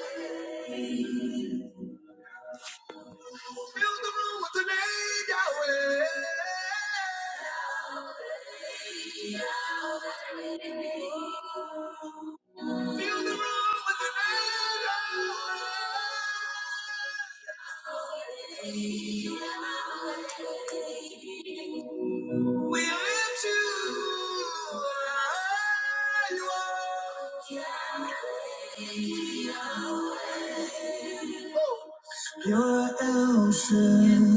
Fill the room with the name Yahweh. Fill the room with the name Yahweh. We lift you high. You are You're Elshad.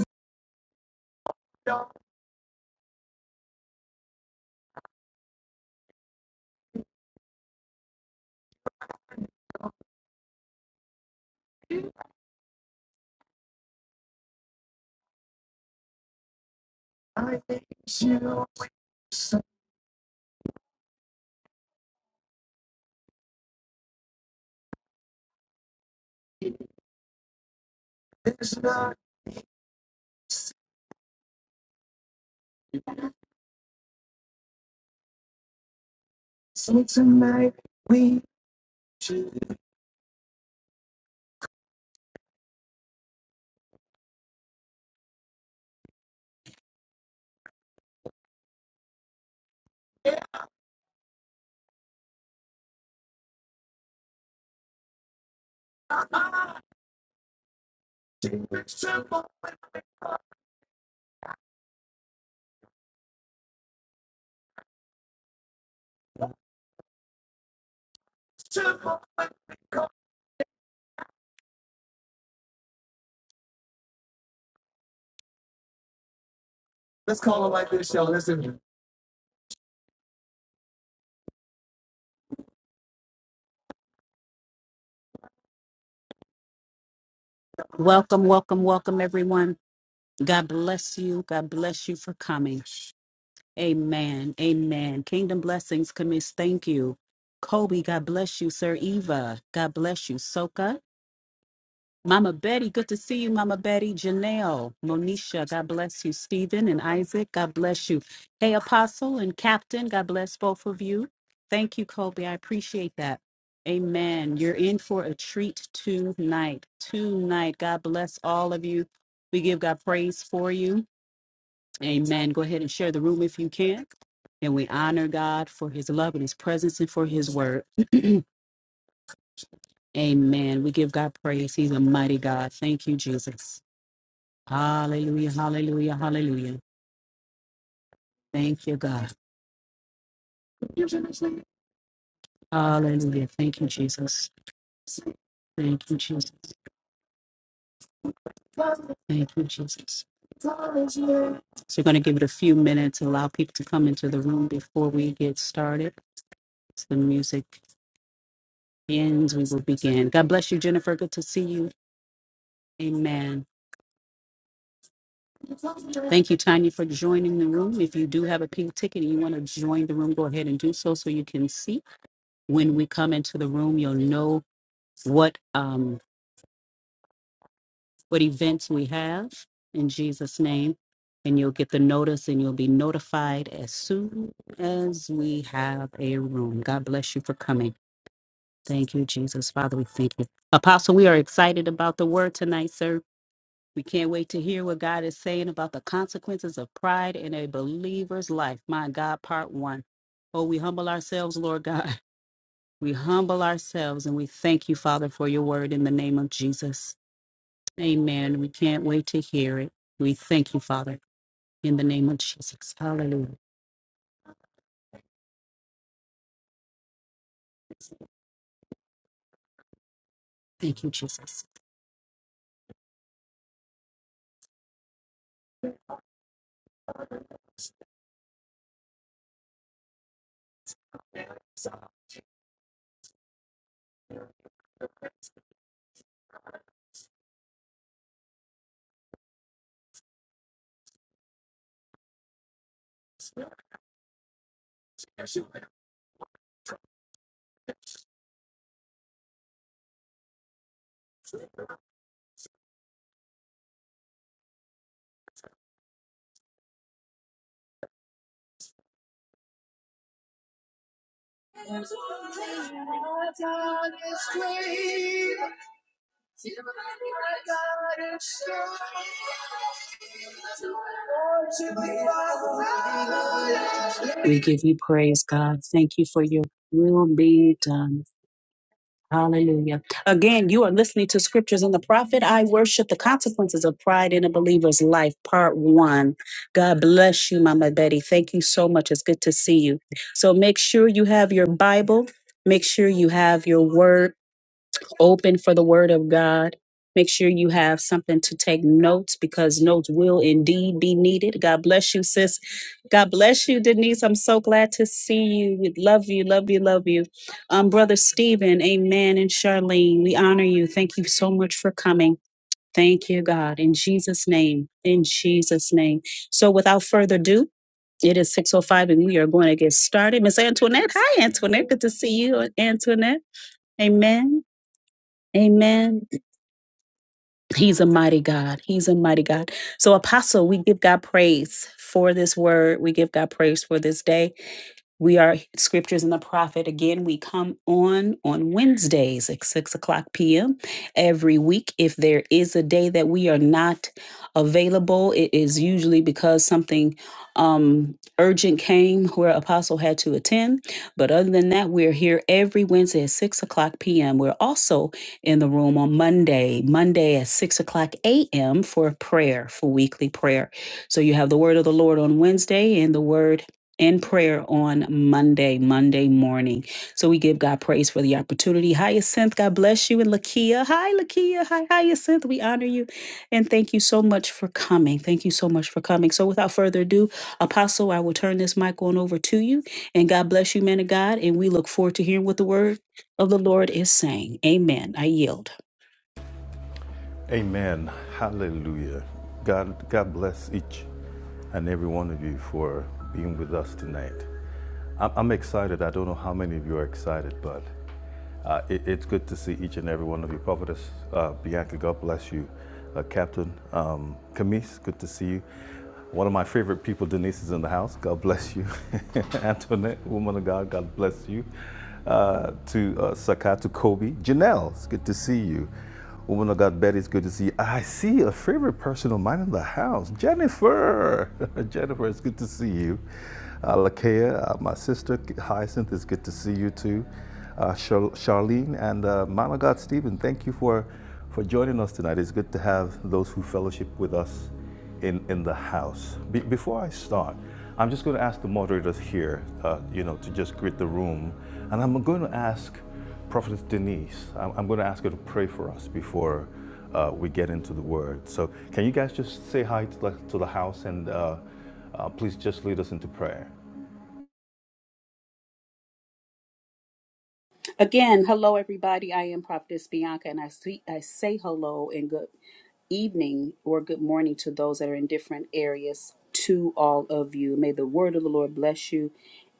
There's not so tonight we choose. Let's call it like this, y'all. Listen. Welcome, welcome, welcome, everyone. God bless you. God bless you for coming. Amen. Amen. Kingdom blessings, Camis. Thank you. Kobe, God bless you, sir. Eva, God bless you. Soka, Mama Betty, good to see you, Mama Betty. Janelle, Monisha, God bless you. Stephen and Isaac, God bless you. Hey, Apostle and Captain, God bless both of you. Thank you, Kobe. I appreciate that. Amen. You're in for a treat tonight. Tonight. God bless all of you. We give God praise for you. Amen. Go ahead and share the room if you can. And we honor God for his love and his presence and for his word. Amen. We give God praise. He's a mighty God. Thank you, Jesus. Hallelujah, hallelujah, hallelujah. Thank you, God. Hallelujah. Thank you, Jesus. Thank you, Jesus. Thank you, Jesus. So we're going to give it a few minutes, allow people to come into the room before we get started. As the music ends, we will begin. God bless you, Jennifer. Good to see you. Amen. Thank you, Tanya, for joining the room. If you do have a pink ticket and you want to join the room, go ahead and do so so you can see when we come into the room. You'll know what um what events we have in Jesus name and you'll get the notice and you'll be notified as soon as we have a room. God bless you for coming. Thank you Jesus. Father, we thank you. Apostle, we are excited about the word tonight, sir. We can't wait to hear what God is saying about the consequences of pride in a believer's life. My God, part 1. Oh, we humble ourselves, Lord God. We humble ourselves and we thank you, Father, for your word in the name of Jesus. Amen. We can't wait to hear it. We thank you, Father, in the name of Jesus. Hallelujah. Thank you, Jesus. There's one thing my God is great. Till My God is great. We give you praise, God. Thank you for your will being done. Hallelujah. Again, you are listening to Scriptures in the Prophet. I worship the consequences of pride in a believer's life, part one. God bless you, Mama Betty. Thank you so much. It's good to see you. So make sure you have your Bible. Make sure you have your word open for the word of God. Make sure you have something to take notes because notes will indeed be needed. God bless you, sis. God bless you, Denise. I'm so glad to see you. We love you, love you, love you. Um, Brother Stephen, amen. And Charlene, we honor you. Thank you so much for coming. Thank you, God. In Jesus' name, in Jesus' name. So without further ado, it is 6.05 and we are going to get started. Miss Antoinette, hi, Antoinette. Good to see you, Antoinette. Amen. Amen. He's a mighty God. He's a mighty God. So, Apostle, we give God praise for this word. We give God praise for this day. We are Scriptures and the Prophet. Again, we come on on Wednesdays at 6 o'clock p.m. every week. If there is a day that we are not available, it is usually because something um, urgent came where Apostle had to attend. But other than that, we're here every Wednesday at 6 o'clock p.m. We're also in the room on Monday, Monday at 6 o'clock a.m. for prayer, for weekly prayer. So you have the Word of the Lord on Wednesday and the Word in prayer on Monday, Monday morning. So we give God praise for the opportunity. Hyacinth, God bless you. And Lakia, hi, Lakia. Hi, Hyacinth. We honor you. And thank you so much for coming. Thank you so much for coming. So without further ado, Apostle, I will turn this mic on over to you. And God bless you, man of God. And we look forward to hearing what the word of the Lord is saying. Amen. I yield. Amen. Hallelujah. God, God bless each and every one of you for being with us tonight. I'm, I'm excited. I don't know how many of you are excited, but uh, it, it's good to see each and every one of you. Prophetess uh, Bianca, God bless you. Uh, Captain um, Camise, good to see you. One of my favorite people, Denise, is in the house. God bless you. Antoinette, woman of God, God bless you. Uh, to uh, Sakatu Kobe. Janelle, it's good to see you. Woman of God, Betty, it's good to see you. I see a favorite person of mine in the house, Jennifer. Jennifer, it's good to see you. Uh, Lakea, uh, my sister Hyacinth, it's good to see you too. Uh, Char- Charlene and uh, man of God, Stephen, thank you for, for joining us tonight. It's good to have those who fellowship with us in, in the house. Be- before I start, I'm just going to ask the moderators here, uh, you know, to just greet the room. And I'm going to ask Prophetess Denise, I'm, I'm going to ask her to pray for us before uh, we get into the word. So can you guys just say hi to the, to the house and uh, uh, please just lead us into prayer? Again, hello everybody. I am Prophetess Bianca, and I see I say hello and good evening or good morning to those that are in different areas. To all of you, may the word of the Lord bless you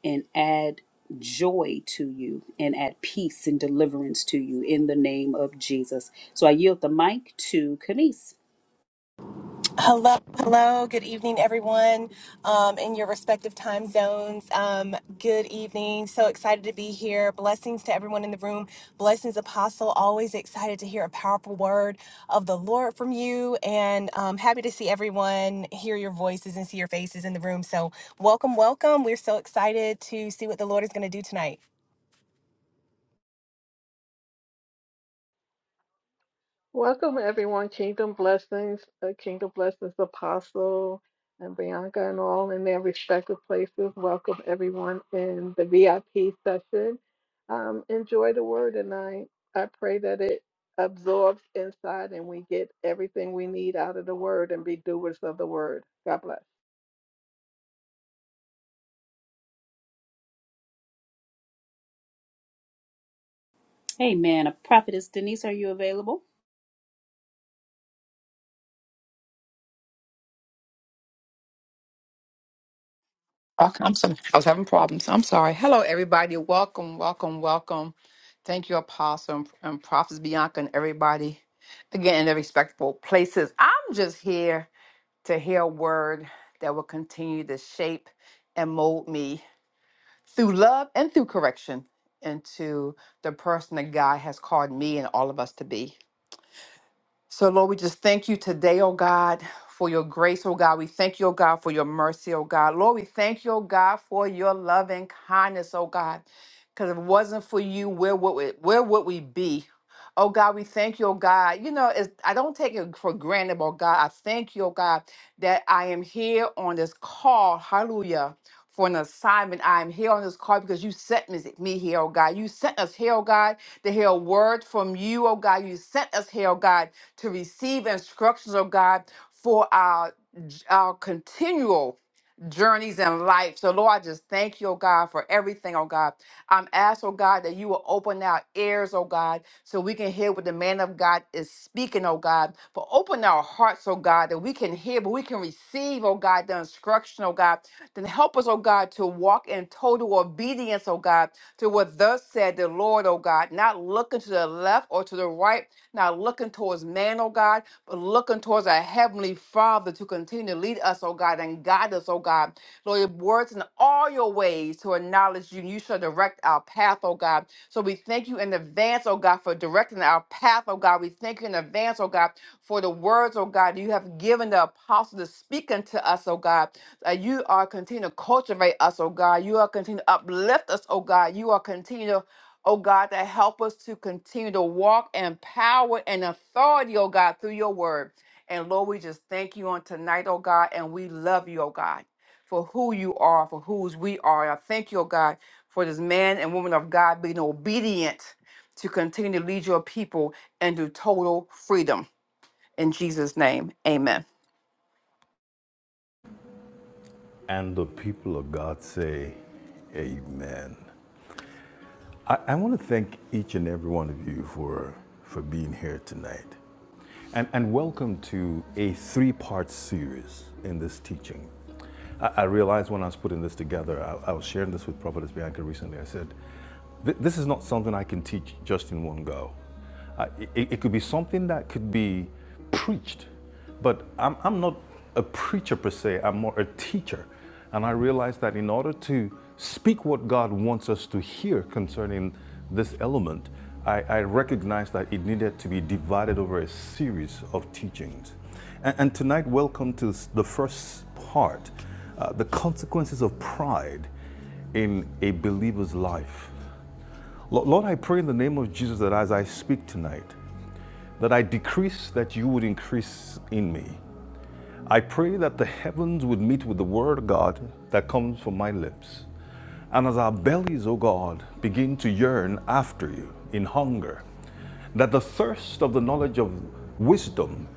and add joy to you and add peace and deliverance to you in the name of Jesus. So I yield the mic to Camise. Hello, hello. Good evening, everyone um, in your respective time zones. Um, good evening. So excited to be here. Blessings to everyone in the room. Blessings, Apostle. Always excited to hear a powerful word of the Lord from you, and um, happy to see everyone, hear your voices, and see your faces in the room. So welcome, welcome. We're so excited to see what the Lord is going to do tonight. Welcome, everyone. Kingdom blessings, uh, Kingdom blessings, Apostle and Bianca, and all in their respective places. Welcome, everyone, in the VIP session. Um, enjoy the word, and I, I pray that it absorbs inside and we get everything we need out of the word and be doers of the word. God bless. Amen. A prophetess Denise, are you available? Okay, I'm sorry. I was having problems. I'm sorry. Hello, everybody. Welcome, welcome, welcome. Thank you, Apostle and, and Prophets Bianca and everybody. Again, in the respectable places. I'm just here to hear a word that will continue to shape and mold me through love and through correction into the person that God has called me and all of us to be. So, Lord, we just thank you today, oh God, for your grace, oh God. We thank you, oh God, for your mercy, oh God. Lord, we thank you, oh God, for your love and kindness, oh God. Because if it wasn't for you, where would we, where would we be? Oh God, we thank you, oh God. You know, it's, I don't take it for granted, oh God. I thank you, oh God, that I am here on this call. Hallelujah. For an assignment, I am here on this call because you sent me, me here, oh God. You sent us here, oh God, to hear a word from you, oh God. You sent us here, oh God to receive instructions, oh God, for our, our continual journeys in life. So, Lord, I just thank you, oh God, for everything, oh God. I'm asked, oh God, that you will open our ears, oh God, so we can hear what the man of God is speaking, oh God. For open our hearts, oh God, that we can hear, but we can receive, oh God, the instruction, oh God. Then help us, oh God, to walk in total obedience, oh God, to what thus said the Lord, oh God, not looking to the left or to the right, not looking towards man, oh God, but looking towards our Heavenly Father to continue to lead us, oh God, and guide us, oh God. Lord, your words in all your ways to acknowledge you, and you shall direct our path, oh God. So we thank you in advance, oh God, for directing our path, oh God. We thank you in advance, oh God, for the words, oh God, you have given the apostle to speak unto us, oh God. Uh, you are continue to cultivate us, oh God. You are continue to uplift us, oh God. You are continue to oh God, to help us to continue to walk in power and authority, oh God, through your word. And Lord, we just thank you on tonight, oh God, and we love you, oh God, for who you are, for whose we are. And I thank you, oh God, for this man and woman of God being obedient to continue to lead your people into total freedom. In Jesus' name, amen. And the people of God say, Amen. I, I want to thank each and every one of you for, for being here tonight. And, and welcome to a three part series in this teaching. I, I realized when I was putting this together, I, I was sharing this with Prophetess Bianca recently. I said, This is not something I can teach just in one go. Uh, it, it could be something that could be preached, but I'm, I'm not a preacher per se, I'm more a teacher. And I realized that in order to speak what God wants us to hear concerning this element, I, I recognized that it needed to be divided over a series of teachings. And, and tonight, welcome to the first part uh, the consequences of pride in a believer's life. Lord, I pray in the name of Jesus that as I speak tonight, that I decrease, that you would increase in me. I pray that the heavens would meet with the word of God that comes from my lips. And as our bellies, O God, begin to yearn after you in hunger, that the thirst of the knowledge of wisdom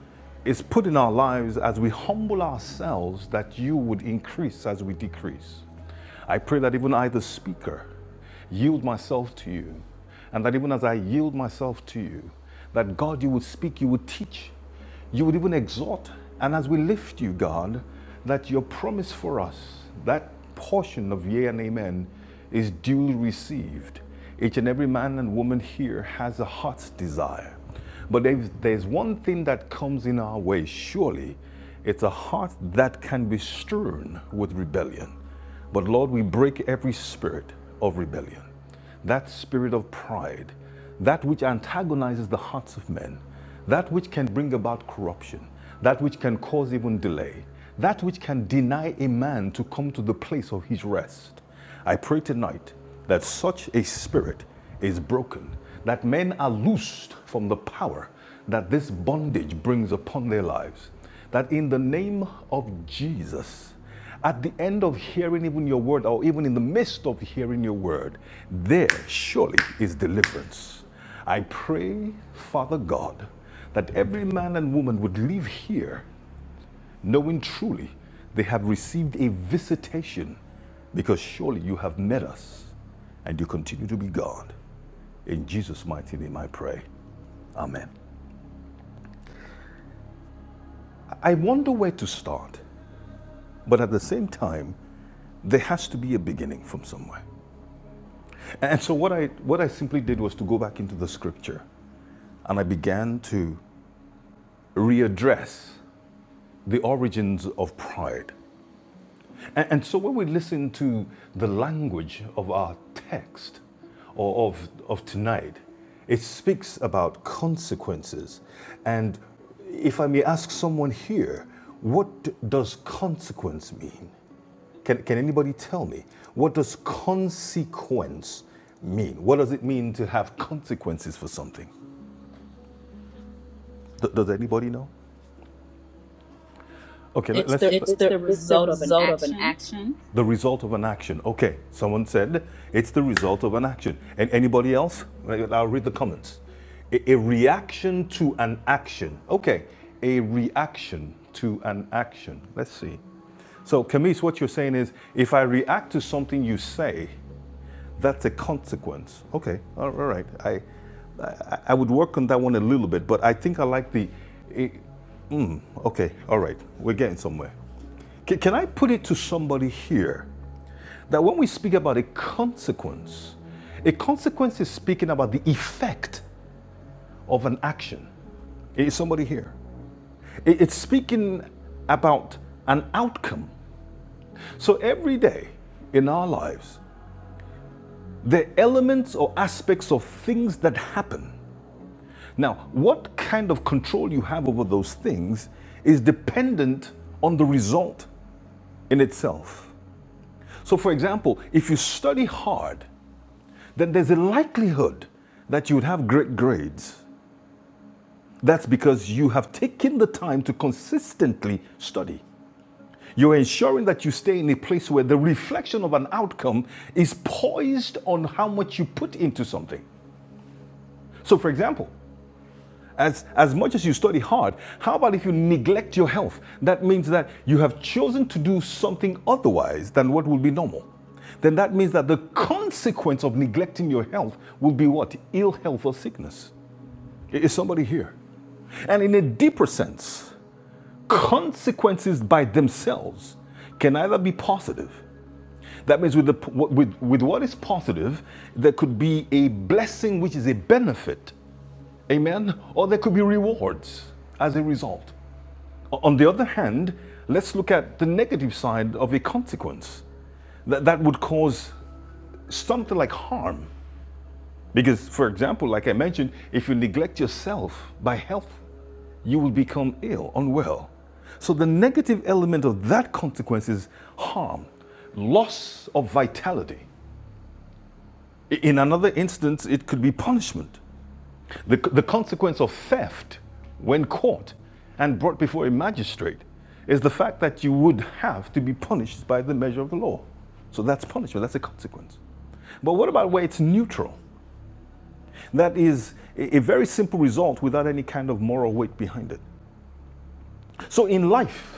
is put in our lives as we humble ourselves, that you would increase as we decrease. I pray that even I, the speaker, yield myself to you, and that even as I yield myself to you, that God, you would speak, you would teach, you would even exhort. And as we lift you, God, that your promise for us, that portion of yea and amen, is duly received. Each and every man and woman here has a heart's desire. But if there's one thing that comes in our way, surely it's a heart that can be strewn with rebellion. But Lord, we break every spirit of rebellion, that spirit of pride, that which antagonizes the hearts of men, that which can bring about corruption, that which can cause even delay, that which can deny a man to come to the place of his rest. I pray tonight that such a spirit is broken, that men are loosed from the power that this bondage brings upon their lives. That in the name of Jesus, at the end of hearing even your word, or even in the midst of hearing your word, there surely is deliverance. I pray, Father God, that every man and woman would leave here knowing truly they have received a visitation, because surely you have met us and you continue to be God. In Jesus' mighty name I pray. Amen. I wonder where to start, but at the same time, there has to be a beginning from somewhere. And so what I what I simply did was to go back into the scripture and I began to readdress the origins of pride And, so when we listen to the language of our text or of, of tonight, it speaks about consequences. And if I may ask someone here, what does consequence mean? Can, can anybody tell me? What does consequence mean? What does it mean to have consequences for something? D- does anybody know? Okay, let- It's us the It's it's the the it's the result of an result of an action. action. The result of an action. Okay, someone said it's the result of an action. And anybody else? I'll read the comments. A, a reaction to an action. Okay, a reaction to an action. Let's see. So, Camise, what you're saying is if I react to something you say, that's a consequence. Okay, all right. I, I, I would work on that one a little bit, but I think I like the. eh, okay, all right. We're getting somewhere. Can I put it to somebody here that when we speak about a consequence, a consequence is speaking about the effect of an action. Is somebody here? It's speaking about an outcome. So every day in our lives, there are elements or aspects of things that happen. Now, what kind of control you have over those things is dependent on the result in itself. So, for example, if you study hard then there's a likelihood that you would have great grades. That's because you have taken the time to consistently study. You're ensuring that you stay in a place where the reflection of an outcome is poised on how much you put into something. So, for example, as, as much as you study hard, how about if you neglect your health? That means that you have chosen to do something otherwise than what would be normal. Then that means that the consequence of neglecting your health will be what? Ill health or sickness. Is somebody here? And in a deeper sense, consequences by themselves can either be positive. That means with, the, with, with what is positive, there could be a blessing which is a benefit, amen, or there could be rewards as a result. On the other hand, let's look at the negative side of a consequence that, that would cause something like harm. Because, for example, like I mentioned, if you neglect yourself by health you will become ill, unwell. So the negative element of that consequence is harm, loss of vitality. In another instance, it could be punishment. The, the consequence of theft when caught and brought before a magistrate is the fact that you would have to be punished by the measure of the law. So that's punishment, that's a consequence. But what about where it's neutral? That is a very simple result without any kind of moral weight behind it. So in life,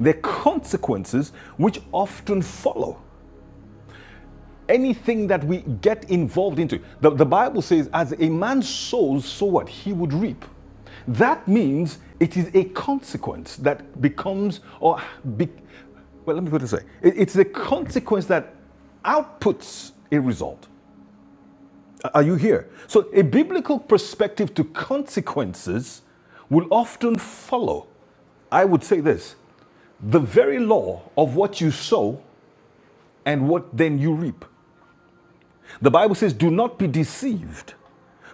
the consequences which often follow anything that we get involved into. The, the Bible says, as a man sows, so what? He would reap. That means it is a consequence that becomes, or, be, well, let me put it this way It- it's a consequence that outputs a result. Are you here? So, a biblical perspective to consequences will often follow, I would say this the very law of what you sow and what then you reap. The Bible says, Do not be deceived,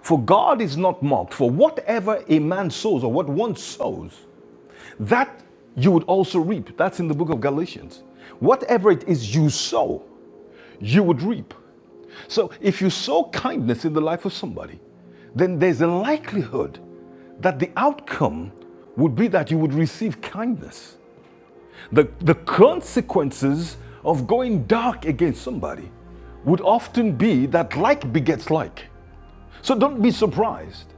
for God is not mocked. For whatever a man sows, or what one sows, that you would also reap. That's in the book of Galatians. Whatever it is you sow, you would reap. So if you sow kindness in the life of somebody, then there's a likelihood that the outcome would be that you would receive kindness. The, the consequences of going dark against somebody would often be that like begets like. So don't be surprised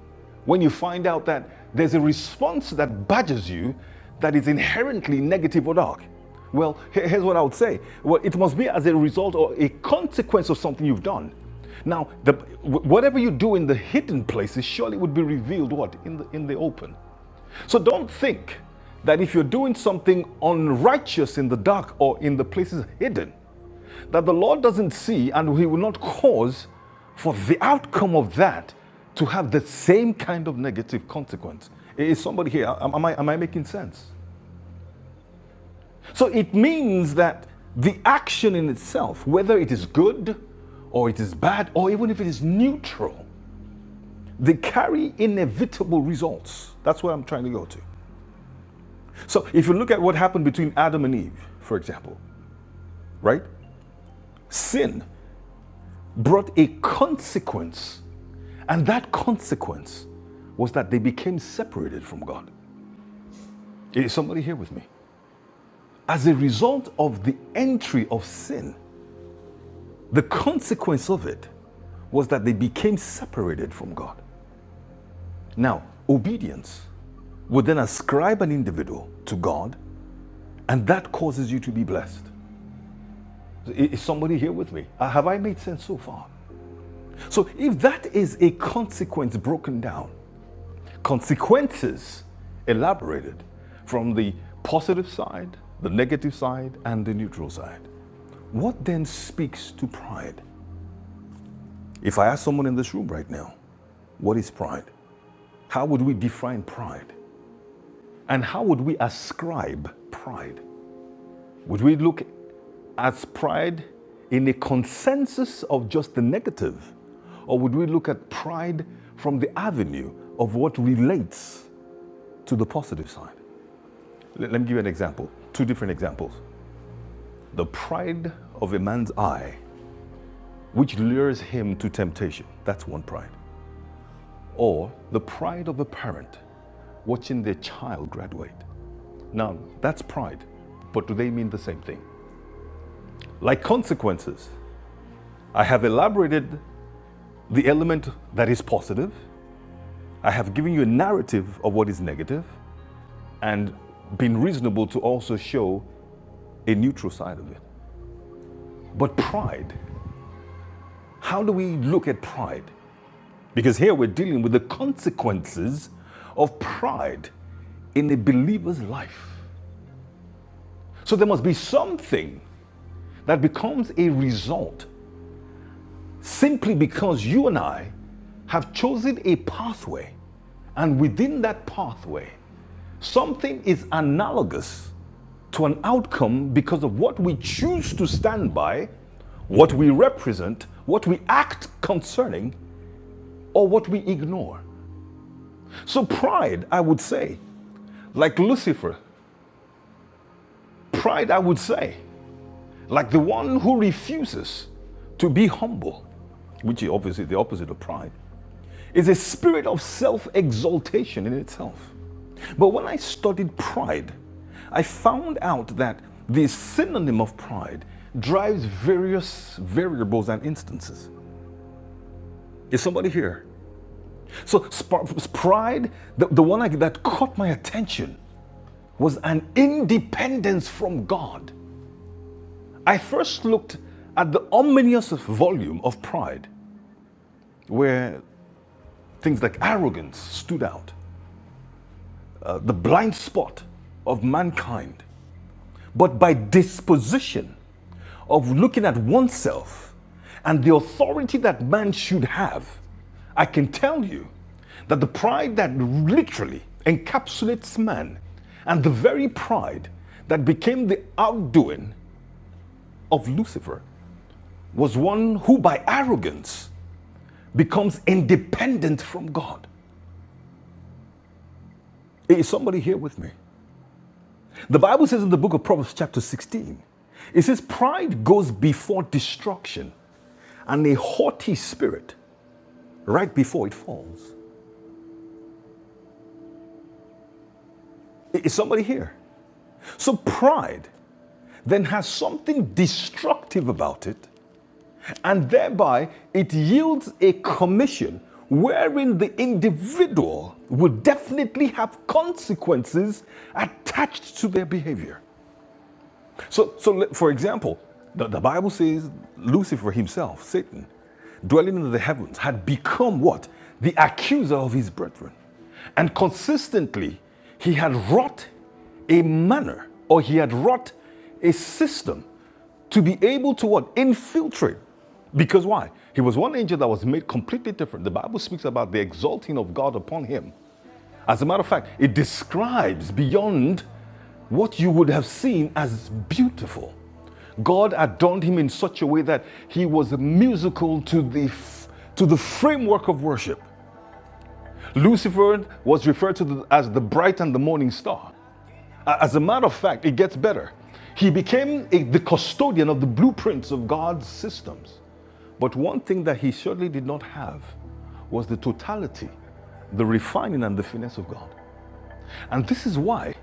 when you find out that there's a response that badges you that is inherently negative or dark. Well, here's what I would say. Well, it must be as a result or a consequence of something you've done. Now, the, whatever you do in the hidden places surely would be revealed what? In the, in the open. So don't think that if you're doing something unrighteous in the dark or in the places hidden, that the Lord doesn't see and He will not cause for the outcome of that to have the same kind of negative consequence. Hey, Is somebody here? Am, I, am I making sense? So it means that the action in itself, whether it is good or it is bad or even if it is neutral, they carry inevitable results. That's where I'm trying to go to. So if you look at what happened between Adam and Eve, for example, right? Sin brought a consequence, and that consequence was that they became separated from God. Is somebody here with me? As a result of the entry of sin, the consequence of it was that they became separated from God. Now, obedience would then ascribe an individual to God, and that causes you to be blessed. Eh, Is somebody here with me? Uh, Have I made sense so far? So if that is a consequence broken down, consequences elaborated from the positive side, the negative side, and the neutral side, what then speaks to pride? If I ask someone in this room right now, what is pride? How would we define pride? And how would we ascribe pride? Would we look at pride in a consensus of just the negative? Or would we look at pride from the avenue of what relates to the positive side? Let, me give you an example, two different examples. The pride of a man's eye, which lures him to temptation, that's one pride. Or the pride of a parent watching their child graduate. Now, that's pride, but do they mean the same thing? Like consequences, I have elaborated the element that is positive. I have given you a narrative of what is negative and been reasonable to also show a neutral side of it. But pride, how do we look at pride? Because here we're dealing with the consequences of pride in a believer's life. So there must be something that becomes a result simply because you and I have chosen a pathway, and within that pathway, something is analogous to an outcome because of what we choose to stand by, what we represent, what we act concerning, or what we ignore. So, pride, I would say, like Lucifer, pride, I would say, like the one who refuses to be humble, which is obviously the opposite of pride, Is a spirit of self exaltation in itself. But when I studied pride, I found out that the synonym of pride drives various variables and instances. Is somebody here? So, pride, the, the one I, that caught my attention was an independence from God. I first looked at the ominous volume of pride, where things like arrogance stood out, uh, the blind spot of mankind. but by disposition of looking at oneself and the authority that man should have, I can tell you that the pride that literally encapsulates man and the very pride that became the outdoing of Lucifer was one who by arrogance becomes independent from God. Hey, Is somebody here with me? The Bible says in the book of Proverbs, chapter 16, it says, Pride goes before destruction and a haughty spirit right before it falls. Is somebody here? So pride then has something destructive about it, and thereby it yields a commission wherein the individual will definitely have consequences attached to their behavior. So, so for example, the, the Bible says Lucifer himself, Satan, dwelling in the heavens, had become what? The accuser of his brethren. And consistently, he had wrought a manner or he had wrought a system to be able to what? Infiltrate. Because why? He was one angel that was made completely different. The Bible speaks about the exalting of God upon him as a matter of fact, it describes beyond what you would have seen as beautiful. God adorned him in such a way that he was musical to the, to the framework of worship. Lucifer was referred to as the bright and the morning star. As a matter of fact, it gets better. He became a- the custodian of the blueprints of God's systems. But one thing that he surely did not have was the totality, the refining, and the finesse of God. And this is why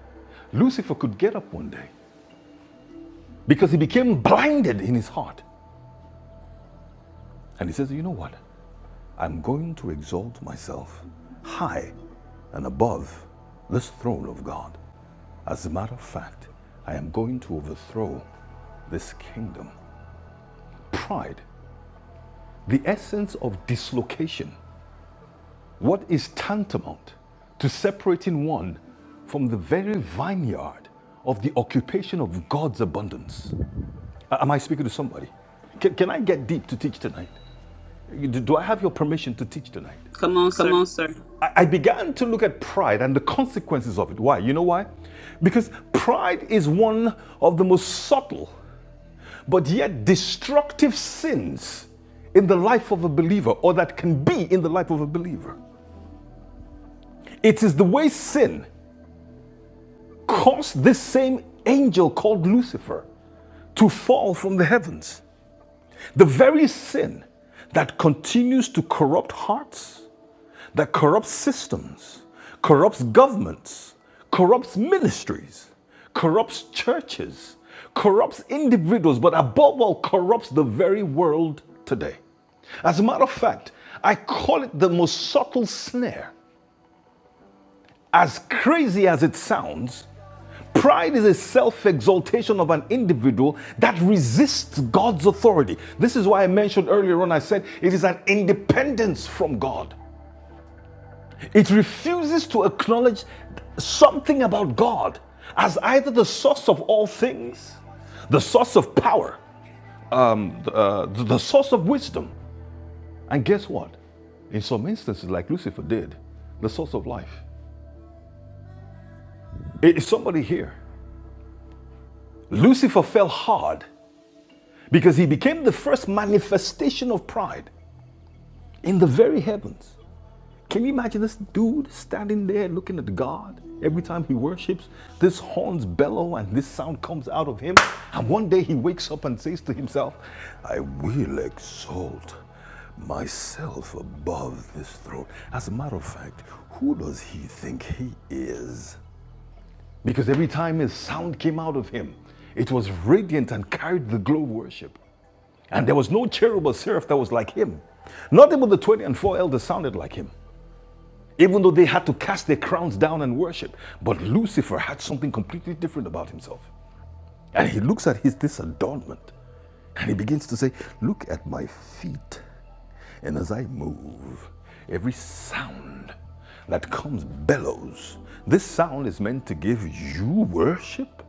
Lucifer could get up one day because he became blinded in his heart. And he says, You know what? I'm going to exalt myself high and above this throne of God. As a matter of fact, I am going to overthrow this kingdom. Pride, the essence of dislocation, what is tantamount to separating one from the very vineyard of the occupation of God's abundance. Uh, Am I speaking to somebody? Can, can I get deep to teach tonight? Do I have your permission to teach tonight? Come on, Come sir. on, sir. I I began to look at pride and the consequences of it. Why? You know why? Because pride is one of the most subtle but yet destructive sins in the life of a believer, or that can be in the life of a believer. It is the way sin caused this same angel called Lucifer to fall from the heavens. The very sin that continues to corrupt hearts, that corrupts systems, corrupts governments, corrupts ministries, corrupts churches, corrupts individuals, but above all, corrupts the very world today. As a matter of fact, I call it the most subtle snare. As crazy as it sounds, Pride is a self exaltation of an individual that resists God's authority. This is why I mentioned earlier on, I said it is an independence from God. It refuses to acknowledge something about God as either the source of all things, the source of power, um, uh, the source of wisdom. And guess what? In some instances, like Lucifer did, the source of life. Is somebody here? Lucifer fell hard because he became the first manifestation of pride in the very heavens. Can you imagine this dude standing there looking at God every time he worships? This horns bellow and this sound comes out of him. And one day he wakes up and says to himself, I will exalt myself above this throne. As a matter of fact, who does he think he is? Because every time his sound came out of him, it was radiant and carried the glow of worship. And there was no cherub or seraph that was like him. Not even the 20 and four elders sounded like him, even though they had to cast their crowns down and worship. But Lucifer had something completely different about himself. And he looks at his this adornment and he begins to say, Look at my feet. And as I move, every sound that comes bellows. This sound is meant to give you worship?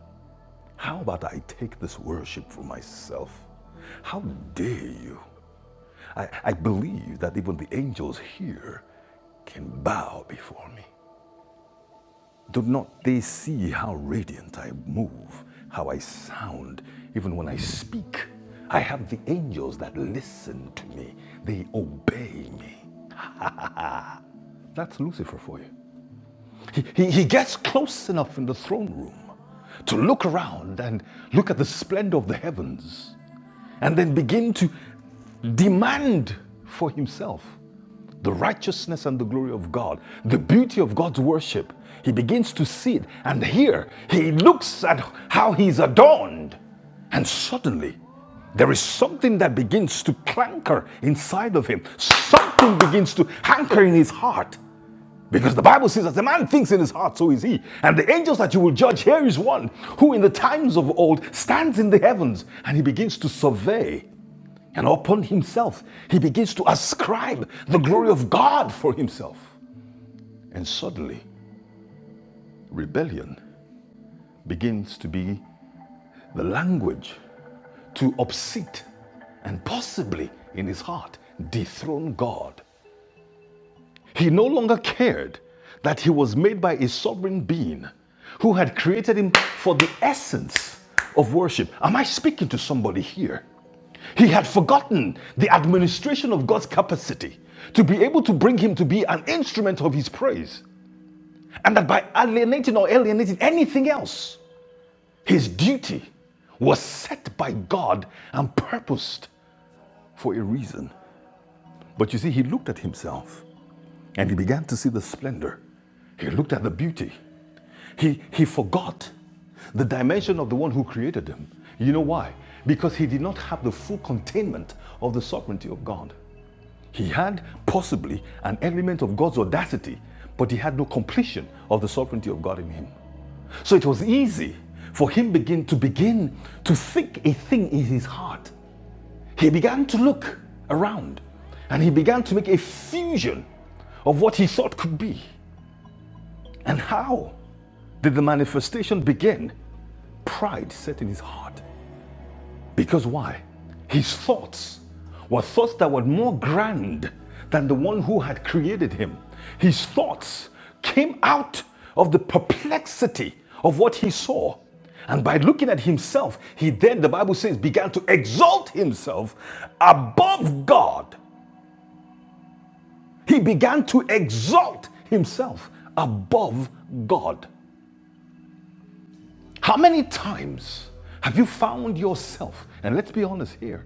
How about I take this worship for myself? How dare you? I, I believe that even the angels here can bow before me. Do not they see how radiant I move, how I sound, even when I speak? I have the angels that listen to me, they obey me. That's Lucifer for you. He, he, he gets close enough in the throne room to look around and look at the splendor of the heavens and then begin to demand for himself the righteousness and the glory of God, the beauty of God's worship. He begins to see it. And here he looks at how he's adorned. And suddenly there is something that begins to clanker inside of him. Something begins to hanker in his heart. Because the Bible says, as the man thinks in his heart, so is he. And the angels that you will judge, here is one who in the times of old stands in the heavens and he begins to survey. And upon himself, he begins to ascribe the glory of God for himself. And suddenly, rebellion begins to be the language to upset and possibly in his heart dethrone God He no longer cared that he was made by a sovereign being who had created him for the essence of worship. Am I speaking to somebody here? He had forgotten the administration of God's capacity to be able to bring him to be an instrument of his praise. And that by alienating or alienating anything else, his duty was set by God and purposed for a reason. But you see, he looked at himself And he began to see the splendor. He looked at the beauty. He, he forgot the dimension of the one who created him. You know why? Because he did not have the full containment of the sovereignty of God. He had possibly an element of God's audacity, but he had no completion of the sovereignty of God in him. So it was easy for him begin to begin to think a thing in his heart. He began to look around and he began to make a fusion of what he thought could be. And how did the manifestation begin? Pride set in his heart. Because why? His thoughts were thoughts that were more grand than the one who had created him. His thoughts came out of the perplexity of what he saw. And by looking at himself, he then, the Bible says, began to exalt himself above God. He began to exalt himself above God. How many times have you found yourself, and let's be honest here,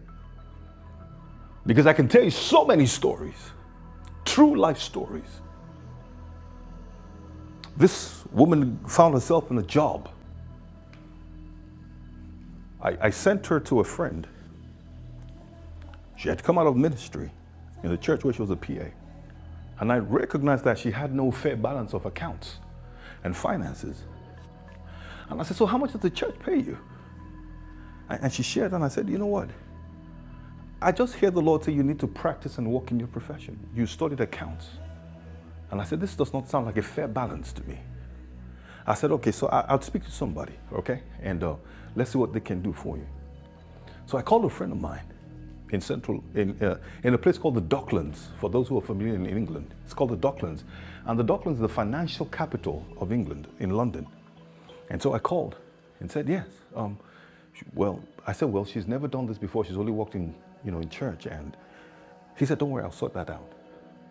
because I can tell you so many stories, true life stories. This woman found herself in a job. I, I sent her to a friend. She had come out of ministry in the church where she was a PA. And I recognized that she had no fair balance of accounts and finances. And I said, So how much does the church pay you? And and she shared, and I said, You know what? I just hear the Lord say you need to practice and walk in your profession. You studied accounts. And I said, this does not sound like a fair balance to me. I said, okay, so I, I'll speak to somebody, okay? And uh, let's see what they can do for you. So I called a friend of mine in central, in, uh, in a place called the Docklands, for those who are familiar in England. It's called the Docklands. And the Docklands is the financial capital of England in London. And so I called and said, yes. Um, well, I said, well, she's never done this before. She's only walked in, you know, in church. And he said, don't worry, I'll sort that out.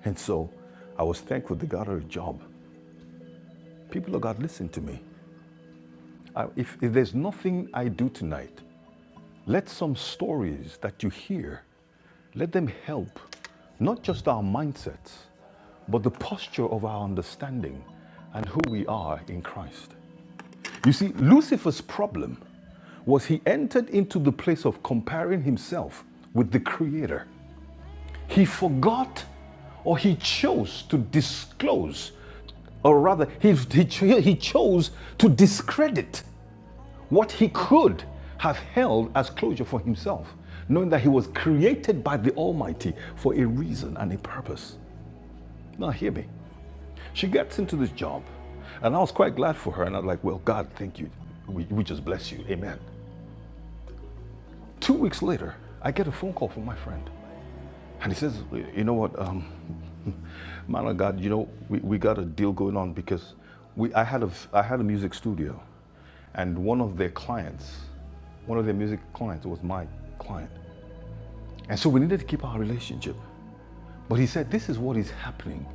And so I was thankful they got her a job People of God, listen to me. I- if, if there's nothing I do tonight, let some stories that you hear, let them help not just our mindsets, but the posture of our understanding and who we are in Christ. You see, Lucifer's problem was he entered into the place of comparing himself with the Creator. He forgot or he chose to disclose, or rather, he, he, he chose to discredit what he could have held as closure for himself, knowing that he was created by the Almighty for a reason and a purpose. Now, hear me. She gets into this job, and I was quite glad for her, and I was like, Well, God, thank you. We, we just bless you. Amen. Two weeks later, I get a phone call from my friend. And he says, You know what, um, man of God, you know, we, we got a deal going on because we, I, had a I had a music studio, and one of their clients, one of their music clients was my client. And so we needed to keep our relationship. But he said, This is what is happening.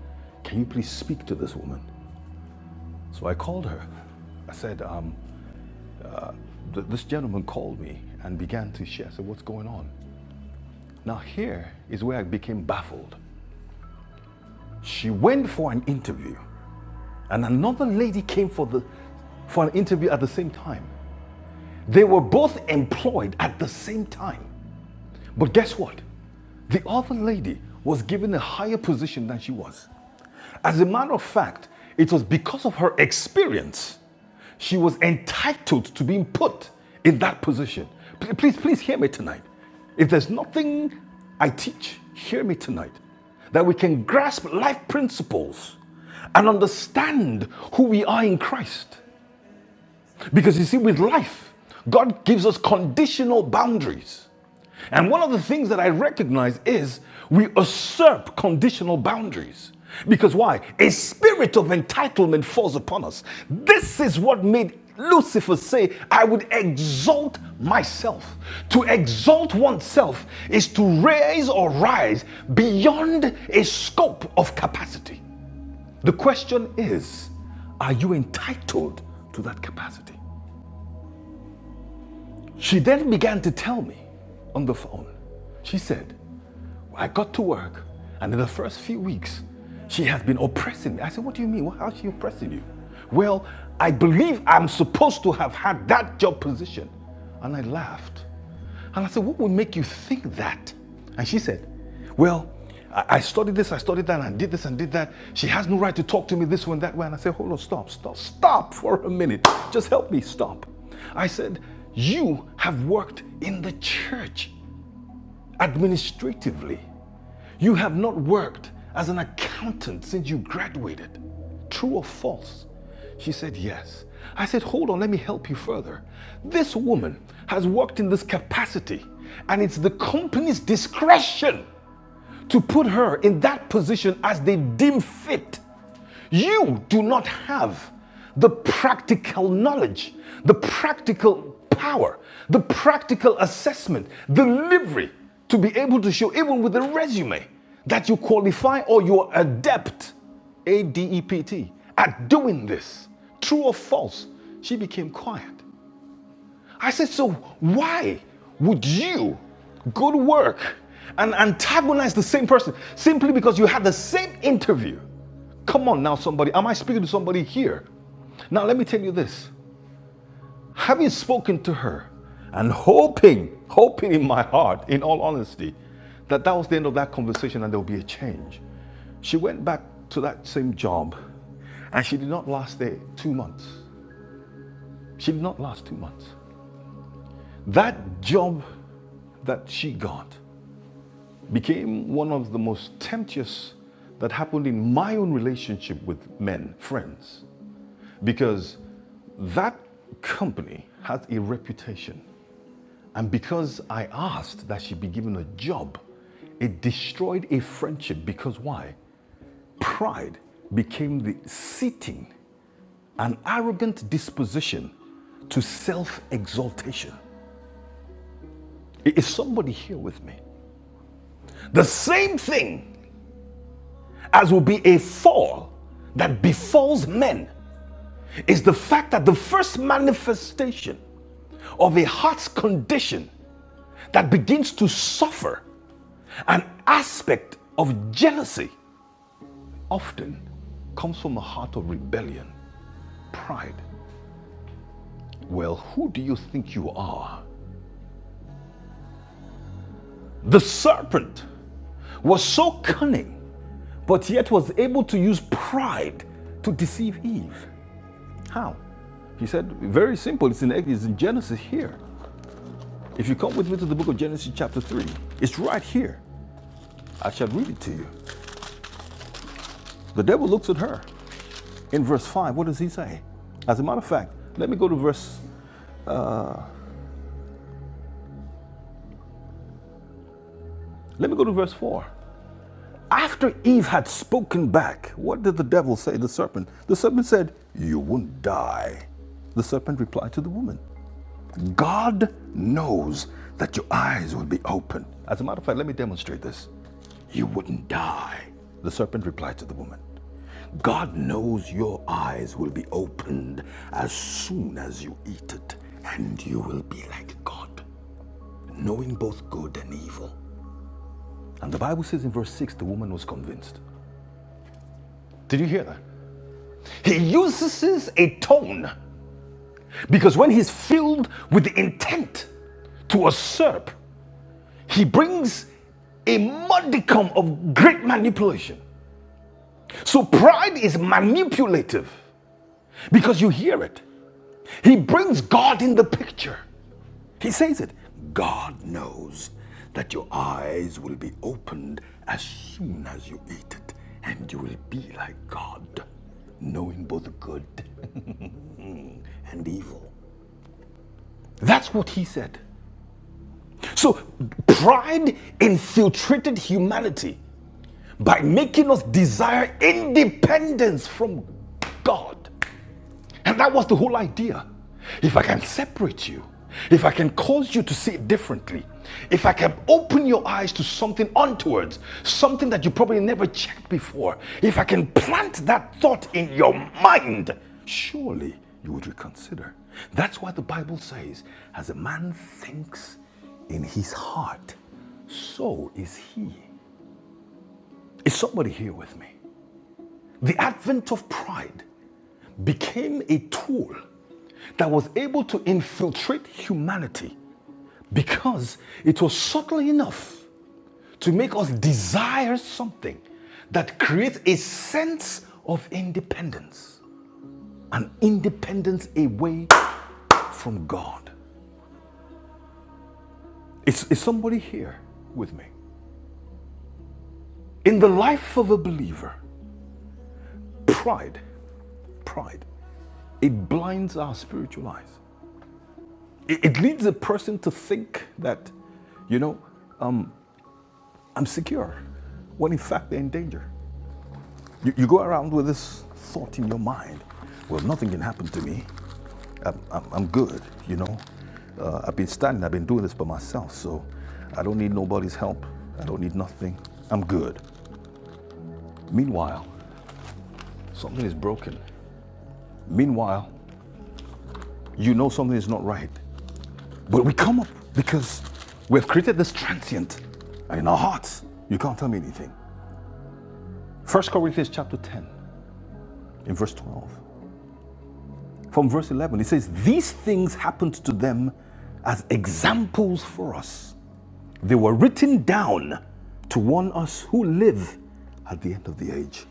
Can you please speak to this woman? So I called her. I said, um, th- This gentleman called me and began to share. I said, What's going on? Now, here is where I became baffled. She went for an interview and another lady came for the for an interview at the same time. They were both employed at the same time. But guess what? The other lady was given a higher position than she was. As a matter of fact, it was because of her experience she was entitled to being put in that position. Please, please hear me tonight. If there's nothing I teach, hear me tonight. That we can grasp life principles and understand who we are in Christ. Because you see, with life, God gives us conditional boundaries. And one of the things that I recognize is we usurp conditional boundaries. Because why? A spirit of entitlement falls upon us. This is what made Lucifer say, I would exalt myself. To exalt oneself is to raise or rise beyond a scope of capacity. The question is, are you entitled to that capacity? She then began to tell me on the phone. She said, I got to work, and in the first few weeks, she has been oppressing me. I said, What do you mean? How is she oppressing you? Well, I believe I'm supposed to have had that job position. And I laughed. And I said, What would make you think that? And she said, Well, I I studied this, I studied that, and I did this and did that. She has no right to talk to me this way and that way. And I said, Hold on, stop, stop, stop for a minute. Just help me, stop. I said, You have worked in the church administratively. You have not worked as an accountant since you graduated. True or false? She said, Yes. I said, Hold on, let me help you further. This woman has worked in this capacity, and it's the company's discretion to put her in that position as they deem fit. You do not have the practical knowledge, the practical power, the practical assessment, delivery to be able to show, even with a resume, that you qualify or you're adept, A D E P T, at doing this. True or false? She became quiet. I said, so why would you go to work and antagonize the same person simply because you had the same interview? Come on now, somebody. Am I speaking to somebody here? Now, let me tell you this. Having spoken to her and hoping, hoping in my heart, in all honesty, that that was the end of that conversation and there will be a change, she went back to that same job and she did not last there two months. She did not last two months. That job that she got became one of the most temptuous that happened in my own relationship with men, friends, because that company has a reputation. And because I asked that she be given a job, it destroyed a friendship because why? Pride became the seating, an arrogant disposition to self exaltation. Is somebody here with me? The same thing as will be a fall that befalls men is the fact that the first manifestation of a heart's condition that begins to suffer an aspect of jealousy often comes from a heart of rebellion, pride. Well, who do you think you are? The serpent was so cunning, but yet was able to use pride to deceive Eve. How? He said, very simple. It's in, it's in Genesis here. If you come with me to the book of Genesis, chapter 3, it's right here. I shall read it to you. The devil looks at her. In verse 5, what does he say? As a matter of fact, let me go to verse, let me go to verse 4. After Eve had spoken back, what did the devil say, to the serpent? The serpent said, You won't die. The serpent replied to the woman, God knows that your eyes will be open. As a matter of fact, let me demonstrate this. You wouldn't die. The serpent replied to the woman. God knows your eyes will be opened as soon as you eat it, and you will be like God, knowing both good and evil. And the Bible says in verse 6 the woman was convinced. Did you hear that? He uses a tone because when he's filled with the intent to usurp He brings a modicum of great manipulation. So pride is manipulative because you hear it. He brings God in the picture. He says it God knows that your eyes will be opened as soon as you eat it, and you will be like God, knowing both good and evil. That's what he said. So pride infiltrated humanity by making us desire independence from God. And that was the whole idea. If I can separate you, if I can cause you to see it differently, if I can open your eyes to something onwards, something that you probably never checked before, if I can plant that thought in your mind, surely you would reconsider. That's why the Bible says, as a man thinks in his heart, so is he. Is somebody here with me? The advent of pride became a tool that was able to infiltrate humanity because it was subtle enough to make us desire something that creates a sense of independence, an independence away from God. Is, is somebody here with me? In the life of a believer, pride, pride, it blinds our spiritual eyes. it, leads a person to think that, you know, I'm secure, when in fact they're in danger. You, you go around with this thought in your mind well, nothing can happen to me. I'm, I'm, I'm good, you know. Uh, I've been standing, I've been doing this by myself, so I don't need nobody's help. I don't need nothing. I'm good. Meanwhile, something is broken. Meanwhile, you know something is not right. But we come up because we've created this transient in our hearts. You can't tell me anything. First Corinthians chapter 10, in verse 12. From verse 11, it says, These things happened to them as examples for us. They were written down to warn us who live at the end of the age.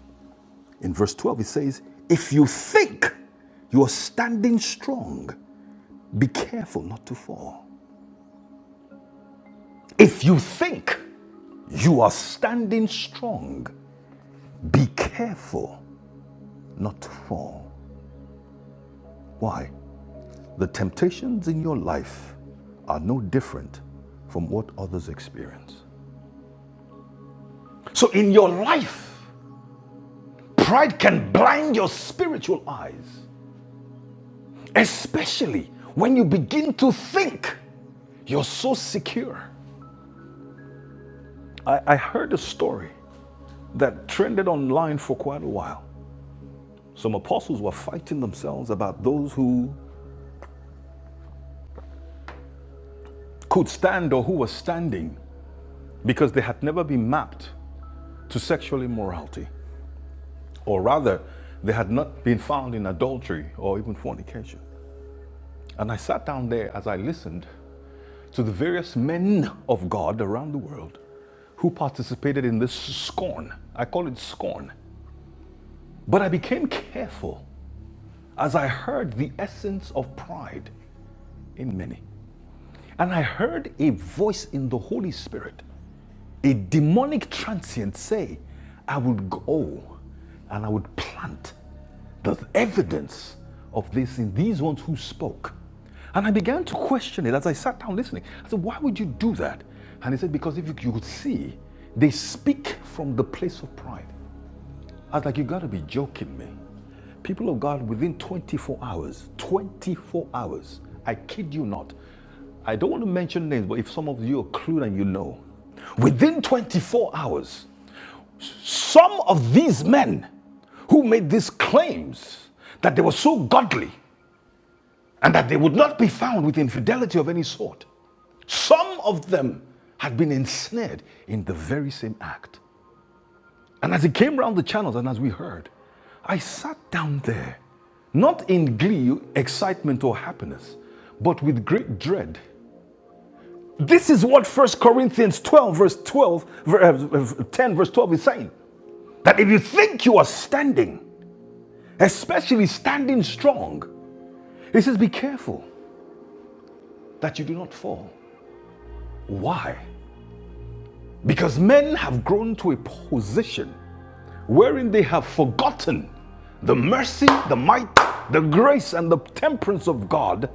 In verse 12, it says, If you think you are standing strong, be careful not to fall. If you think you are standing strong, be careful not to fall. Why? The temptations in your life are no different from what others experience. So, in your life, pride can blind your spiritual eyes, especially when you begin to think you're so secure. I, I heard a story that trended online for quite a while. Some apostles were fighting themselves about those who could stand or who were standing because they had never been mapped to sexual immorality. or rather, they had not been found in adultery or even fornication. And I sat down there as I listened to the various men of God around the world who participated in this scorn. I call it scorn. But I became careful as I heard the essence of pride in many. And I heard a voice in the Holy Spirit a demonic transient say, I would go and I would plant the evidence of this in these ones who spoke. And I began to question it as I sat down listening. I said, Why would you do that? And he said, Because if you, you could see, they speak from the place of pride. I was like, you gotta be joking me. People of God, within 24 hours, 24 hours, I kid you not. I don't want to mention names, but if some of you are clued and you know, within 24 hours, some of these men who made these claims that they were so godly and that they would not be found with infidelity of any sort, some of them had been ensnared in the very same act. And as he came round the channels and as we heard, I sat down there, not in glee, excitement, or happiness, but with great dread. This is what First Corinthians 12, verse 12, 10, verse 12 is saying. That if you think you are standing, especially standing strong, he says, be careful that you do not fall. Why? Because men have grown to a position wherein they have forgotten the mercy, the might, the grace, and the temperance of God,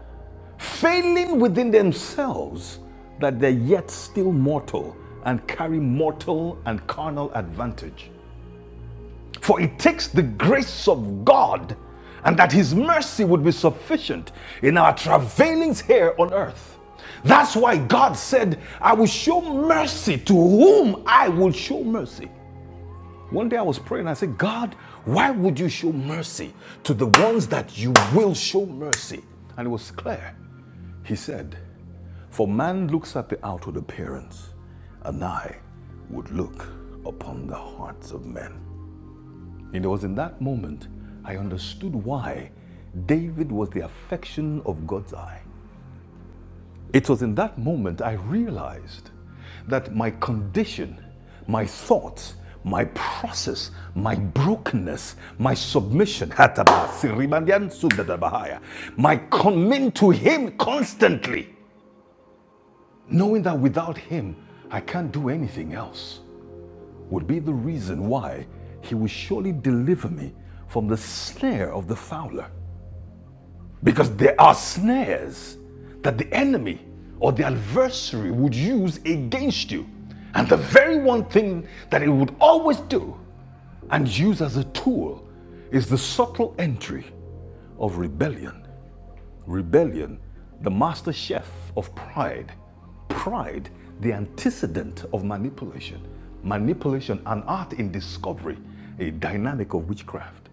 failing within themselves that they're yet still mortal and carry mortal and carnal advantage. For it takes the grace of God and that His mercy would be sufficient in our travailings here on earth. That's why God said, I will show mercy to whom I will show mercy. One day I was praying, I said, God, why would you show mercy to the ones that you will show mercy? And it was clear. He said, For man looks at the outward appearance, and I would look upon the hearts of men. And it was in that moment I understood why David was the affection of God's eye. It was in that moment I realized that my condition, my thoughts, my process, my brokenness, my submission, Hataba, Siribandian, Sudadabahaya, my coming to Him constantly, knowing that without Him I can't do anything else, would be the reason why He will surely deliver me from the snare of the fowler. Because there are snares that the enemy or the adversary would use against you. And the very one thing that it would always do and use as a tool is the subtle entry of rebellion. Rebellion, the master chef of pride. Pride, the antecedent of manipulation. Manipulation, an art in discovery, a dynamic of witchcraft.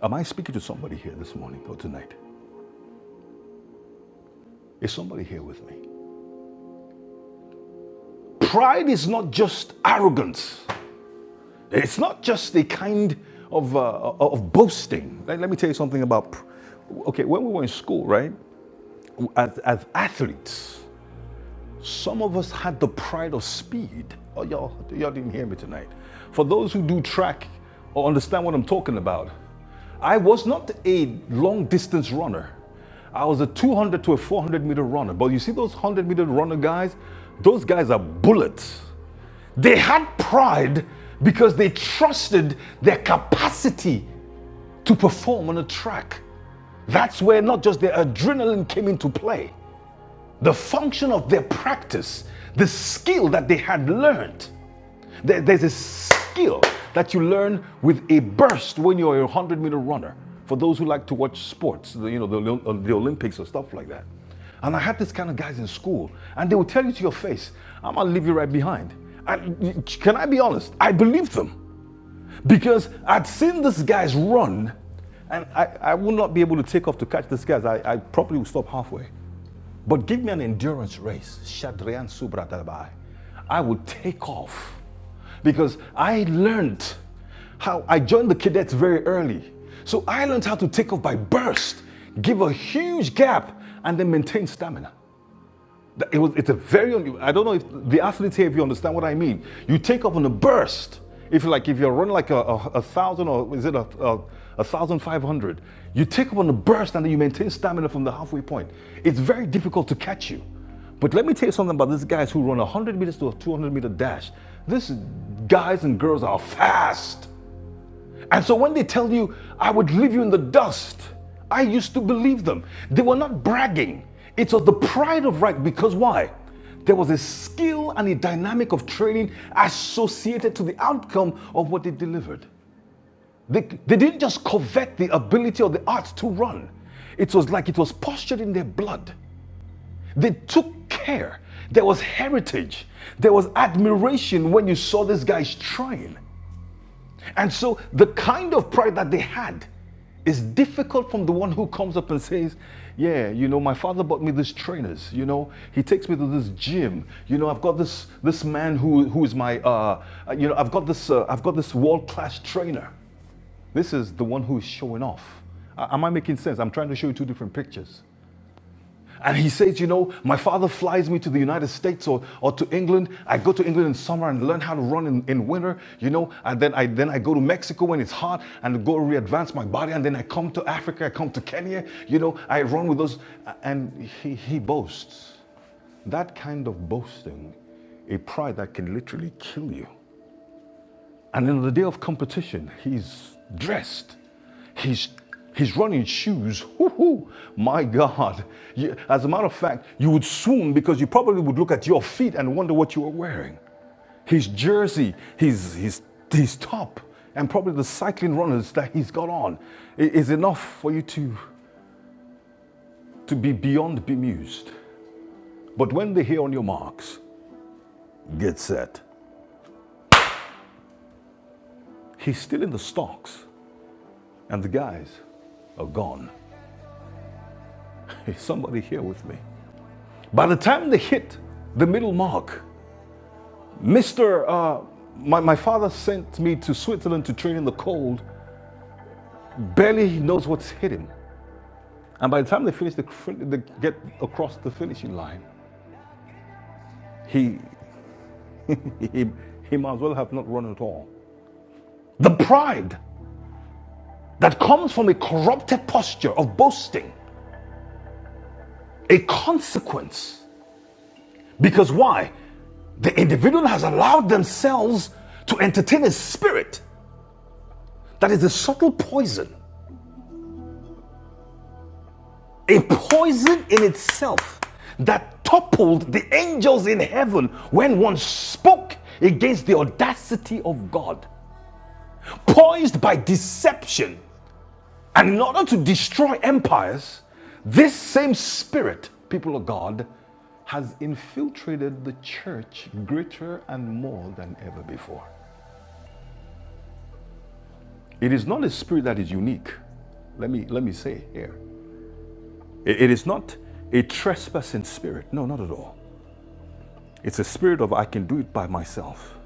Am I speaking to somebody here this morning or tonight? Is somebody here with me? Pride is not just arrogance. It's not just a kind of, uh, of boasting. Let, let me tell you something about. pr- Okay, when we were in school, right? As, as athletes, some of us had the pride of speed. Oh, y'all, y'all didn't hear me tonight. For those who do track or understand what I'm talking about, I was not a long distance runner. I was a 200 to a 400 meter runner. But you see those 100 meter runner guys? Those guys are bullets. They had pride because they trusted their capacity to perform on a track. That's where not just their adrenaline came into play, the function of their practice, the skill that they had learned. There- there's a skill that you learn with a burst when you're a 100 meter runner. For those who like to watch sports, you know, the, uh, the Olympics or stuff like that. And I had this kind of guys in school, and they would tell you to your face, I'm gonna leave you right behind. And can I be honest? I believed them because I'd seen these guys run, and I, I would not be able to take off to catch these guys. I, I probably would stop halfway. But give me an endurance race. Shadrian Subratabai. I would take off because I learned how I joined the cadets very early. So I learned how to take off by burst, give a huge gap, and then maintain stamina. It was, it's a very, I don't know if the athletes here, if you understand what I mean. You take off on a burst. If you are like, if you're running like a, a, a thousand or is it a, a, a thousand five hundred, you take off on a burst and then you maintain stamina from the halfway point. It's very difficult to catch you. But let me tell you something about these guys who run 100 meters to a 200 meter dash. These guys and girls are fast. And so when they tell you, I would leave you in the dust, I used to believe them. They were not bragging. It was the pride of right because why? There was a skill and a dynamic of training associated to the outcome of what they delivered. They, they didn't just covet the ability or the art to run. It was like it was postured in their blood. They took care. There was heritage. There was admiration when you saw these guys trying. And so the kind of pride that they had is difficult from the one who comes up and says, Yeah, you know, my father bought me these trainers, you know, he takes me to this gym, you know, I've got this this man who who is my uh uh, you know, I've got this uh, I've got this world-class trainer. This is the one who is showing off. A- Am I making sense? I'm trying to show you two different pictures. And he says, You know, my father flies me to the United States or, or to England. I go to England in summer and learn how to run in, in winter, you know, and then I then I go to Mexico when it's hot and go re-advance my body, and then I come to Africa, I come to Kenya, you know, I run with those and he, he boasts. That kind of boasting, a pride that can literally kill you. And on the day of competition, he's dressed. He's he's running shoes. Woo-hoo. My God. You- as a matter of fact, you would swoon because you probably would look at your feet and wonder what you were wearing. His jersey, his his his top, and probably the cycling runners that he's got on is enough for you to to be beyond bemused. But when they hear on your marks, get set. He's still in the stocks, and the guys are gone. Hey, somebody here with me. By the time they hit the middle mark, Mr. Uh, my, my father sent me to Switzerland to train in the cold, barely knows what's hit him. And by the time they finish the, they get across the finishing line, he, he, he might as well have not run at all. The pride that comes from a corrupted posture of boasting, a consequence. Because why? The individual has allowed themselves to entertain a spirit that is a subtle poison, a poison in itself that toppled the angels in heaven when one spoke against the audacity of God, poised by deception. And in order to destroy empires, this same spirit, people of God, has infiltrated the church greater and more than ever before. It is not a spirit that is unique. Let me, let me say it here. it is not a trespassing spirit. No, not at all. It's a spirit of I can do it by myself.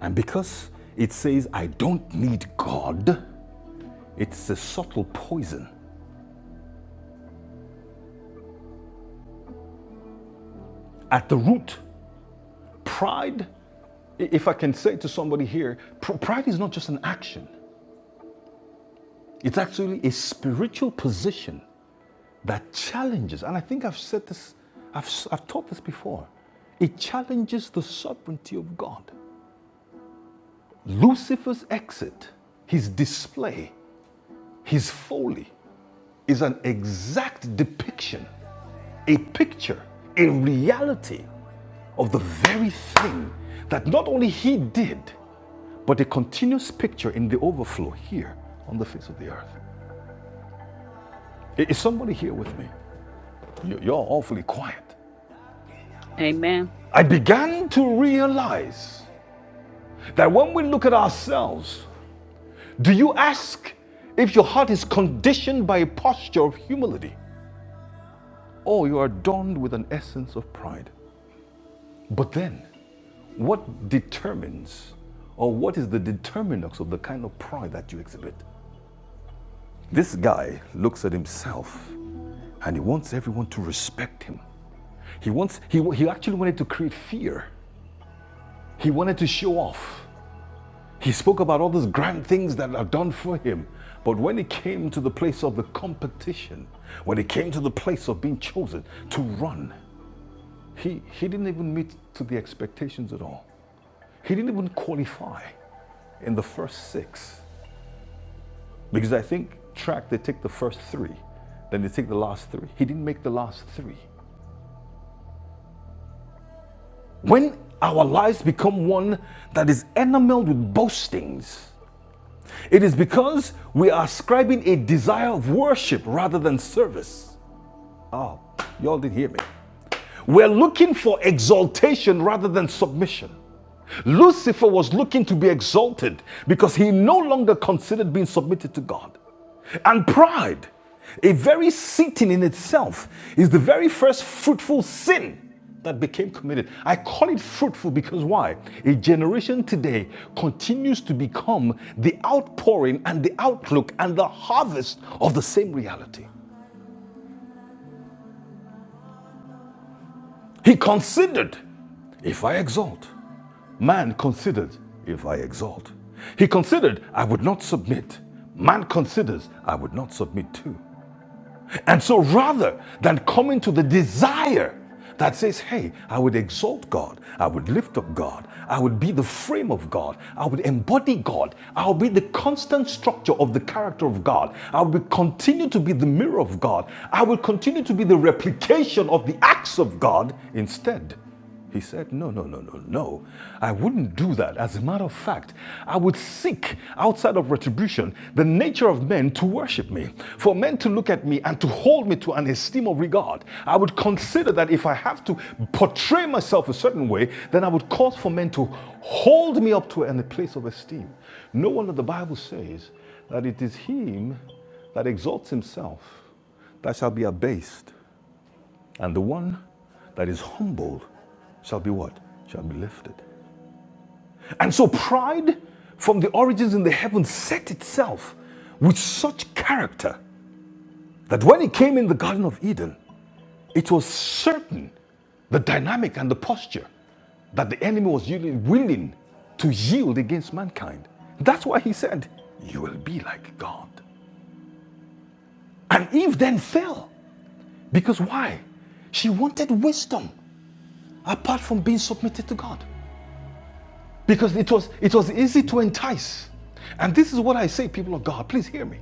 And because it says I don't need God, it's a subtle poison. At the root, pride, if I can say to somebody here, pr- pride is not just an action, it's actually a spiritual position that challenges, and I think I've said this, I've, i I've taught this before, it challenges the sovereignty of God. Lucifer's exit, his display His folly is an exact depiction, a picture, a reality of the very thing that not only he did, but a continuous picture in the overflow here on the face of the earth. Is somebody here with me? You- You're awfully quiet. Amen. I began to realize that when we look at ourselves, do you ask if your heart is conditioned by a posture of humility? Or you are adorned with an essence of pride? But then, what determines or what is the determinants of the kind of pride that you exhibit? This guy looks at himself and he wants everyone to respect him. He wants he, he actually wanted to create fear. He wanted to show off. He spoke about all those grand things that are done for him. But when it came to the place of the competition, when it came to the place of being chosen to run, he, he didn't even meet to the expectations at all. He didn't even qualify. in the first six. Because I think track, they take the first three, then they take the last three. He didn't make the last three. When our lives become one that is enameled with boastings, it is because we are ascribing a desire of worship rather than service. Oh, y'all didn't hear me. We're looking for exaltation rather than submission. Lucifer was looking to be exalted because he no longer considered being submitted to God. And pride, a very sitting in itself, is the very first fruitful sin that became committed. I call it fruitful because why? A generation today continues to become the outpouring and the outlook and the harvest of the same reality. He considered if I exalt, Man considered if I exalt. He considered I would not submit. Man considers I would not submit to. And so rather than coming to the desire that says, hey, I would exalt God, I would lift up God, I would be the frame of God, I would embody God, I would be the constant structure of the character of God, I would continue to be the mirror of God, I would continue to be the replication of the acts of God instead. He said, No, no, no, no, no. I wouldn't do that. As a matter of fact, I would seek outside of retribution the nature of men to worship me, for men to look at me and to hold me to an esteem of regard. I would consider that if I have to portray myself a certain way, then I would cause for men to hold me up to a place of esteem. No wonder the Bible says that it is him that exalts himself that shall be abased, and the one that is humbled shall be what? Shall be lifted. And so pride from the origins in the heavens set itself with such character that when it came in the Garden of Eden, it was certain the dynamic and the posture that the enemy was really willing to yield against mankind. That's why he said, You will be like God. And Eve then fell. Because why? She wanted wisdom apart from being submitted to God. Because it was, it was easy to entice. And this is what I say, people of God, please hear me.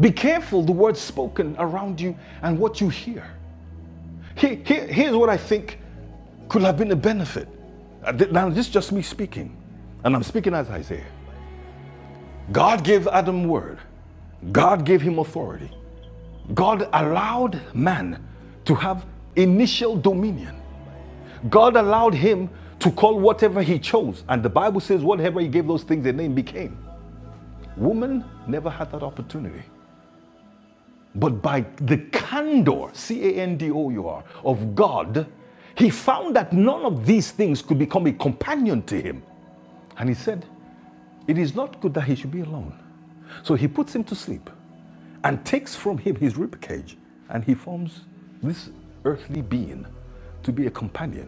Be careful the words spoken around you and what you hear. Here, here- here's what I think could have been a benefit. Uh, Now, this is just me speaking, and I'm speaking as Isaiah. God gave Adam word, God gave him authority. God allowed man to have initial dominion. God allowed him to call whatever he chose, and the Bible says, whatever he gave those things, their name became. Woman never had that opportunity. But by the candor, C A N D O U R, of God, he found that none of these things could become a companion to him. And he said, It is not good that he should be alone. So he puts him to sleep and takes from him his ribcage, and he forms this earthly being to be a companion.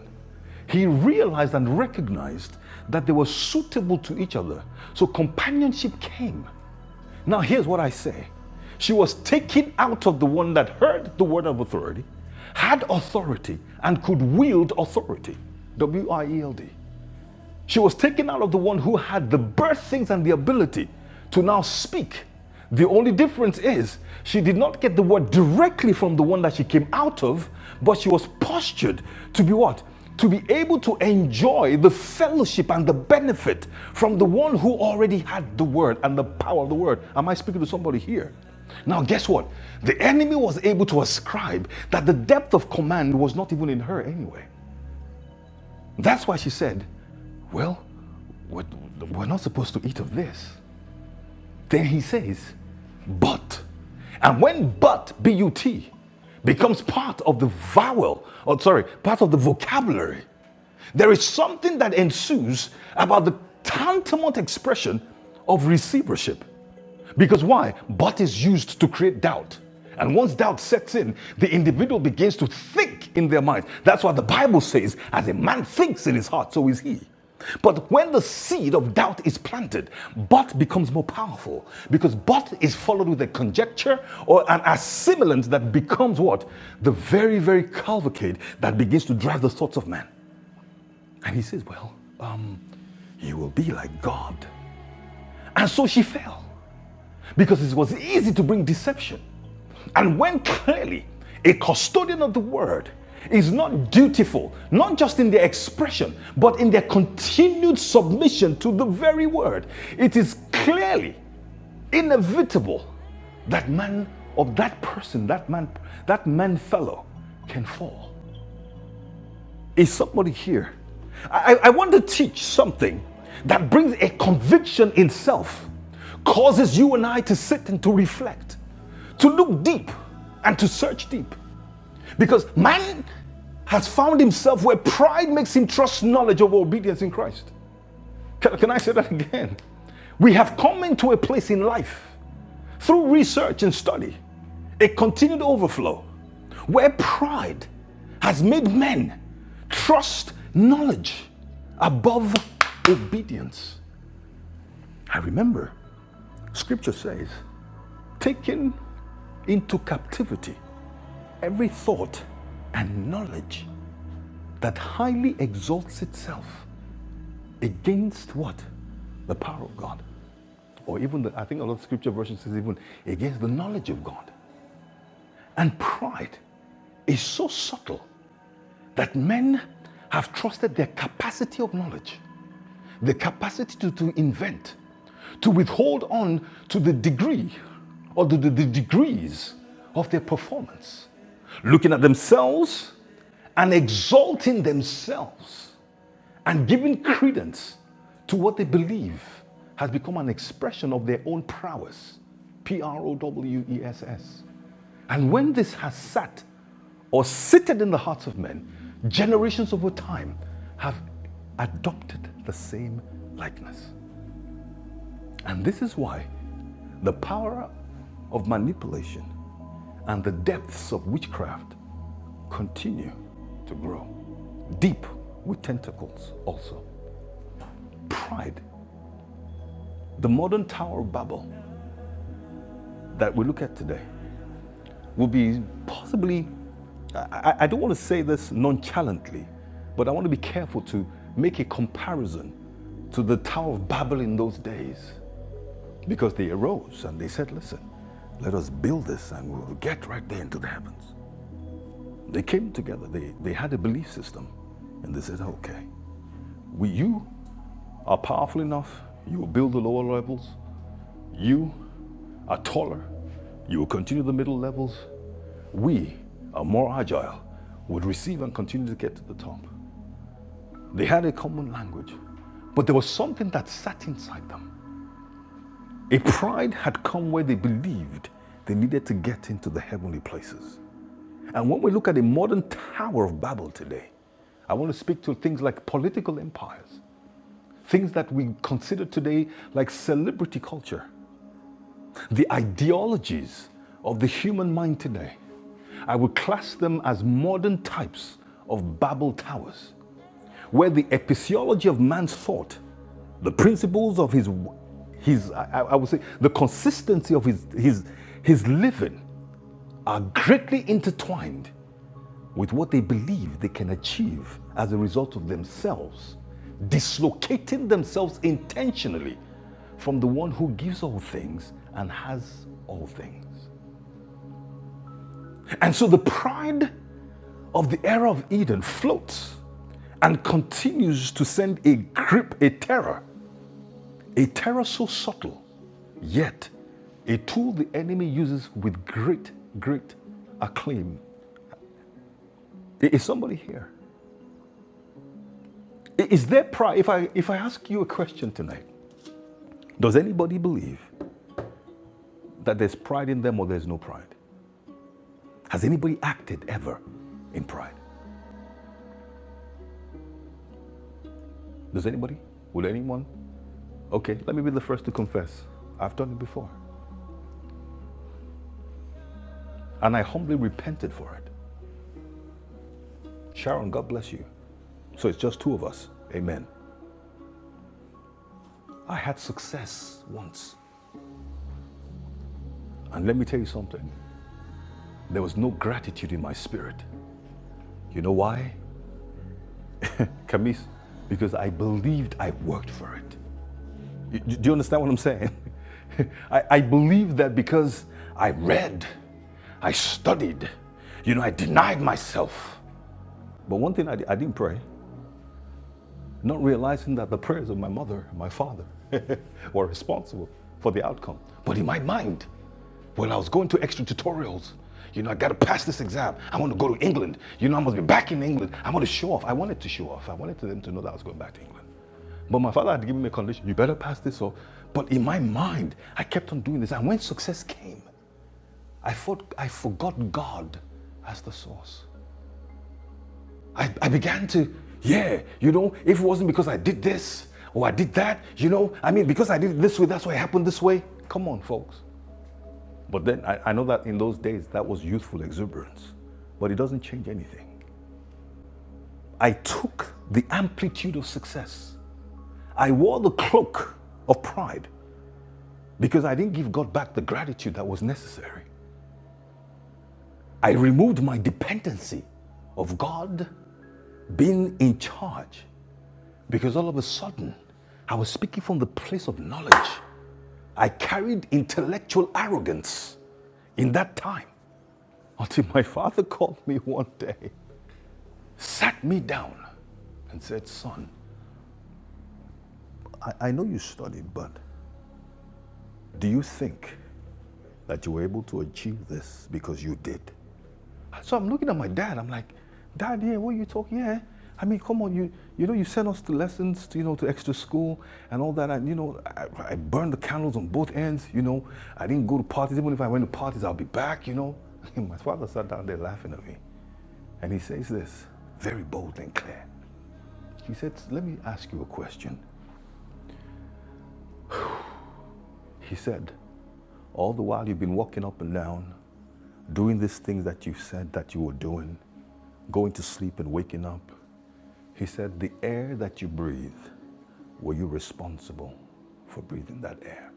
He realized and recognized that they were suitable to each other. So companionship came. Now, here's what I say she was taken out of the one that heard the word of authority, had authority, and could wield authority. W I E L D. She was taken out of the one who had the birthings and the ability to now speak. The only difference is she did not get the word directly from the one that she came out of, but she was postured to be what? To be able to enjoy the fellowship and the benefit from the one who already had the word and the power of the word. Am I speaking to somebody here? Now, guess what? The enemy was able to ascribe that the depth of command was not even in her anyway. That's why she said, Well, we're, we're not supposed to eat of this. Then he says, But. And when but, B U T, becomes part of the vowel, or sorry, part of the vocabulary, there is something that ensues about the tantamount expression of receivership. Because why? But is used to create doubt. And once doubt sets in, the individual begins to think in their mind. That's why the Bible says, as a man thinks in his heart, so is he. But when the seed of doubt is planted, but becomes more powerful because but is followed with a conjecture or an assimilant that becomes what? The very, very cavalcade that begins to drive the thoughts of man. And he says, Well, you will be like God. And so she fell because it was easy to bring deception. And when clearly a custodian of the word is not dutiful, not just in their expression, but in their continued submission to the very word, it is clearly inevitable that man or that person, that man, that man fellow can fall. Is somebody here? I, I want to teach something that brings a conviction in self, causes you and I to sit and to reflect, to look deep and to search deep. Because man has found himself where pride makes him trust knowledge over obedience in Christ. Can, can I say that again? We have come into a place in life through research and study, a continued overflow, where pride has made men trust knowledge above obedience. I remember scripture says, taking into captivity every thought and knowledge that highly exalts itself against what? The power of God. Or even, the, I think a lot of scripture versions says even against the knowledge of God. And pride is so subtle that men have trusted their capacity of knowledge, the capacity to, to invent, to withhold on to the degree or the, the, the degrees of their performance, looking at themselves and exalting themselves And giving credence to what they believe has become an expression of their own prowess. P R O W E S S. And when this has sat or seated in the hearts of men, generations over time have adopted the same likeness. And this is why the power of manipulation and the depths of witchcraft continue to grow. Deep with tentacles also. Pride The modern Tower of Babel that we look at today will be possibly, I, I- don't want to say this nonchalantly, but I want to be careful to make a comparison to the Tower of Babel in those days because they arose and they said, listen, let us build this and we'll get right there into the heavens. They came together, they, they had a belief system, and they said, okay, we, you are powerful enough, you will build the lower levels, You are taller. You will continue the middle levels. We are more agile, would receive and continue to get to the top. They had a common language, but there was something that sat inside them. A pride had come where they believed they needed to get into the heavenly places. And when we look at the modern Tower of Babel today, I want to speak to things like political empires, things that we consider today like celebrity culture. the ideologies of the human mind today, I would class them as modern types of Babel towers, where the epistemology of man's thought, the principles of his, his I, I- would say, the consistency of his, his, his living are greatly intertwined with what they believe they can achieve as a result of themselves, dislocating themselves intentionally from the one who gives all things and has all things. And so the pride of the era of Eden floats and continues to send a grip, a terror, a terror so subtle, yet a tool the enemy uses with great, great acclaim. Is somebody here? Is there pride? If I, if I ask you a question tonight, does anybody believe that there's pride in them or there's no pride? Has anybody acted ever in pride? Does anybody? Will anyone? Okay, let me be the first to confess. I've done it before. And I humbly repented for it. Sharon, God bless you. So it's just two of us. Amen. I had success once. And let me tell you something there was no gratitude in my spirit. You know why? Camis, because I believed I worked for it. Do you understand what I'm saying? I, I believe that because I read, I studied, you know, I denied myself. But one thing I, I didn't pray not realizing that the prayers of my mother and my father were responsible for the outcome. But in my mind, when I was going to extra tutorials, you know, I got to pass this exam. I want to go to England. You know, I must be back in England. I want to show off. I wanted to show off. I wanted them to know that I was going back to England. But my father had given me a condition you better pass this off. But in my mind, I kept on doing this. And when success came, I, thought, I forgot God as the source. I, I began to, yeah, you know, if it wasn't because I did this or I did that, you know, I mean, because I did it this way, that's why it happened this way. Come on, folks. But then I, I know that in those days, that was youthful exuberance, but it doesn't change anything. I took the amplitude of success, I wore the cloak of pride because I didn't give God back the gratitude that was necessary. I removed my dependency of God being in charge Because all of a sudden, I was speaking from the place of knowledge. I carried intellectual arrogance in that time until my father called me one day, sat me down, and said, Son, I, I know you studied, but do you think that you were able to achieve this because you did? So I'm looking at my dad. I'm like, Dad, yeah, what are you talking? Yeah, I mean, come on, you you know, you sent us to lessons, to, you know, to extra school and all that. And you know, I, I burned the candles on both ends. You know, I didn't go to parties. Even if I went to parties, I'll be back. You know, my father sat down there laughing at me, and he says this very bold and clear. He said, "Let me ask you a question." He said, "All the while you've been walking up and down, doing these things that you said that you were doing, going to sleep and waking up." He said, The air that you breathe, were you responsible for breathing that air?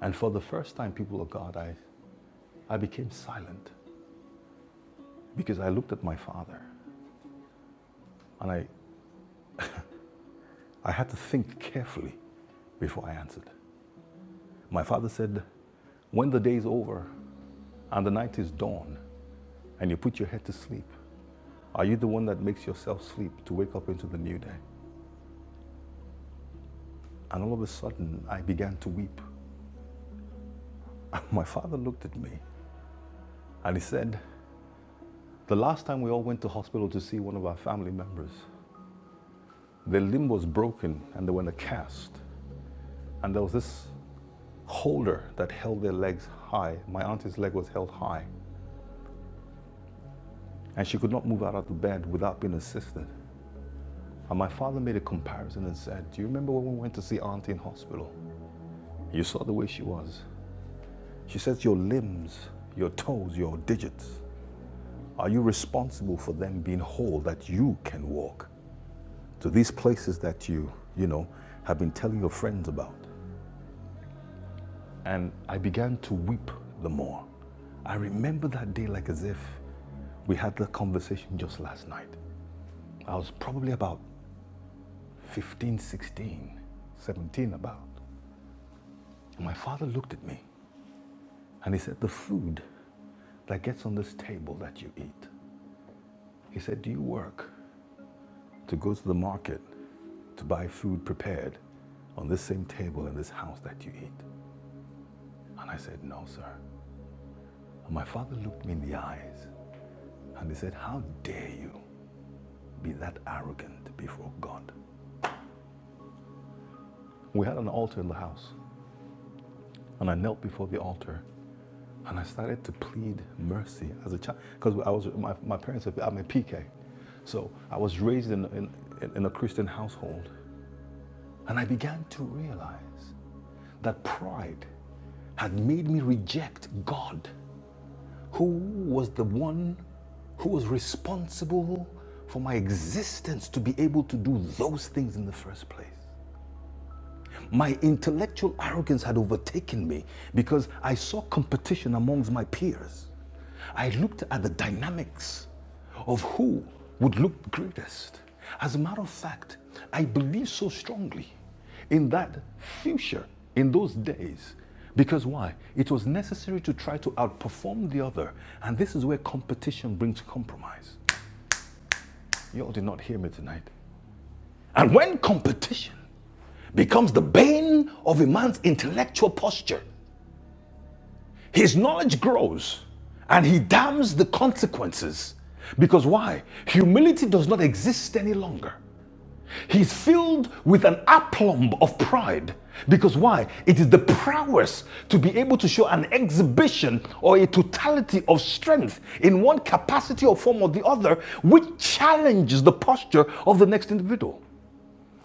And for the first time, people of God, I, I became silent because I looked at my father and I, I had to think carefully before I answered. My father said, When the day is over and the night is dawn and you put your head to sleep, are you the one that makes yourself sleep to wake up into the new day? And all of a sudden, I began to weep. My father looked at me and he said, The last time we all went to hospital to see one of our family members, their limb was broken and they were in a cast. And there was this holder that held their legs high. My auntie's leg was held high. And she could not move out of the bed without being assisted. And my father made a comparison and said, Do you remember when we went to see auntie in hospital? You saw the way she was. She says, Your limbs, your toes, your digits, are you responsible for them being whole that you can walk to these places that you, you know, have been telling your friends about? And I began to weep the more. I remember that day like as if we had that conversation just last night. I was probably about 15, 16, 17. about. My father looked at me and he said, The food that gets on this table that you eat, he said, Do you work to go to the market to buy food prepared on this same table in this house that you eat? And I said, No, sir. And my father looked me in the eyes and he said, How dare you? be that arrogant before God. We had an altar in the house, and I knelt before the altar and I started to plead mercy as a child because I was my, my parents. I'm a PK, so I was raised in, in in a Christian household, and I began to realize that pride had made me reject God, who was the one who was responsible for my existence to be able to do those things in the first place. My intellectual arrogance had overtaken me because I saw competition amongst my peers. I looked at the dynamics of who would look greatest. As a matter of fact, I believed so strongly in that future, in those days, because why? It was necessary to try to outperform the other, and this is where competition brings compromise. Y'all did not hear me tonight. And when competition becomes the bane of a man's intellectual posture. His knowledge grows and he damns the consequences. Because why? Humility does not exist any longer. He's filled with an aplomb of pride. Because why? It is the prowess to be able to show an exhibition or a totality of strength in one capacity or form or the other, which challenges the posture of the next individual.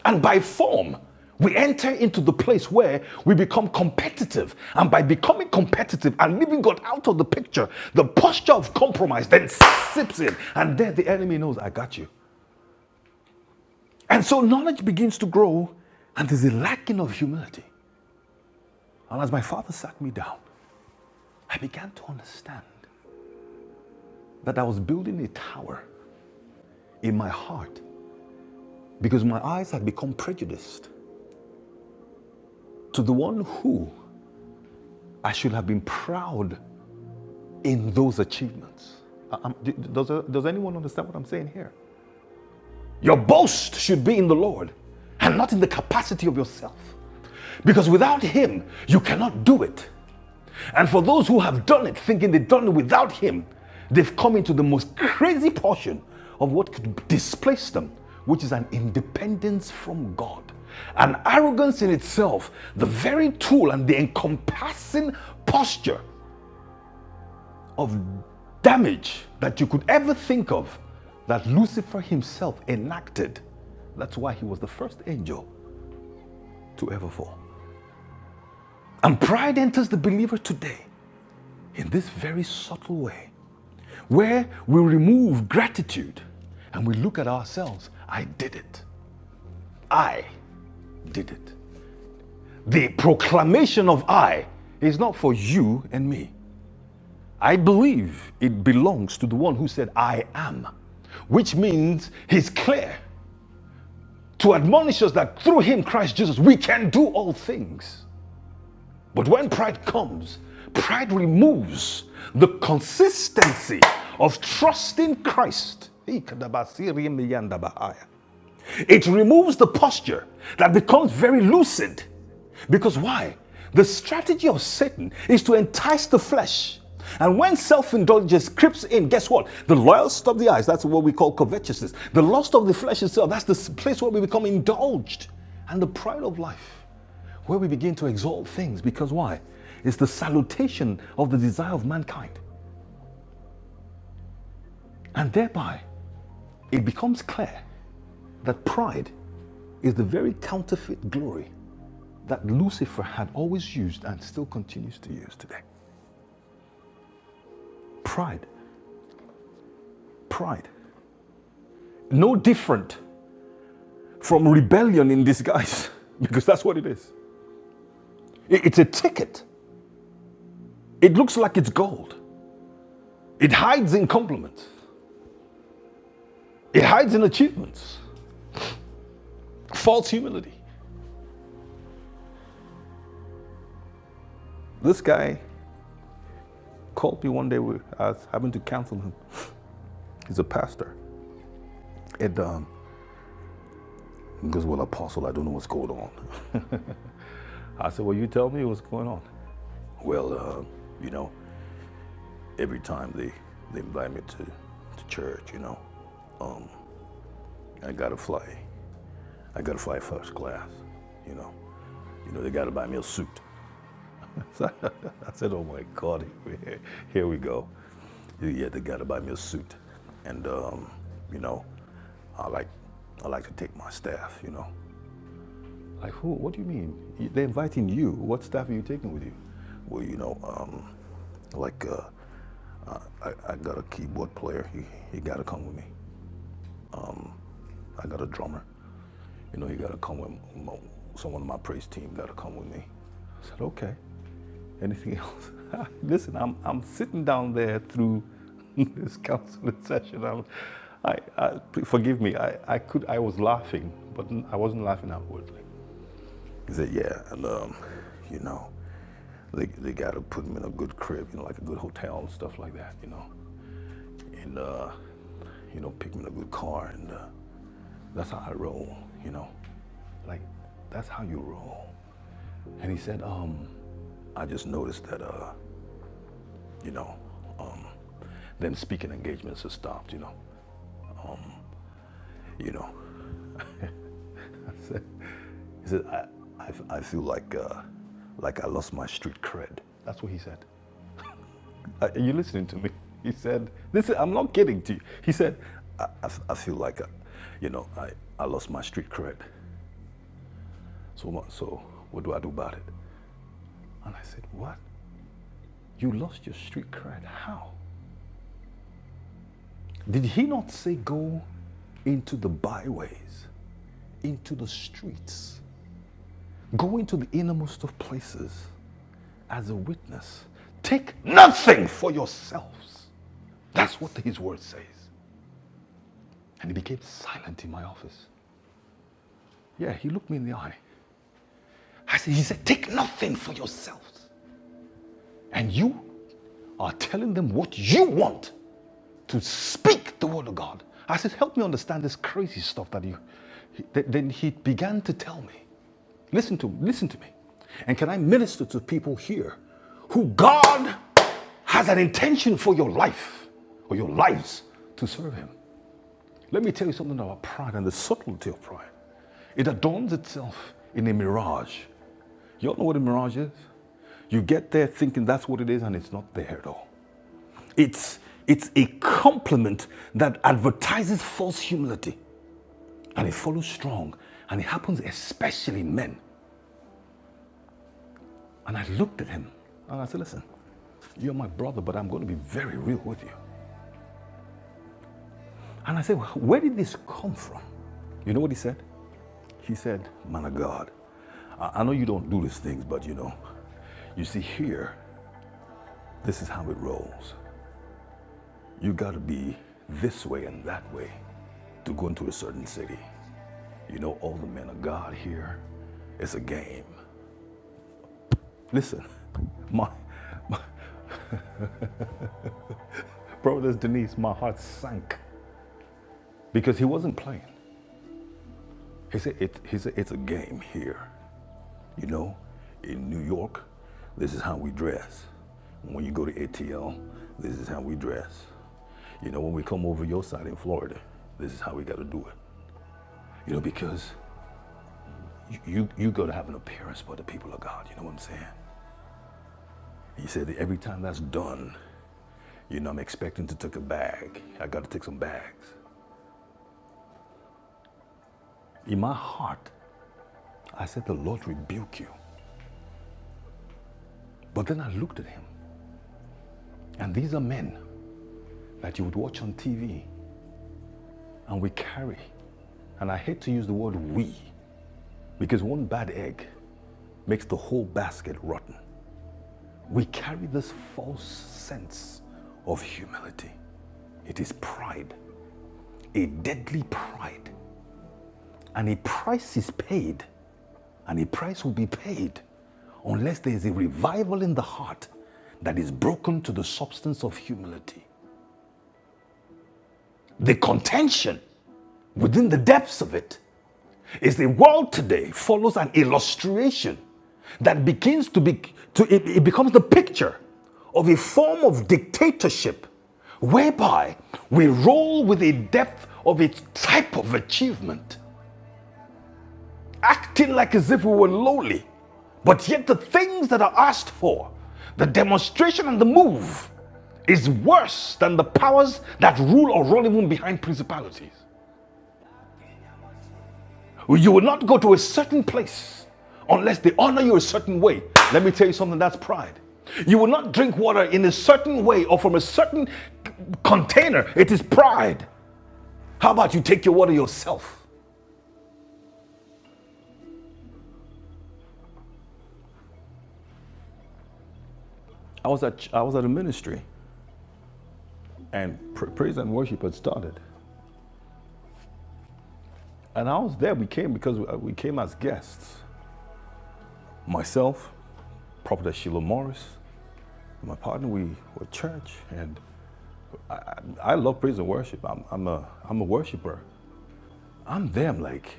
And by form, we enter into the place where we become competitive. And by becoming competitive and leaving God out of the picture, the posture of compromise then sips in. And there the enemy knows, I got you. And so knowledge begins to grow, and there's a lacking of humility. And as my father sat me down, I began to understand that I was building a tower in my heart because my eyes had become prejudiced to the one who I should have been proud in those achievements. I- am does, uh, does anyone understand what I'm saying here? Your boast should be in the Lord and not in the capacity of yourself. Because without Him, you cannot do it. And for those who have done it, thinking they've done it without Him, they've come into the most crazy portion of what could displace them, which is an independence from God. An arrogance in itself, the very tool and the encompassing posture of damage that you could ever think of that Lucifer himself enacted. That's why he was the first angel to ever fall. And pride enters the believer today in this very subtle way, where we remove gratitude and we look at ourselves I did it. I did it. The proclamation of I is not for you and me. I believe it belongs to the one who said, I am, which means he's clear to admonish us that through him, Christ Jesus, we can do all things. But when pride comes, pride removes the consistency of trusting Christ. Ikadabasiri miyandabahaya. It removes the posture that becomes very lucid. Because why? The strategy of Satan is to entice the flesh. And when self indulgence creeps in, guess what? The lust of the eyes, that's what we call covetousness. The lust of the flesh itself, that's the place where we become indulged. And the pride of life, where we begin to exalt things. Because why? It's the salutation of the desire of mankind. And thereby, it becomes clear that pride is the very counterfeit glory that Lucifer had always used and still continues to use today. Pride, pride. No different from rebellion in disguise, because that's what it is. It's a ticket. It looks like it's gold. It hides in compliments, it hides in achievements, false humility. This guy called me one day, I was having to counsel him. He's a pastor. And um, he goes, Well, Apostle, I don't know what's going on. I said, Well, you tell me what's going on. Well, uh, you know, every time they, they invite me to, to church, you know. I gotta fly. I gotta fly first class, you know. You know, they gotta buy me a suit. So I said, oh my God, here, we go. Yeah, yeah, they gotta buy me a suit. And, um, you know, I like, I like to take my staff, you know. Like, who? What do you mean? They're inviting you. What staff are you taking with you? Well, you know, um, like, uh, I, I got a keyboard player. He, he gotta come with me. I got a drummer. You know, you gotta come with my, someone on my praise team. Gotta come with me. I said, okay. Anything else? Listen, I'm I'm sitting down there through this counseling session. I'm, I, I forgive me. I, I could I was laughing, but I wasn't laughing outwardly. He said, yeah, and um, you know, they they gotta put me in a good crib, you know, like a good hotel and stuff like that, you know, and uh, you know, pick me in a good car, and uh, that's how I roll, you know, like that's how you roll. And he said, um, I just noticed that, uh, you know, um, them speaking engagements have stopped, you know, you know. He said, I, I, f- I feel like, uh, like I lost my street cred. That's what he said. Uh, Are you listening to me? He said, this is, I'm not kidding to you. He said, I, I f- I feel like, I, you know, I, I lost my street cred. So, what- so what do I do about it? And I said, what? You lost your street cred? How? Did he not say go into the byways into the streets, go into the innermost of places as a witness. Take nothing for yourselves. That's what his word says. And he became silent in my office. Yeah, he looked me in the eye. I said, He said, Take nothing for yourselves. And you are telling them what you want to speak the word of God. I said, help me understand this crazy stuff that you. Then he began to tell me, listen to listen to me, and can I minister to people here who God has an intention for your life or your lives to serve Him? Let me tell you something about pride and the subtlety of pride. It adorns itself in a mirage. You all know what a mirage is. You get there thinking that's what it is, and it's not there at all. It's, it's a compliment that advertises false humility and it follows strong and it happens especially in men. And I looked at him and I said, Listen, you're my brother, but I'm going to be very real with you. And I said, Where did this come from? You know what he said? He said, Man of God, I know you don't do these things, but you know, you see here, this is how it rolls. You got to be this way and that way to go into a certain city. You know, all the men of God here, it's a game. Listen, my brothers, Denise, my heart sank because he wasn't playing. He said, it, he said, it's a game here. You know, in New York, this is how we dress. When you go to ATL, this is how we dress. You know, when we come over your side in Florida, this is how we got to do it. You know, because you, you, you got to have an appearance for the people of God. You know what I'm saying? He said that every time that's done, You know, I'm expecting to take a bag. I got to take some bags. In my heart, I said, The Lord rebuke you. But then I looked at him, and these are men that you would watch on TV and we carry. And I hate to use the word we because one bad egg makes the whole basket rotten. We carry this false sense of humility. It is pride, a deadly pride, and a price is paid and a price will be paid unless there is a revival in the heart that is broken to the substance of humility. The contention within the depths of it is the world today follows an illustration that begins to be to it, it becomes the picture of a form of dictatorship whereby we roll with a depth of a type of achievement acting like as if we were lowly. But yet, the things that are asked for, the demonstration and the move, is worse than the powers that rule or run even behind principalities. You will not go to a certain place unless they honor you a certain way. Let me tell you something that's pride. You will not drink water in a certain way or from a certain container. It is pride. How about you take your water yourself? I was at I was at a ministry, and praise and worship had started. And I was there. We came because uh, we- came as guests. Myself, Prophet Sheila Morris, and my partner. We were at church, and I, I love praise and worship. I'm, I'm a I'm a worshiper. I'm there. I'm like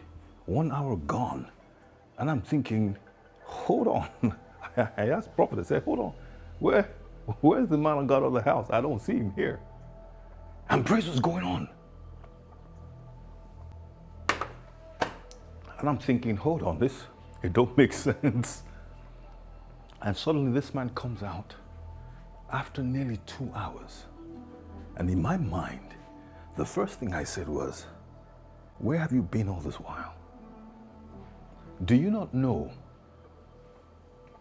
one hour gone, and I'm thinking, hold on. I asked Prophet. I said, hold on, where where's the man of God of the house? I don't see him here. And praise was going on, and I'm thinking, hold on, this it don't make sense. And suddenly this man comes out after nearly two hours And in my mind, the first thing I said was, Where have you been all this while? Do you not know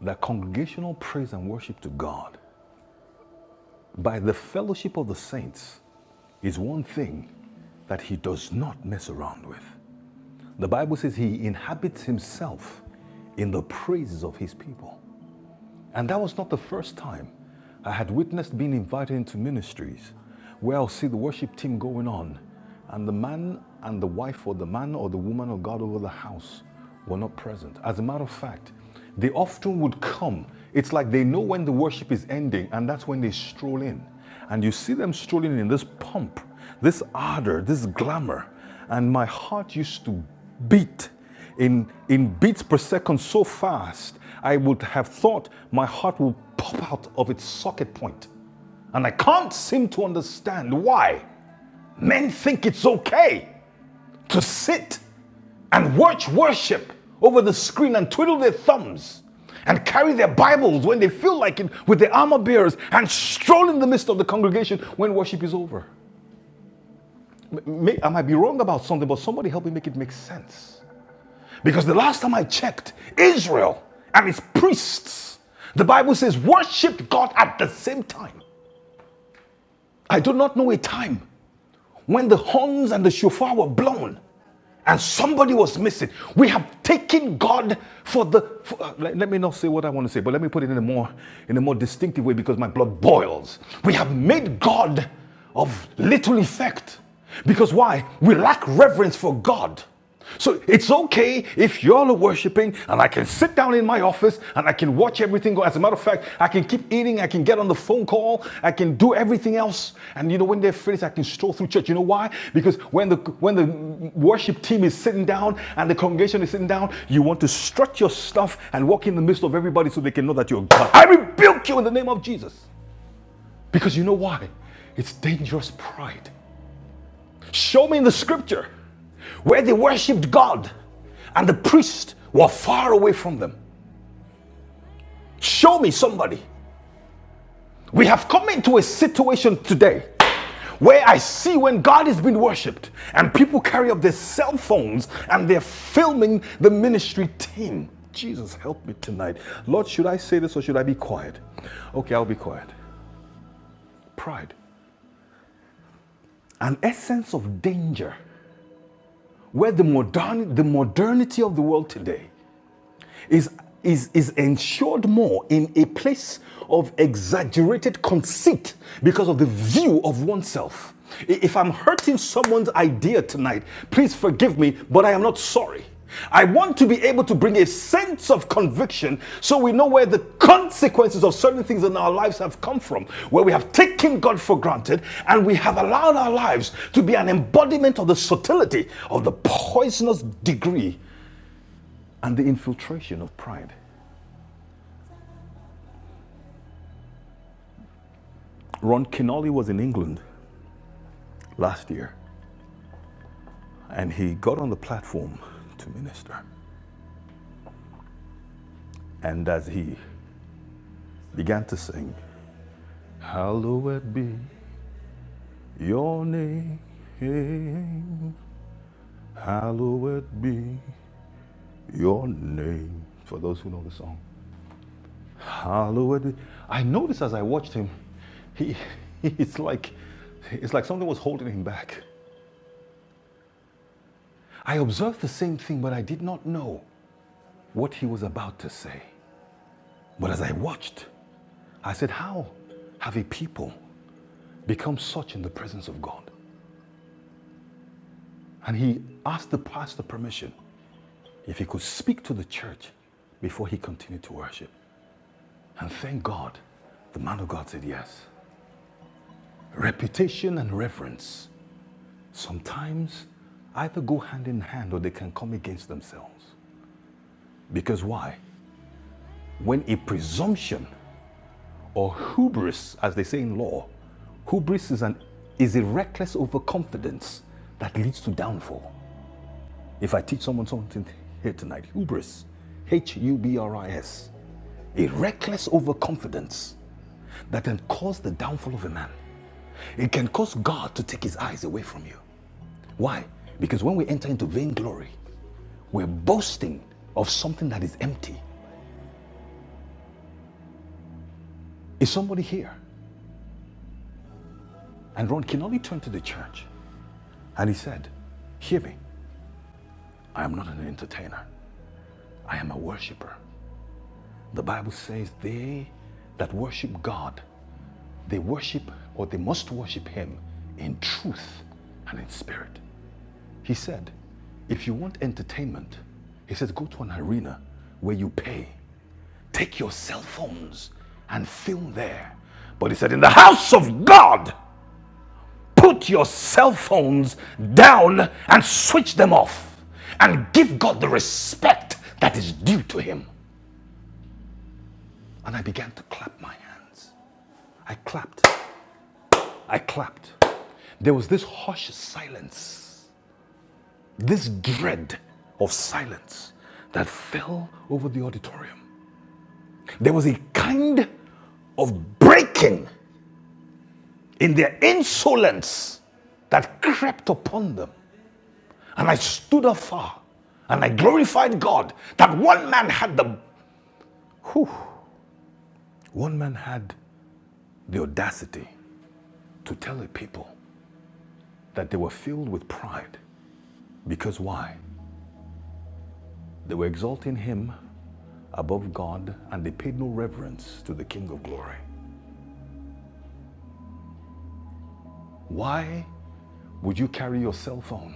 that congregational praise and worship to God by the fellowship of the saints is one thing that He does not mess around with? The Bible says He inhabits Himself in the praises of His people. And that was not the first time I had witnessed being invited into ministries where I'll see the worship team going on, and the man and the wife or the man or the woman of God over the house were not present. As a matter of fact, they often would come. It's like they know when the worship is ending, and that's when they stroll in. And you see them strolling in this pomp, this ardor, this glamour. And my heart used to beat in, in beats per second so fast, I would have thought my heart would pop out of its socket point. And I can't seem to understand why men think it's okay to sit and watch worship over the screen and twiddle their thumbs and carry their Bibles when they feel like it with their armor bearers and stroll in the midst of the congregation when worship is over. may- I might be wrong about something, but somebody help me make it make sense. Because the last time I checked, Israel and its priests, the Bible says, worshiped God at the same time. I do not know a time when the horns and the shofar were blown and somebody was missing. We have taken God for the. for- uh, let, let me not say what I want to say, but let me put it in a more in a more distinctive way because my blood boils. We have made God of little effect because why? We lack reverence for God. So it's okay if y'all are worshiping and I can sit down in my office and I can watch everything go. As a matter of fact, I can keep eating, I can get on the phone call, I can do everything else. And you know, when they're finished, I can stroll through church. You know why? Because when the when the worship team is sitting down and the congregation is sitting down, you want to strut your stuff and walk in the midst of everybody so they can know that you're God. I rebuke you in the name of Jesus. Because you know why? It's dangerous pride. Show me in the scripture where they worshiped God and the priests were far away from them. Show me somebody. We have come into a situation today where I see when God is being worshiped and people carry up their cell phones and they're filming the ministry team. Jesus, help me tonight. Lord, should I say this or should I be quiet? Okay, I'll be quiet. Pride, an essence of danger where the, modern, the modernity of the world today is, is, is ensured more in a place of exaggerated conceit because of the view of oneself. If I'm hurting someone's idea tonight, please forgive me, but I am not sorry. I want to be able to bring a sense of conviction so we know where the consequences of certain things in our lives have come from, where we have taken God for granted and we have allowed our lives to be an embodiment of the subtlety of the poisonous degree and the infiltration of pride. Ron Kinolly was in England last year and he got on the platform to minister. And as he began to sing, Hallowed be your name, hallowed be your name. For those who know the song, Hallowed. be- I noticed as I watched him, he, it's like, it's like something was holding him back. I observed the same thing, but I did not know what he was about to say. But as I watched, I said, How have a people become such in the presence of God? And he asked the pastor permission if he could speak to the church before he continued to worship. And thank God, the man of God said yes. Reputation and reverence sometimes either go hand in hand or they can come against themselves. Because why? When a presumption or hubris, as they say in law. Hubris is, an, is a reckless overconfidence that leads to downfall. If I teach someone something here tonight, hubris, H U B R I S, a reckless overconfidence that can cause the downfall of a man. It can cause God to take his eyes away from you. Why? Because when we enter into vainglory, we're boasting of something that is empty. Is somebody here? And Ron, can only turn to the church And he said, Hear me, I am not an entertainer, I am a worshiper. The Bible says, They that worship God, they worship or they must worship Him in truth and in spirit. He said, If you want entertainment, he says, Go to an arena where you pay take your cell phones and film there. But he said, In the house of God, Put your cell phones down and switch them off and give God the respect that is due to him. And I began to clap my hands. I clapped. I clapped. There was this hush silence, this dread of silence that fell over the auditorium. There was a kind of breaking in their insolence that crept upon them. And I stood afar and I glorified God that one man had the one man had the audacity to tell a people that they were filled with pride because why? They were exalting him above God and they paid no reverence to the King of Glory. Why would you carry your cell phone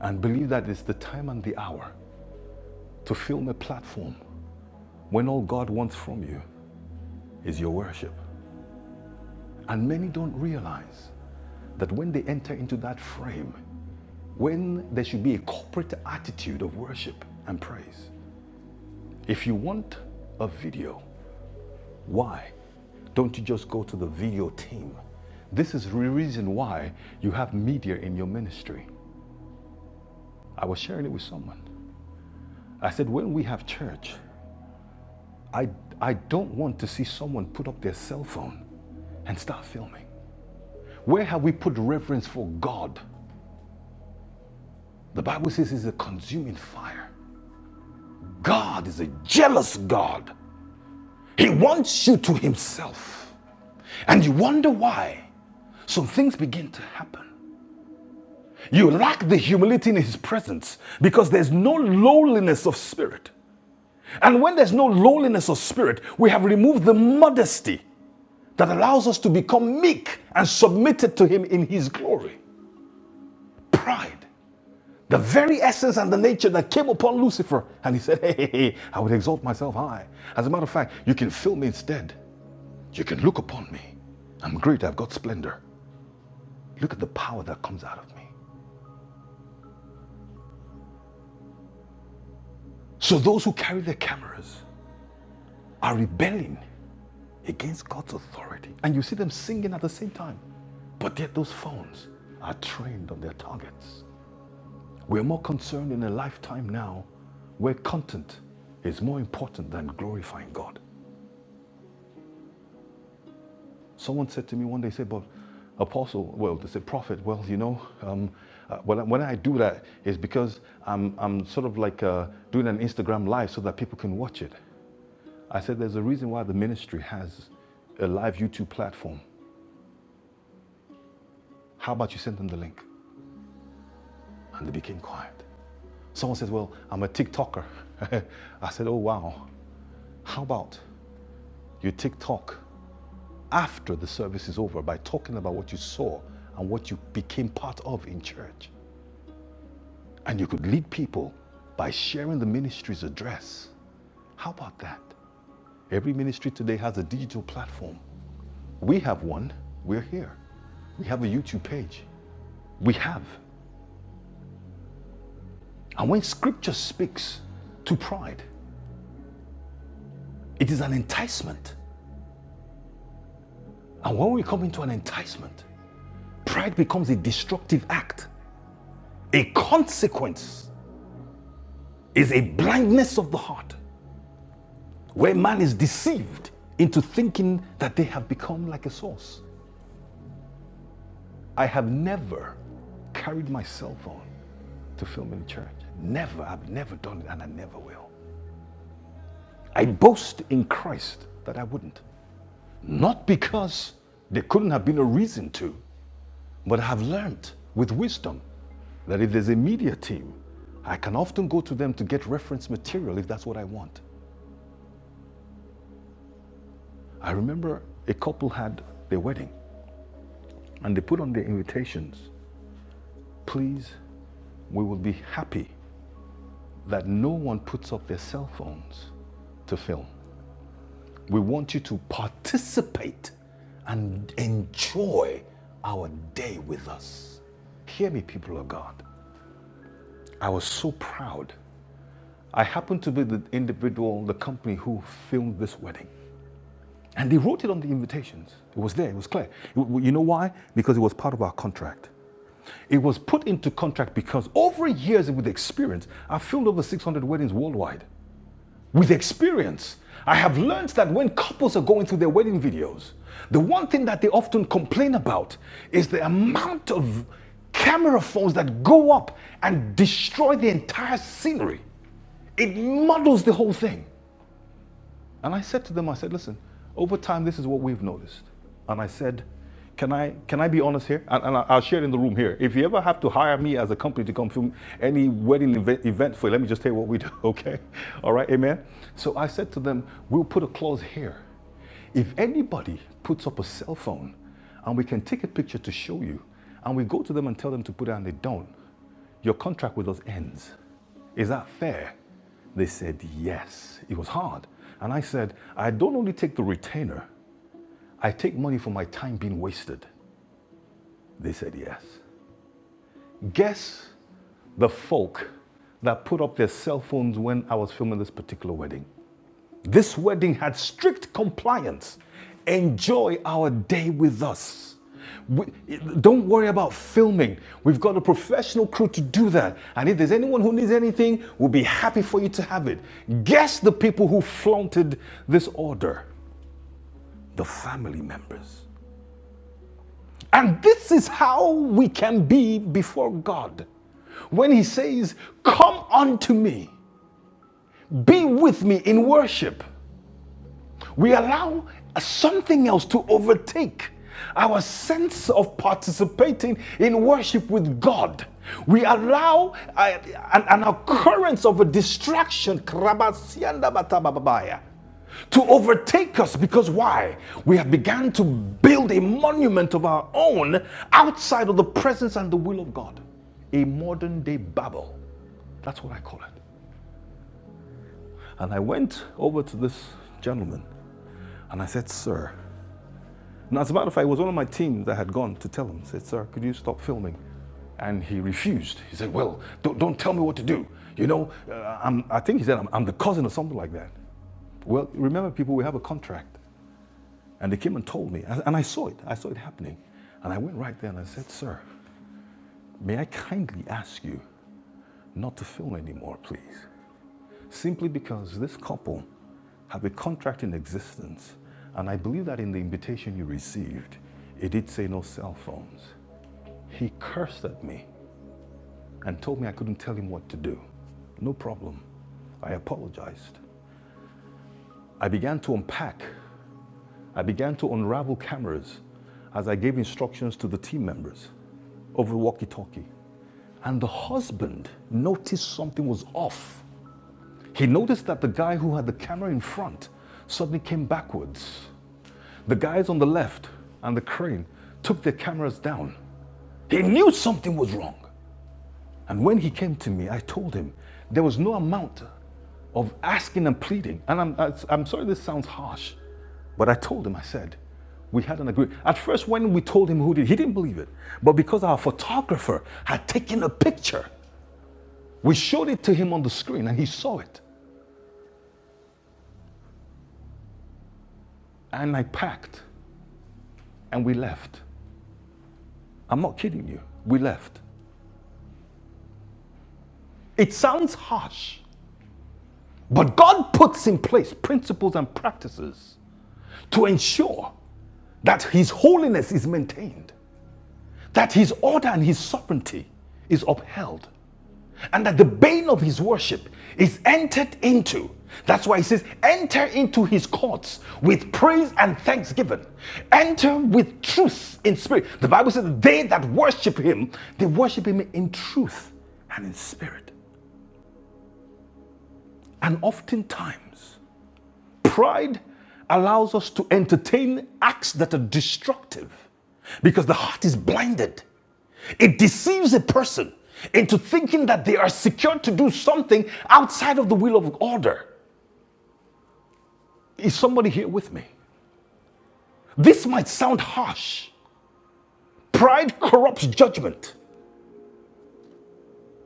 and believe that it's the time and the hour to film a platform when all God wants from you is your worship? And many don't realize that when they enter into that frame, when there should be a corporate attitude of worship and praise. If you want a video, why don't you just go to the video team? This is the reason why you have media in your ministry. I was sharing it with someone. I said, when we have church, I, I don't want to see someone put up their cell phone and start filming. Where have we put reverence for God? The Bible says he's a consuming fire. God is a jealous God. He wants you to himself. And you wonder why some things begin to happen. You lack the humility in his presence because there's no lowliness of spirit. And when there's no lowliness of spirit, we have removed the modesty that allows us to become meek and submitted to him in his glory. Pride, the very essence and the nature that came upon Lucifer. And he said, Hey, hey, hey, I would exalt myself high. As a matter of fact, you can fill me instead. You can look upon me. I'm great, I've got splendor. Look at the power that comes out of me. So those who carry their cameras are rebelling against God's authority. And you see them singing at the same time. But yet those phones are trained on their targets. We're more concerned in a lifetime now where content is more important than glorifying God. Someone said to me one day, said, but apostle, well, they said prophet, well, you know, um, uh, when, I, when I do that is because I'm, I'm sort of like uh, doing an Instagram live so that people can watch it. I said, there's a reason why the ministry has a live YouTube platform. How about you send them the link? And they became quiet. Someone says, well, I'm a TikToker. I said, oh, wow. How about you TikTok after the service is over by talking about what you saw and what you became part of in church? And you could lead people by sharing the ministry's address. How about that? Every ministry today has a digital platform. We have one, we're here. We have a YouTube page. We have. And when scripture speaks to pride, it is an enticement. And when we come into an enticement, pride becomes a destructive act. A consequence is a blindness of the heart where man is deceived into thinking that they have become like a source. I have never carried my cell phone to film in church. Never. I've never done it and I never will. I boast in Christ that I wouldn't. Not because there couldn't have been a reason to, but I have learned with wisdom that if there's a media team, I can often go to them to get reference material if that's what I want. I remember a couple had their wedding and they put on their invitations. Please, we will be happy that no one puts up their cell phones to film. We want you to participate and enjoy our day with us. Hear me, people of God. I was so proud. I happened to be the individual, the company who filmed this wedding. And they wrote it on the invitations. It was there, it was clear. You know why? Because it was part of our contract. It was put into contract because over years with experience, I filmed over 600 weddings worldwide with experience, I have learned that when couples are going through their wedding videos, the one thing that they often complain about is the amount of camera phones that go up and destroy the entire scenery. It muddles the whole thing. And I said to them, I said, listen, over time, this is what we've noticed. And I said, can I, can I be honest here? And, and I- will share it in the room here. If you ever have to hire me as a company to come film any wedding event, event for you, let me just tell you what we do, okay? All right, amen? So I said to them, we'll put a clause here. If anybody puts up a cell phone and we can take a picture to show you, and we go to them and tell them to put it and they don't, your contract with us ends. Is that fair? They said, Yes. It was hard. And I said, I don't only take the retainer, I take money for my time being wasted. They said, Yes. Guess the folk that put up their cell phones when I was filming this particular wedding. This wedding had strict compliance. Enjoy our day with us. We- don't worry about filming. We've got a professional crew to do that. And if there's anyone who needs anything, we'll be happy for you to have it. Guess the people who flaunted this order the family members. And this is how we can be before God. When He says, Come unto me, be with me in worship. We allow something else to overtake our sense of participating in worship with God. We allow uh, an, an occurrence of a distraction to overtake us because why? We have begun to build a monument of our own outside of the presence and the will of God. A modern day Babel. That's what I call it. And I went over to this gentleman and I said, Sir, And as a matter of fact, it was one of my team that had gone to tell him, said, Sir, could you stop filming? And he refused. He said, Well, don't, don't tell me what to do. You know, uh, I'm, I think he said, I'm, I'm the cousin or something like that. Well, remember, people, we have a contract. And they came and told me, and and I saw it, I saw it happening. And I went right there and I said, Sir, may I kindly ask you not to film anymore, please? Simply because this couple have a contract in existence. And I believe that in the invitation you received, it did say no cell phones. He cursed at me and told me I couldn't tell him what to do. No problem. I apologized. I began to unpack. I began to unravel cameras as I gave instructions to the team members over walkie talkie. And the husband noticed something was off. He noticed that the guy who had the camera in front suddenly came backwards. The guys on the left and the crane took their cameras down. He knew something was wrong. And when he came to me, I told him there was no amount of asking and pleading. And I'm, I- am i am sorry this sounds harsh, but I told him, I said, we had an agreement. At first, when we told him who did, he didn't believe it. But because our photographer had taken a picture, we showed it to him on the screen and he saw it. And I packed and we left. I'm not kidding you. We left. It sounds harsh, but God puts in place principles and practices to ensure that His holiness is maintained, that His order and His sovereignty is upheld, and that the bane of His worship is entered into. That's why He says, Enter into His courts with praise and thanksgiving, enter with truth in spirit. The Bible says, They that worship Him, they worship Him in truth and in spirit. And oftentimes, Pride allows us to entertain acts that are destructive because the heart is blinded. It deceives a person into thinking that they are secured to do something outside of the will of order. Is somebody here with me? This might sound harsh. Pride corrupts judgment.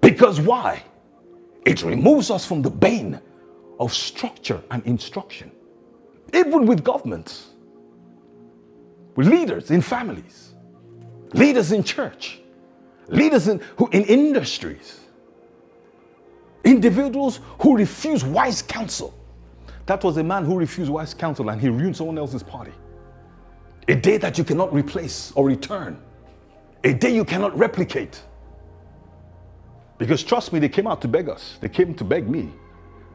Because why? It removes us from the bane of structure and instruction. Even with governments, with leaders in families, leaders in church, leaders in, who, in industries, individuals who refuse wise counsel. That was a man who refused wise counsel and he ruined someone else's party. A day that you cannot replace or return, a day you cannot replicate. Because trust me, they came out to beg us, they came to beg me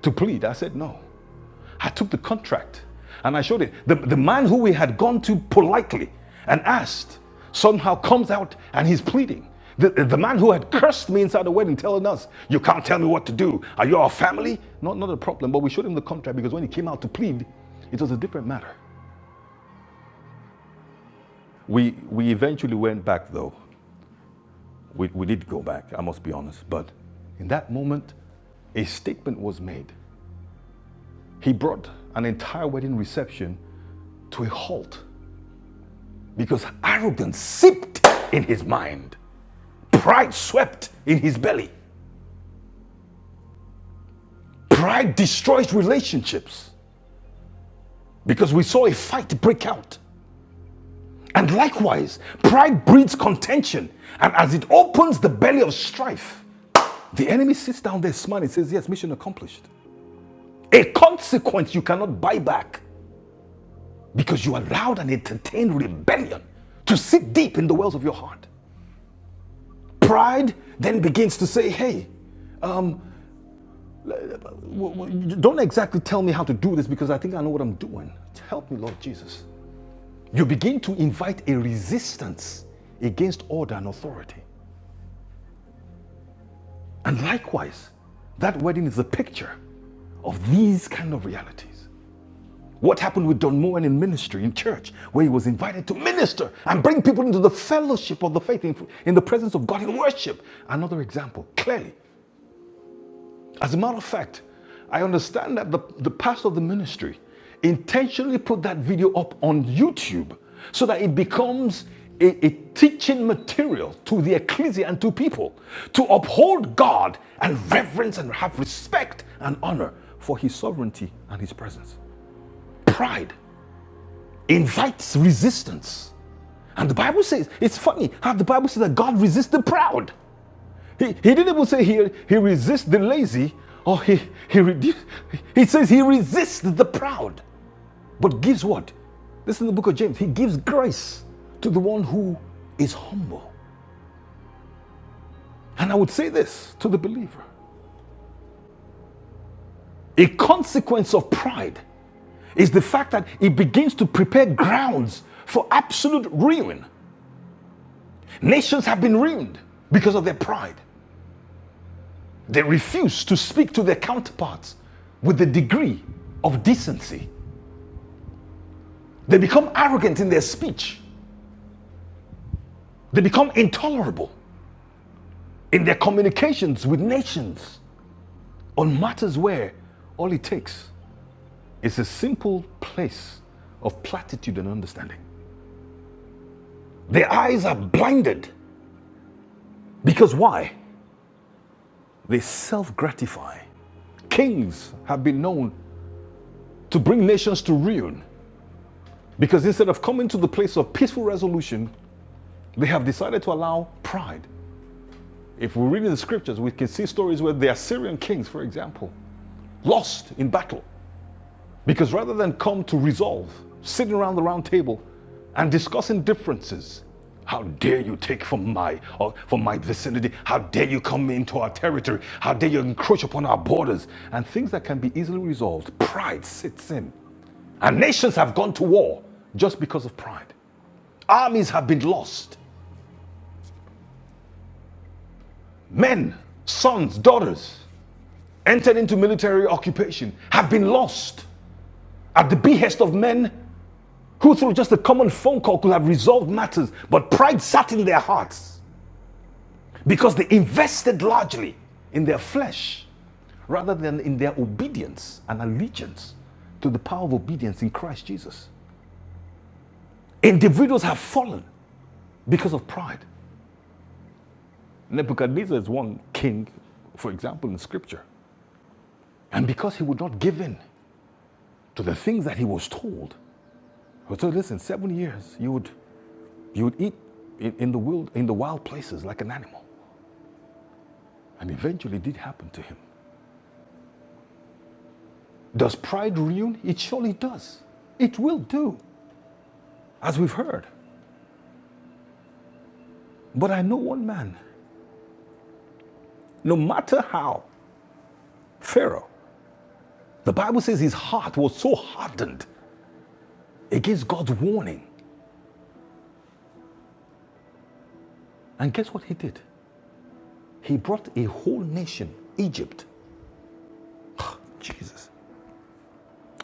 to plead. I said no. I took the contract and I showed it. The, the man who we had gone to politely and asked somehow comes out and he's pleading. The, the man who had cursed me inside the wedding telling us, You can't tell me what to do. Are you our family? Not, not a problem, but we showed him the contract because when he came out to plead, it was a different matter. We, we eventually went back though. We, we did go back, I must be honest. But in that moment, a statement was made. He brought an entire wedding reception to a halt because arrogance seeped in his mind. Pride swept in his belly. Pride destroys relationships because we saw a fight break out. And likewise, pride breeds contention. And as it opens the belly of strife, the enemy sits down there smiling and says, Yes, mission accomplished. A consequence you cannot buy back because you allowed and entertained rebellion to sit deep in the wells of your heart. Pride then begins to say, Hey, Don't exactly tell me how to do this because I think I know what I'm doing. Help me, Lord Jesus. You begin to invite a resistance against order and authority. And likewise, that wedding is a picture of these kind of realities. What happened with Don Moen in ministry, in church, where he was invited to minister and bring people into the fellowship of the faith in, in the presence of God in worship? Another example, clearly, As a matter of fact, I understand that the, the pastor of the ministry intentionally put that video up on YouTube so that it becomes a, a teaching material to the ecclesia and to people to uphold God and reverence and have respect and honor for his sovereignty and his presence. Pride invites resistance. And the Bible says, it's funny how the Bible says that God resists the proud he, he didn't even say he, he resists the lazy or he, he, reduce, he says he resists the proud, but gives what? This is in the book of James. He gives grace to the one who is humble. And I would say this to the believer a consequence of pride is the fact that it begins to prepare grounds for absolute ruin. Nations have been ruined because of their pride. They refuse to speak to their counterparts with the degree of decency They become arrogant in their speech. They become intolerable in their communications with nations on matters where all it takes is a simple place of platitude and understanding. Their eyes are blinded because why? They self gratify. Kings have been known to bring nations to ruin because instead of coming to the place of peaceful resolution, they have decided to allow pride. If we read in the scriptures, we can see stories where the Assyrian kings, for example, lost in battle Because rather than come to resolve, sitting around the round table and discussing differences, how dare you take from my or from my vicinity? How dare you come into our territory? How dare you encroach upon our borders? And things that can be easily resolved. Pride sits in. And nations have gone to war just because of pride. Armies have been lost. Men, sons, daughters entered into military occupation have been lost at the behest of men who through just a common phone call could have resolved matters, but pride sat in their hearts because they invested largely in their flesh rather than in their obedience and allegiance to the power of obedience in Christ Jesus. Individuals have fallen because of pride. Nebuchadnezzar is one king, for example, in scripture. And because he would not give in to the things that he was told, so listen, seven years you would you would eat in, in the wild in the wild places like an animal. And eventually it did happen to him. Does pride ruin? It surely does. It will do, as we've heard. But I know one man, no matter how, Pharaoh, the Bible says his heart was so hardened against God's warning. And guess what he did? He brought a whole nation, Egypt. Oh, Jesus.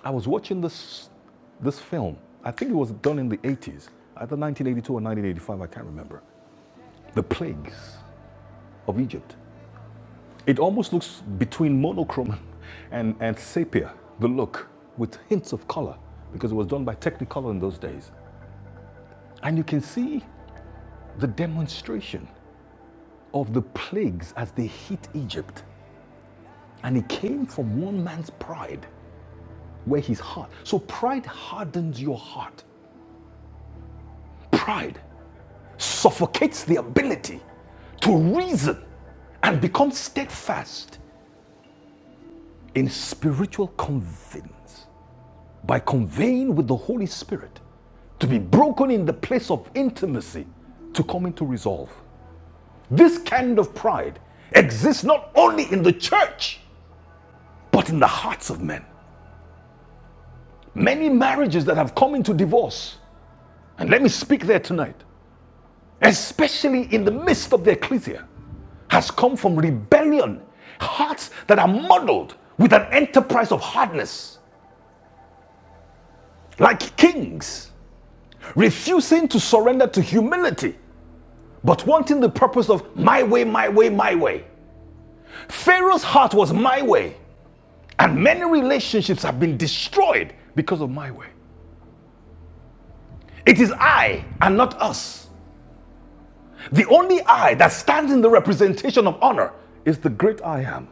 I was watching this, this film. I think it was done in the 80s, either 1982 or 1985, I can't remember. The plagues of Egypt. It almost looks between monochrome and, and sepia, the look, with hints of color, because it was done by Technicolor in those days. And you can see the demonstration of the plagues as they hit Egypt. And it came from one man's pride, where his heart. So pride hardens your heart. Pride suffocates the ability to reason and become steadfast in spiritual convincing. by conveying with the Holy Spirit to be broken in the place of intimacy to come into resolve. This kind of pride exists not only in the church, but in the hearts of men. Many marriages that have come into divorce, and let me speak there tonight, especially in the midst of the ecclesia, has come from rebellion, hearts that are muddled with an enterprise of hardness, like kings, refusing to surrender to humility but wanting the purpose of my way, my way, my way. Pharaoh's heart was my way, and many relationships have been destroyed because of my way. It is I and not us. The only I that stands in the representation of honor is the great I am.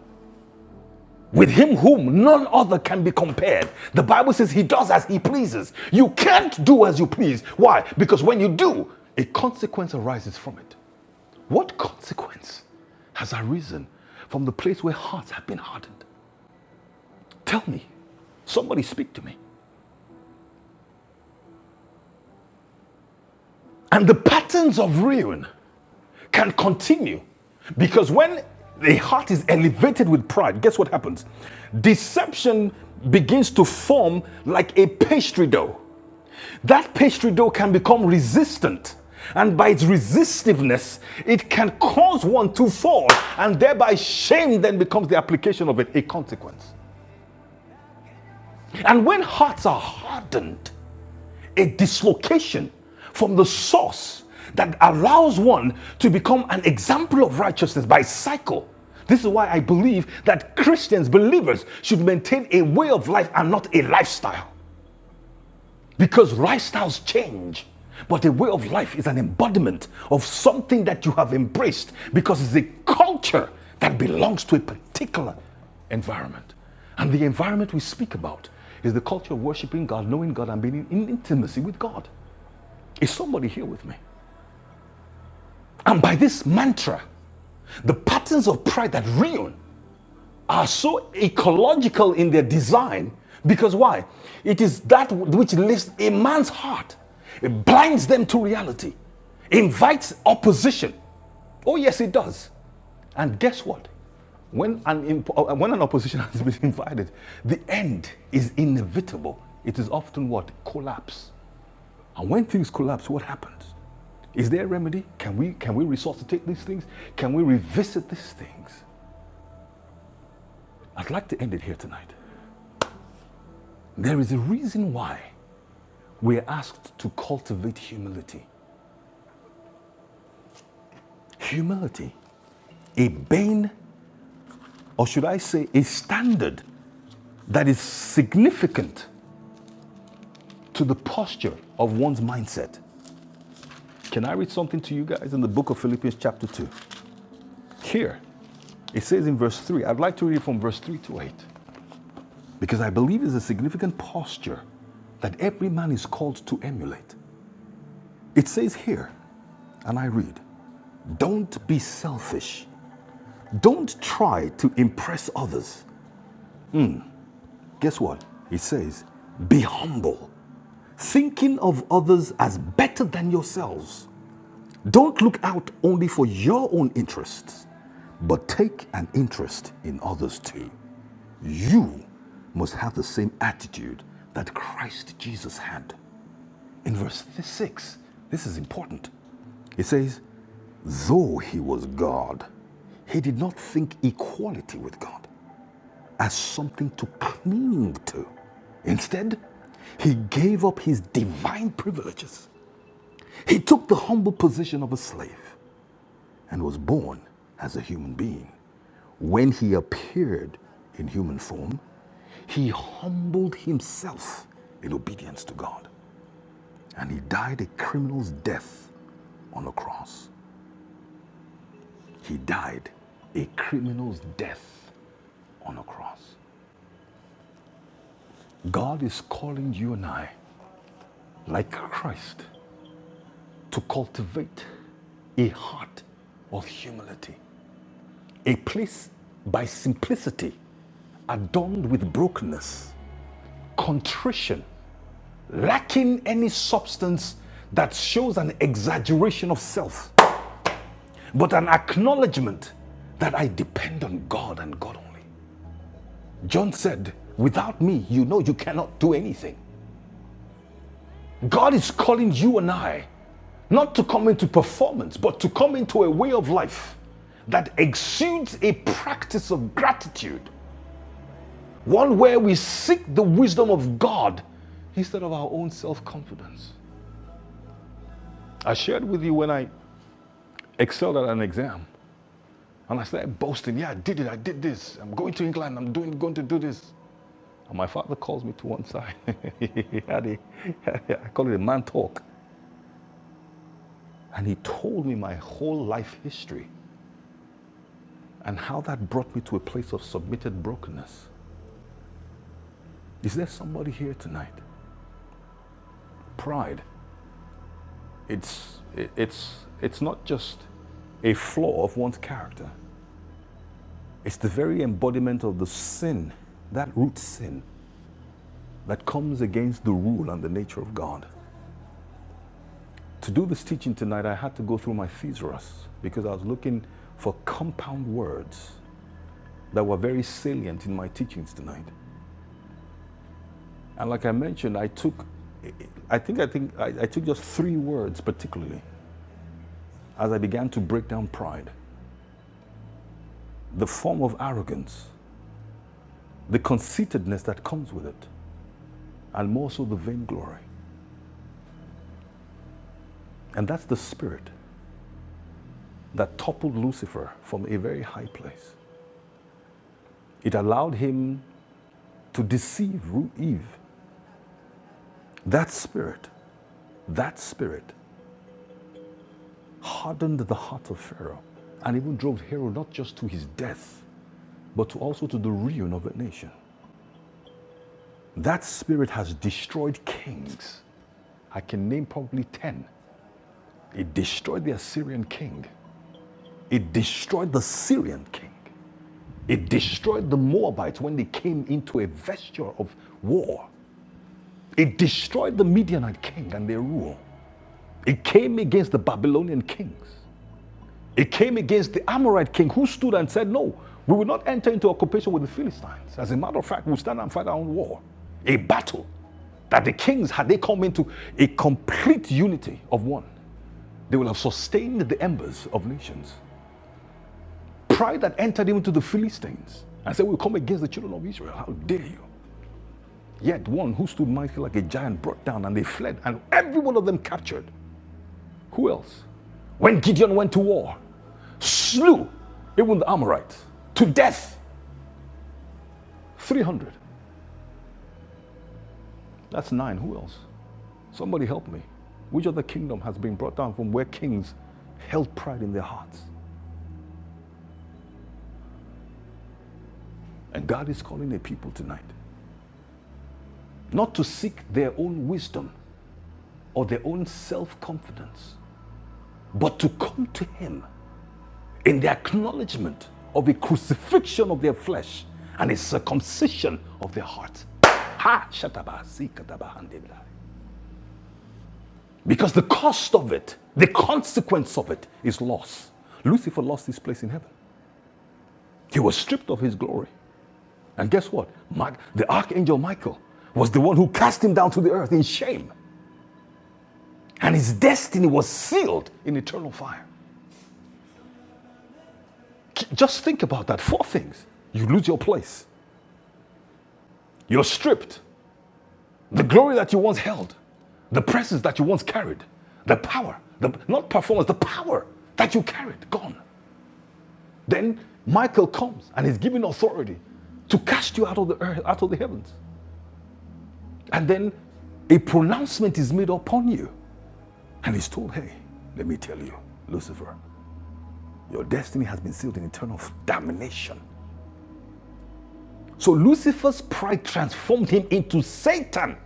With him whom none other can be compared. The Bible says he does as he pleases. You can't do as you please. Why? Because when you do, a consequence arises from it. What consequence has arisen from the place where hearts have been hardened? Tell me. Somebody speak to me. And the patterns of ruin can continue because when the heart is elevated with pride, guess what happens? Deception begins to form like a pastry dough. That pastry dough can become resistant. And by its resistiveness, it can cause one to fall, and thereby shame then becomes the application of it, a consequence. And when hearts are hardened, a dislocation from the source that allows one to become an example of righteousness by cycle. This is why I believe that Christians, believers, should maintain a way of life and not a lifestyle. Because lifestyles change, but a way of life is an embodiment of something that you have embraced because it's a culture that belongs to a particular environment. And the environment we speak about is the culture of worshiping God, knowing God, and being in intimacy with God. Is somebody here with me? And by this mantra, the patterns of pride that ruin are so ecological in their design because why? It is that which lifts a man's heart, it blinds them to reality, invites opposition. Oh, yes, it does. And guess what? When an, imp- uh, when an opposition has been invited, the end is inevitable. It is often what? Collapse. And when things collapse, what happens? Is there a remedy? Can we can we resuscitate these things? Can we revisit these things? I'd like to end it here tonight. There is a reason why we're asked to cultivate humility. Humility, a bane, or should I say, a standard that is significant to the posture of one's mindset. Can I read something to you guys in the book of Philippians, chapter 2? Here, it says in verse 3, I'd like to read from verse 3 to 8. Because I believe it's a significant posture that every man is called to emulate. It says here, and I read, don't be selfish. Don't try to impress others. Guess what? It says, be humble, thinking of others as better than yourselves. Don't look out only for your own interests, but take an interest in others too. You must have the same attitude that Christ Jesus had. in verse 6, this is important. It says, Though he was God, he did not think equality with God as something to cling to. Instead, he gave up his divine privileges. He took the humble position of a slave and was born as a human being. When he appeared in human form, he humbled himself in obedience to God. And he died a criminal's death on a cross. He died a criminal's death on a cross. God is calling you and I, like Christ, to cultivate a heart of humility, a place by simplicity adorned with brokenness, contrition, lacking any substance that shows an exaggeration of self, but an acknowledgement that I depend on God and God only. John said, Without me, you know you cannot do anything. God is calling you and I not to come into performance, but to come into a way of life that exudes a practice of gratitude, one where we seek the wisdom of God instead of our own self confidence. I shared with you when I excelled at an exam and I started boasting, Yeah, I did it, I did this, I'm going to England, I'm doing, going to do this. And my father calls me to one side. he had a, I call it a man talk. And he told me my whole life history and how that brought me to a place of submitted brokenness. Is there somebody here tonight? Pride. It's, it's, it's not just a flaw of one's character, it's the very embodiment of the sin, that root sin, that comes against the rule and the nature of God. To do this teaching tonight, I had to go through my thesaurus because I was looking for compound words that were very salient in my teachings tonight. And like I mentioned, I took, I think I think I, I took just three words particularly as I began to break down pride, the form of arrogance, the conceitedness that comes with it, and more so the vainglory. And that's the spirit that toppled Lucifer from a very high place. It allowed him to deceive Eve. That spirit, that spirit hardened the heart of Pharaoh and even drove Pharaoh not just to his death, but to also to the ruin of a nation. That spirit has destroyed kings. I can name probably 10. It destroyed the Assyrian king. It destroyed the Syrian king. It destroyed the Moabites when they came into a vesture of war. It destroyed the Midianite king and their rule. It came against the Babylonian kings. It came against the Amorite king who stood and said, No, we will not enter into occupation with the Philistines. As a matter of fact, we'll stand and fight our own war. A battle that the kings, had they come into a complete unity of one, they will have sustained the embers of nations. Pride that entered into the Philistines and said, We'll come against the children of Israel. How dare you? Yet one who stood mighty like a giant brought down and they fled, and every one of them captured. Who else? When Gideon went to war, slew even the Amorites to death. 300. That's nine. Who else? Somebody help me. Which other kingdom has been brought down from where kings held pride in their hearts? And God is calling a people tonight not to seek their own wisdom or their own self confidence, but to come to Him in the acknowledgement of the crucifixion of their flesh and the circumcision of their heart. Ha! Shataba, sikataba, handebla. Because the cost of it, the consequence of it, is loss. Lucifer lost his place in heaven. He was stripped of his glory. And guess what? the archangel Michael was the one who cast him down to the earth in shame. And his destiny was sealed in eternal fire. Just think about that. Four things. You lose your place. You're stripped. The glory that you once held, the presence that you once carried, the power, the not performance, the power that you carried, gone. Then Michael comes and is given authority to cast you out of the earth, out of the heavens. And then a pronouncement is made upon you. And he's told, hey, let me tell you, Lucifer, your destiny has been sealed in eternal damnation. So Lucifer's pride transformed him into Satan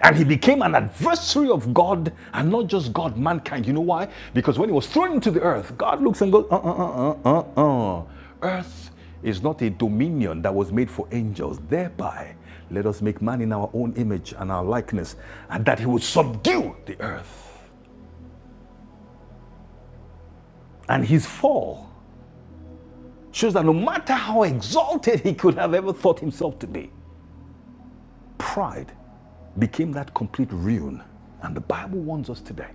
And he became an adversary of God and not just God, mankind. You know why? Because when he was thrown into the earth, God looks and goes, uh uh uh uh uh. uh. Earth is not a dominion that was made for angels. Thereby, let us make man in our own image and our likeness, and that he would subdue the earth. And his fall shows that no matter how exalted he could have ever thought himself to be, pride became that complete ruin. And the Bible warns us today.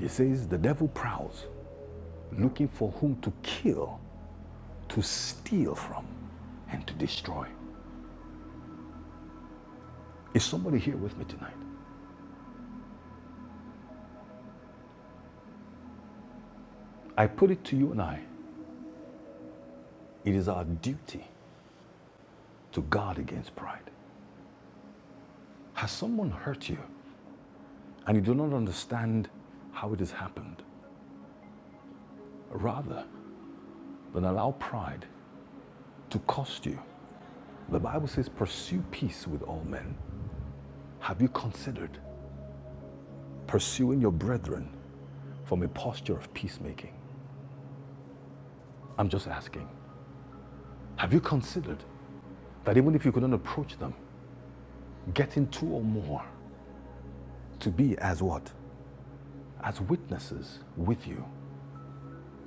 It says, The devil prowls looking for whom to kill, to steal from, and to destroy. Is somebody here with me tonight? I put it to you and I it is our duty to guard against pride. Has someone hurt you and you do not understand how it has happened? Rather than allow pride to cost you, the Bible says, Pursue peace with all men. Have you considered pursuing your brethren from a posture of peacemaking? I'm just asking. Have you considered That even if you couldn't approach them, getting two or more to be as what? as witnesses with you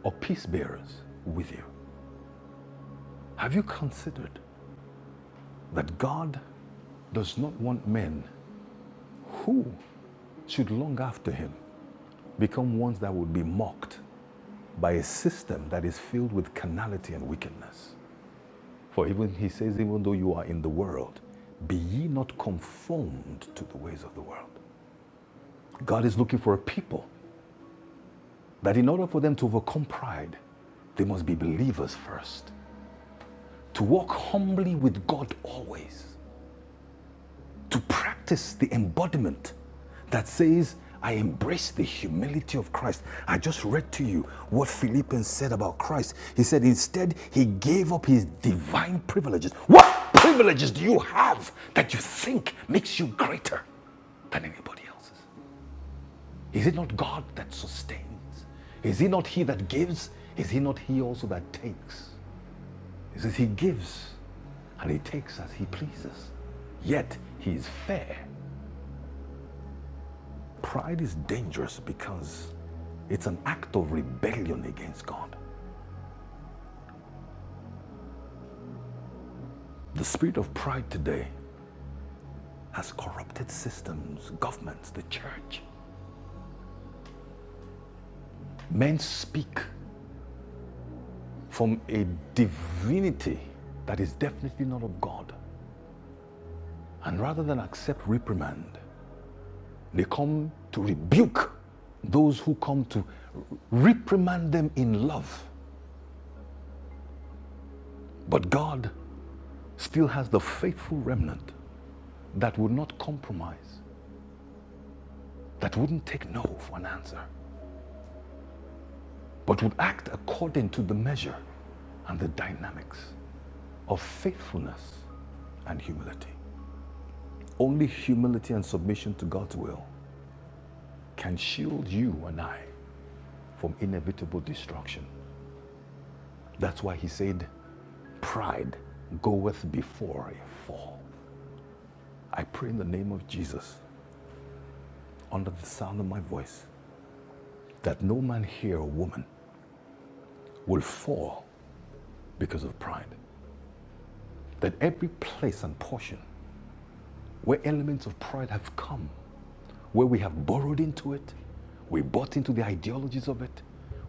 or peace bearers with you. Have you considered that God does not want men who should long after him become ones that would be mocked by a system that is filled with carnality and wickedness? For even he says, even though you are in the world, be ye not conformed to the ways of the world. God is looking for a people that in order for them to overcome pride, they must be believers first. To walk humbly with God always. To practice the embodiment that says, I embrace the humility of Christ. I just read to you what Philippians said about Christ. He said, Instead, he gave up his divine privileges. What privileges do you have that you think makes you greater than anybody else's? Is it not God that sustains? Is he not he that gives? Is he not he also that takes? It says he gives and he takes as he pleases. Yet he is fair. Pride is dangerous because it's an act of rebellion against God. The spirit of pride today has corrupted systems, governments, the church. Men speak from a divinity that is definitely not of God. And rather than accept reprimand, They come to rebuke those who come to reprimand them in love. But God still has the faithful remnant that would not compromise, that wouldn't take no for an answer, but would act according to the measure and the dynamics of faithfulness and humility. Only humility and submission to God's will can shield you and I from inevitable destruction That's why he said, Pride goeth before a fall. I pray in the name of Jesus, under the sound of my voice, that no man here or woman will fall because of pride. That every place and portion where elements of pride have come where we have borrowed into it, we bought into the ideologies of it,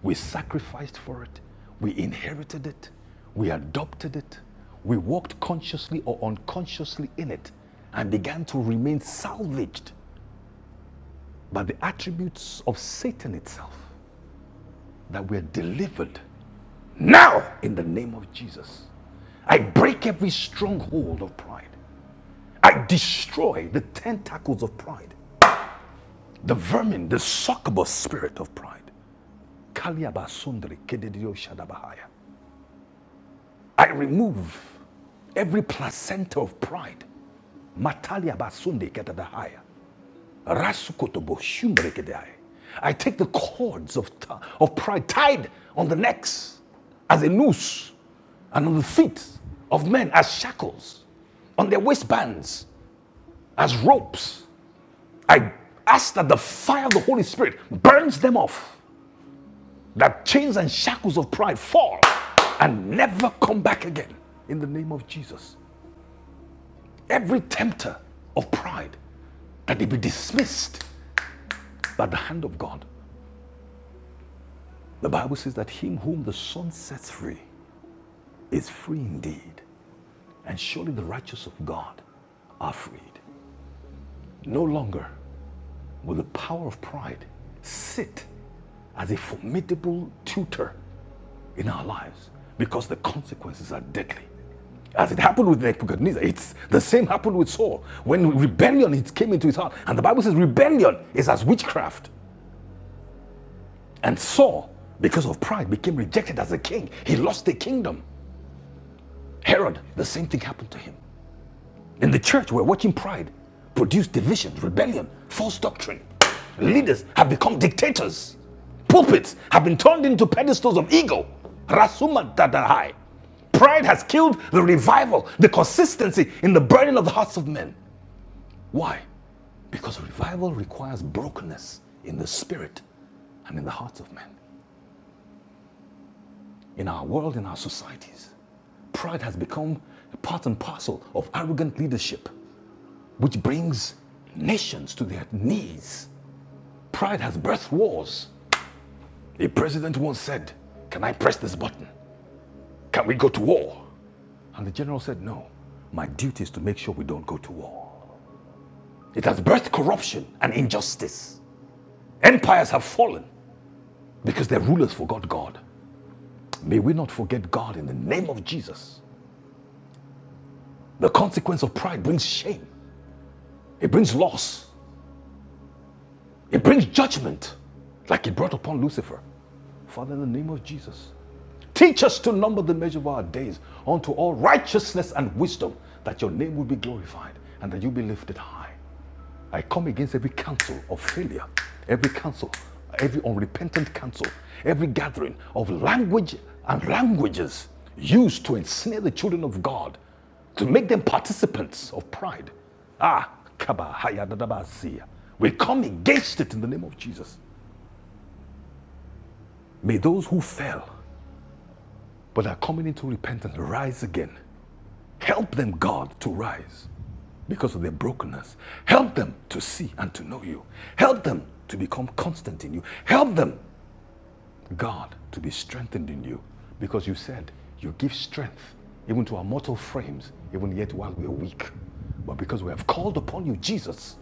we sacrificed for it, we inherited it, we adopted it, we walked consciously or unconsciously in it, and began to remain salvaged by the attributes of Satan itself that we are delivered now in the name of Jesus. I break every stronghold of pride. I destroy the tentacles of pride, the vermin, the succubus spirit of pride. I remove every placenta of pride. Mataliabasunde ketadahaya. Rasukotobo shumbre kedai. I take the cords of, of pride tied on the necks as a noose and on the feet of men as shackles, on their waistbands as ropes. I ask that the fire of the Holy Spirit burns them off that chains and shackles of pride fall and never come back again in the name of Jesus. Every tempter of pride, that they be dismissed by the hand of God. The Bible says that him whom the Son sets free is free indeed. And surely the righteous of God are freed. No longer will the power of pride sit as a formidable tutor in our lives because the consequences are deadly. As it happened with Nebuchadnezzar, it's the same happened with Saul. When rebellion it came into his heart, and the Bible says rebellion is as witchcraft. And Saul, because of pride, became rejected as a king. He lost the kingdom. Herod, the same thing happened to him. In the church, we're watching pride produce division, rebellion, false doctrine. Leaders have become dictators. Pulpits have been turned into pedestals of ego. Rasuma dadahai. Pride has killed the revival, the consistency in the burning of the hearts of men. Why? Because revival requires brokenness in the spirit and in the hearts of men. In our world, in our societies, pride has become part and parcel of arrogant leadership. which brings nations to their knees. Pride has birthed wars. A president once said, Can I press this button? Can we go to war? And the general said, No. My duty is to make sure we don't go to war. It has birthed corruption and injustice. Empires have fallen because their rulers forgot God. May we not forget God in the name of Jesus. The consequence of pride brings shame, it brings loss, it brings judgment, like it brought upon Lucifer. Father, in the name of Jesus, Teach us to number the measure of our days unto all righteousness and wisdom, that your name will be glorified and that you be lifted high. I come against every counsel of failure, every counsel, every unrepentant counsel, every gathering of language and languages used to ensnare the children of God, to make them participants of pride. Ah, kaba hayadadabasia. we come against it in the name of Jesus. May those who fell but are coming into repentance rise again Help them, God, to rise because of their brokenness. Help them to see and to know you. Help them to become constant in you. Help them, God, to be strengthened in you because you said you give strength even to our mortal frames, even yet while we are weak. But because we have called upon you, Jesus,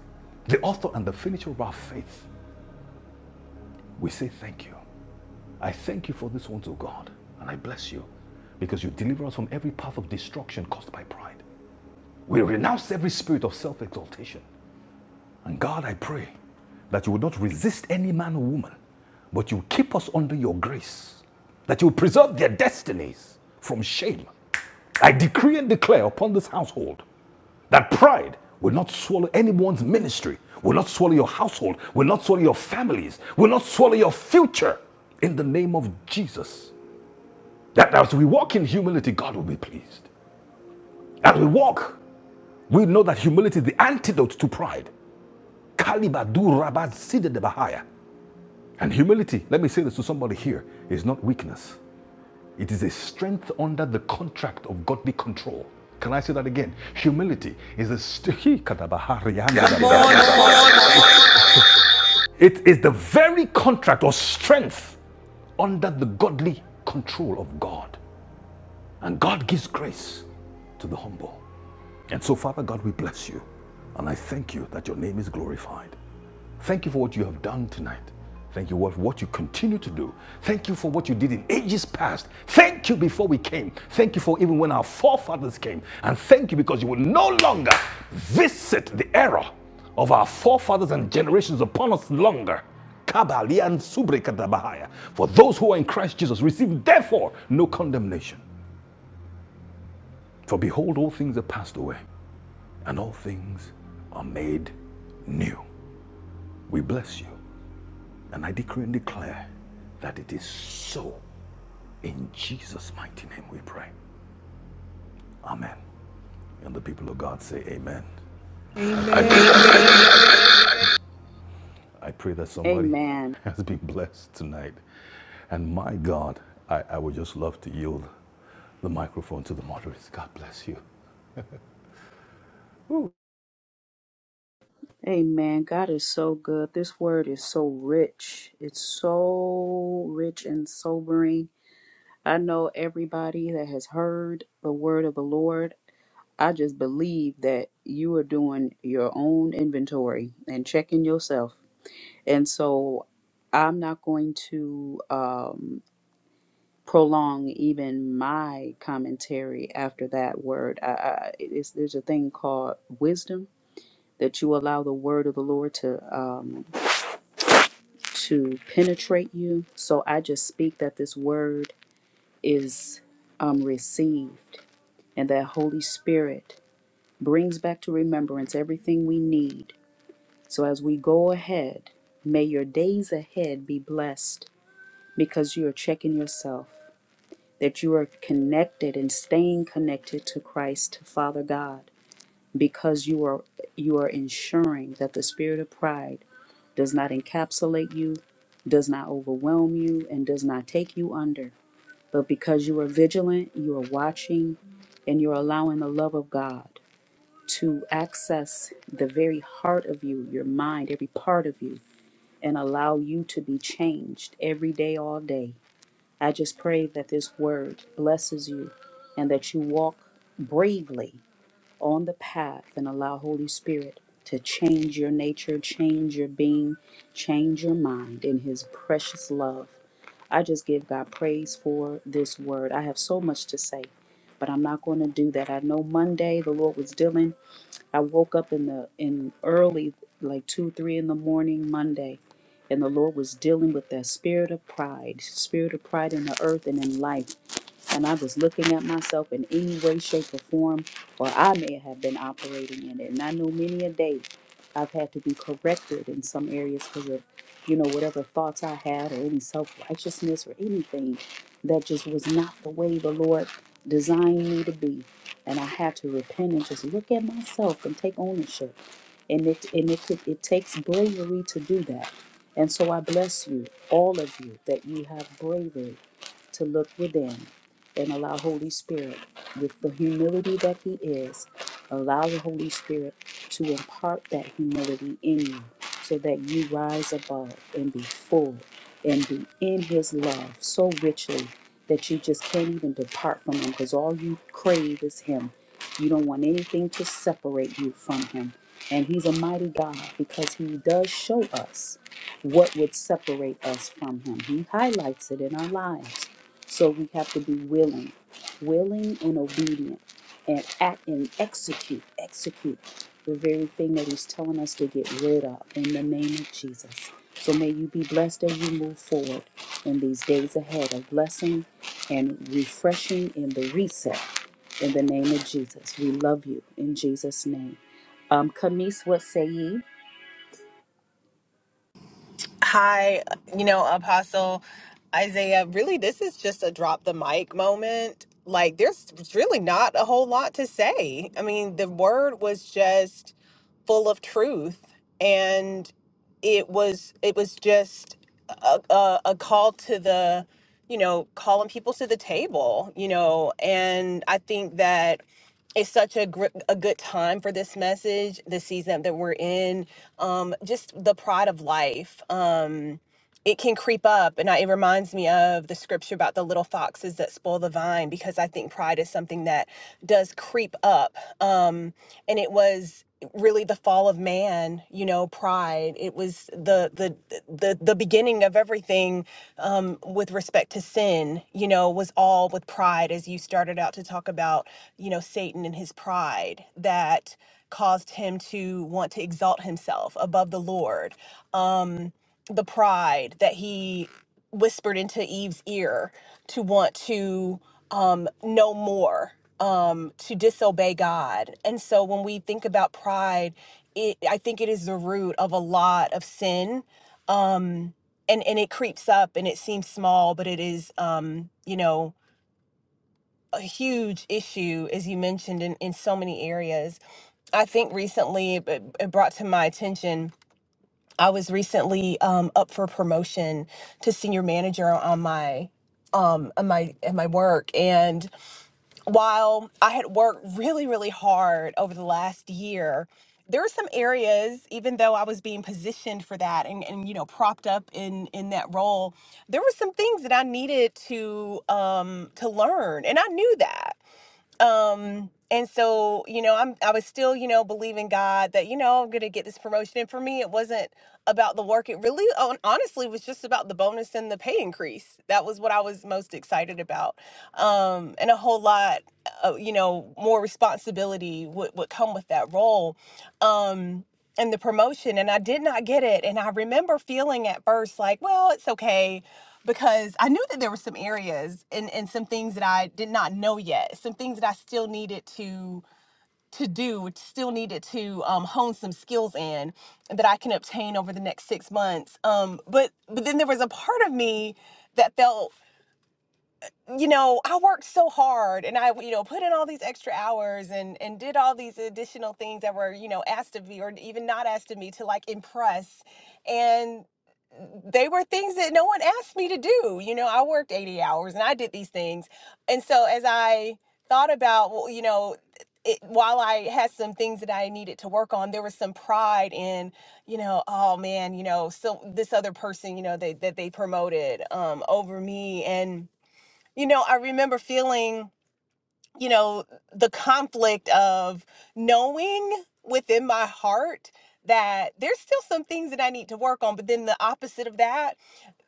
the author and the finisher of our faith, we say thank you. I thank you for this one, O God, and I bless you because you deliver us from every path of destruction caused by pride. We renounce every spirit of self exaltation. And God, I pray that you would not resist any man or woman, but you keep us under your grace, that you will preserve their destinies from shame. I decree and declare upon this household that pride will not swallow anyone's ministry, will not swallow your household, will not swallow your families, will not swallow your future in the name of Jesus. That as we walk in humility, God will be pleased. As we walk, we know that humility is the antidote to pride. Kalibadu rabat sidede bahaya. And humility, let me say this to somebody here, is not weakness. It is a strength under the contract of godly control. Can I say that again? Humility is a st- Hee, katabahari, Come on, come It is the very contract or strength under the godly control of God. And God gives grace to the humble. And so, Father God, we bless you. And I thank you that your name is glorified. Thank you for what you have done tonight. Thank you for what you continue to do. Thank you for what you did in ages past. Thank you before we came. Thank you for even when our forefathers came. And thank you because you will no longer visit the error of our forefathers and generations upon us longer. Kabalian subrekadabahaya. For those who are in Christ Jesus receive therefore no condemnation. For behold, all things are passed away, and all things are made new. We bless you. And I decree and declare that it is so. In Jesus' mighty name we pray. Amen. And the people of God say amen. I Amen. I pray pray that, I pray amen. that, that, I pray that somebody Amen. has been blessed tonight. And my God, I, I would just love to yield the microphone to the moderates. God bless you. Amen. God is so good. This word is so rich. It's so rich and sobering. I know everybody that has heard the word of the Lord. I just believe that you are doing your own inventory and checking yourself. And so I'm not going to um, prolong even my commentary after that word. I, I, it's, there's a thing called wisdom that you allow the word of the Lord to um, to penetrate you. So I just speak that this word is um, received and that Holy Spirit brings back to remembrance everything we need. So as we go ahead, may your days ahead be blessed because you are checking yourself, that you are connected and staying connected to Christ, to Father God, because you are you are ensuring that the spirit of pride does not encapsulate you, does not overwhelm you, and does not take you under. But because you are vigilant, you are watching, and you're allowing the love of God. to access the very heart of you, your mind, every part of you, and allow you to be changed every day, all day. I just pray that this word blesses you and that you walk bravely on the path and allow Holy Spirit to change your nature, change your being, change your mind in His precious love. I just give God praise for this word. I have so much to say, but I'm not going to do that. I know Monday the Lord was dealing I woke up in the in early, like two, three in the morning Monday, and the Lord was dealing with that spirit of pride, spirit of pride in the earth and in life and I was looking at myself in any way, shape, or form, or I may have been operating in it. And I know many a day I've had to be corrected in some areas because of, you know, whatever thoughts I had or any self righteousness or anything that just was not the way the Lord designed me to be. And I had to repent and just look at myself and take ownership. And it and it took- it takes bravery to do that. And so I bless you, all of you, that you have bravery to look within and allow Holy Spirit, with the humility that He is, allow the Holy Spirit to impart that humility in you so that you rise above and be full and be in His love so richly that you just can't even depart from Him because all you crave is Him. You don't want anything to separate you from Him. And He's a mighty God because He does show us what would separate us from Him. He highlights it in our lives so we have to be willing, willing and obedient, and act and execute, execute the very thing that He's telling us to get rid of in the name of Jesus. So may you be blessed as you move forward in these days ahead of blessing and refreshing in the reset in the name of Jesus. We love you in Jesus' name. Um, Camise, what say ye? Hi, you know, Apostle Isaiah, really, this is just a drop the mic moment. Like, there's really not a whole lot to say. I mean, the word was just full of truth and it was it was just a, a, a call to the you know calling people to the table you know and i think that it's such a gr- a good time for this message the season that we're in um just the pride of life um it can creep up and I, it reminds me of the scripture about the little foxes that spoil the vine because i think pride is something that does creep up um, and it was really the fall of man you know pride it was the the the, the beginning of everything um, with respect to sin you know was all with pride as you started out to talk about you know satan and his pride that caused him to want to exalt himself above the lord the pride that he whispered into Eve's ear to want to um, know more, um, to disobey God. And so when we think about pride, it, I think it is the root of a lot of sin. And, and it creeps up and it seems small, but it is, um, you know, a huge issue, as you mentioned, in, in so many areas. I think recently it, it brought to my attention I was recently um, up for promotion to senior manager on my um on my at my work and while I had worked really really hard over the last year there were some areas even though I was being positioned for that and, and you know propped up in in that role there were some things that I needed to um to learn and I knew that um and so you know i'm i was still you know believing god that you know i'm gonna get this promotion and for me it wasn't about the work it really hon- honestly was just about the bonus and the pay increase that was what i was most excited about um and a whole lot uh, you know more responsibility would, would come with that role um and the promotion and I did not get it and I remember feeling at first like well it's okay because I knew that there were some areas and and some things that I did not know yet some things that I still needed to to do still needed to um, hone some skills in that I can obtain over the next six months um but but then there was a part of me that felt you know i worked so hard and i you know put in all these extra hours and and did all these additional things that were you know asked of me or even not asked of me to like impress and they were things that no one asked me to do you know i worked 80 hours and i did these things and so as i thought about well you know it, while I had some things that I needed to work on, there was some pride in, you know, oh man, you know, so this other person, you know, they, that they promoted um, over me, and you know, I remember feeling, you know, the conflict of knowing within my heart that there's still some things that I need to work on, but then the opposite of that,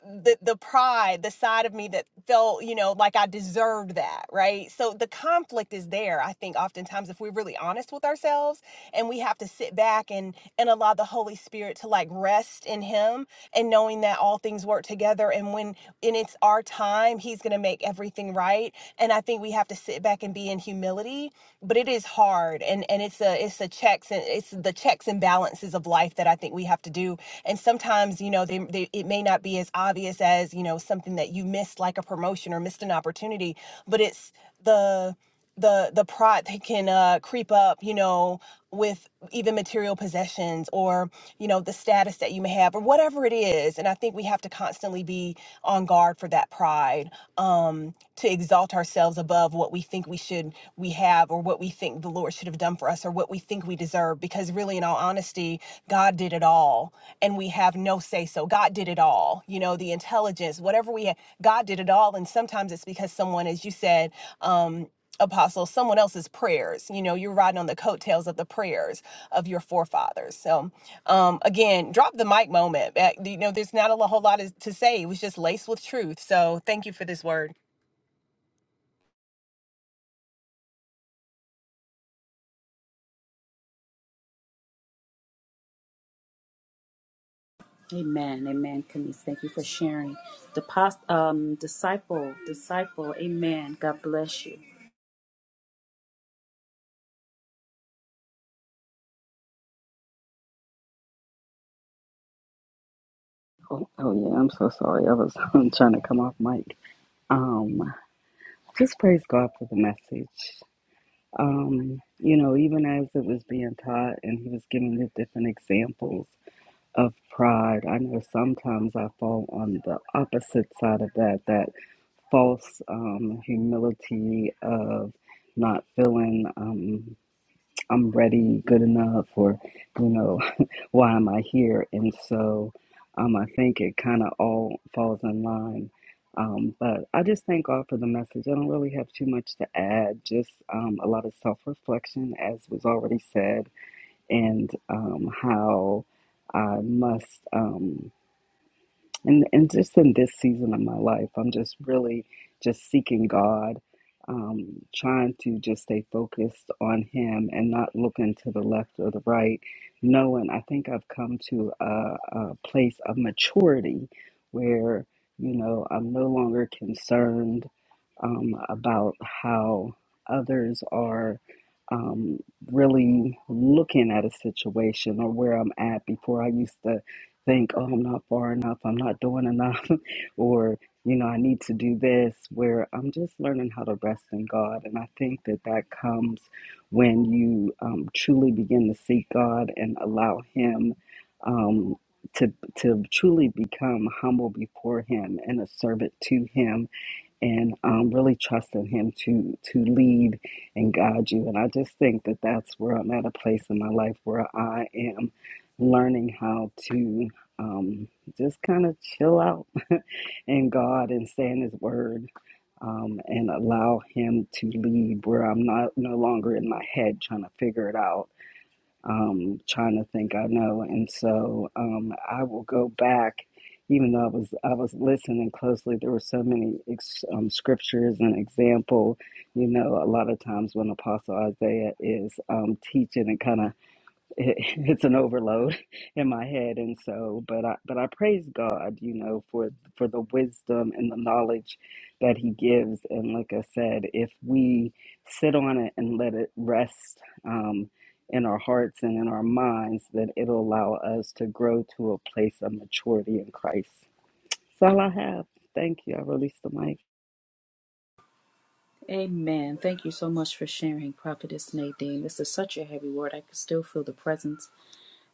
the the pride, the side of me that felt, you know, like I deserved that, right? So the conflict is there, I think oftentimes if we're really honest with ourselves and we have to sit back and and allow the Holy Spirit to like rest in him and knowing that all things work together and when and it's our time he's going to make everything right and i think we have to sit back and be in humility but it is hard and and it's a it's a checks and it's the checks and balances of life that i think we have to do and sometimes you know they, they it may not be as obvious as you know something that you missed like a promotion or missed an opportunity but it's the the the pride that can uh, creep up, you know, with even material possessions or you know the status that you may have or whatever it is. And I think we have to constantly be on guard for that pride um, to exalt ourselves above what we think we should we have or what we think the Lord should have done for us or what we think we deserve. Because really, in all honesty, God did it all, and we have no say. So God did it all. You know, the intelligence, whatever we had, God did it all. And sometimes it's because someone, as you said. Um, apostle someone else's prayers you know you're riding on the coattails of the prayers of your forefathers so um again drop the mic moment Uh, you know there's not a lo- whole lot is- to say it was just laced with truth so thank you for this word Amen. Amen. Camise, thank you for sharing. The past, um, disciple, disciple. Amen. God bless you. Oh, oh yeah, I'm so sorry. I was trying to come off mic. Um, just praise God for the message. Um, you know, even as it was being taught and he was giving the different examples of pride, I know sometimes I fall on the opposite side of that, that false um, humility of not feeling. Um, I'm ready, good enough, or you know, why am I here? And so, um, I think it kind of all falls in line. Um, but I just thank God for the message. I don't really have too much to add. Just um, a lot of self reflection, as was already said, and um, how I must. Um, and and just in this season of my life, I'm just really just seeking God, um, trying to just stay focused on Him and not looking to the left or the right, knowing I think I've come to a, a place of maturity where you know I'm no longer concerned um, about how others are. Um, really looking at a situation or where I'm at before I used to think, oh, I'm not far enough, I'm not doing enough, or, you know, I need to do this, where I'm just learning how to rest in God. And I think that that comes when you um, truly begin to seek God and allow Him um, to, to truly become humble before Him and a servant to Him and um, really trusting Him to to lead and guide you. And I just think that that's where I'm at a place in my life where I am learning how to um, just kind of chill out in God and stay in His Word. Um, and allow him to lead where I'm not no longer in my head trying to figure it out um, trying to think I know. And so um, I will go back, even though I was I was listening closely. There were so many ex, um, scriptures and example. You know, a lot of times when Apostle Isaiah is um, teaching it kind of it, it's an overload in my head and so but i but i praise god you know for for the wisdom and the knowledge that he gives and like i said if we sit on it and let it rest um in our hearts and in our minds then it'll allow us to grow to a place of maturity in christ that's all i have thank you i release the mic Amen. Thank you so much for sharing, Prophetess Nadine. This is such a heavy word. I could still feel the presence.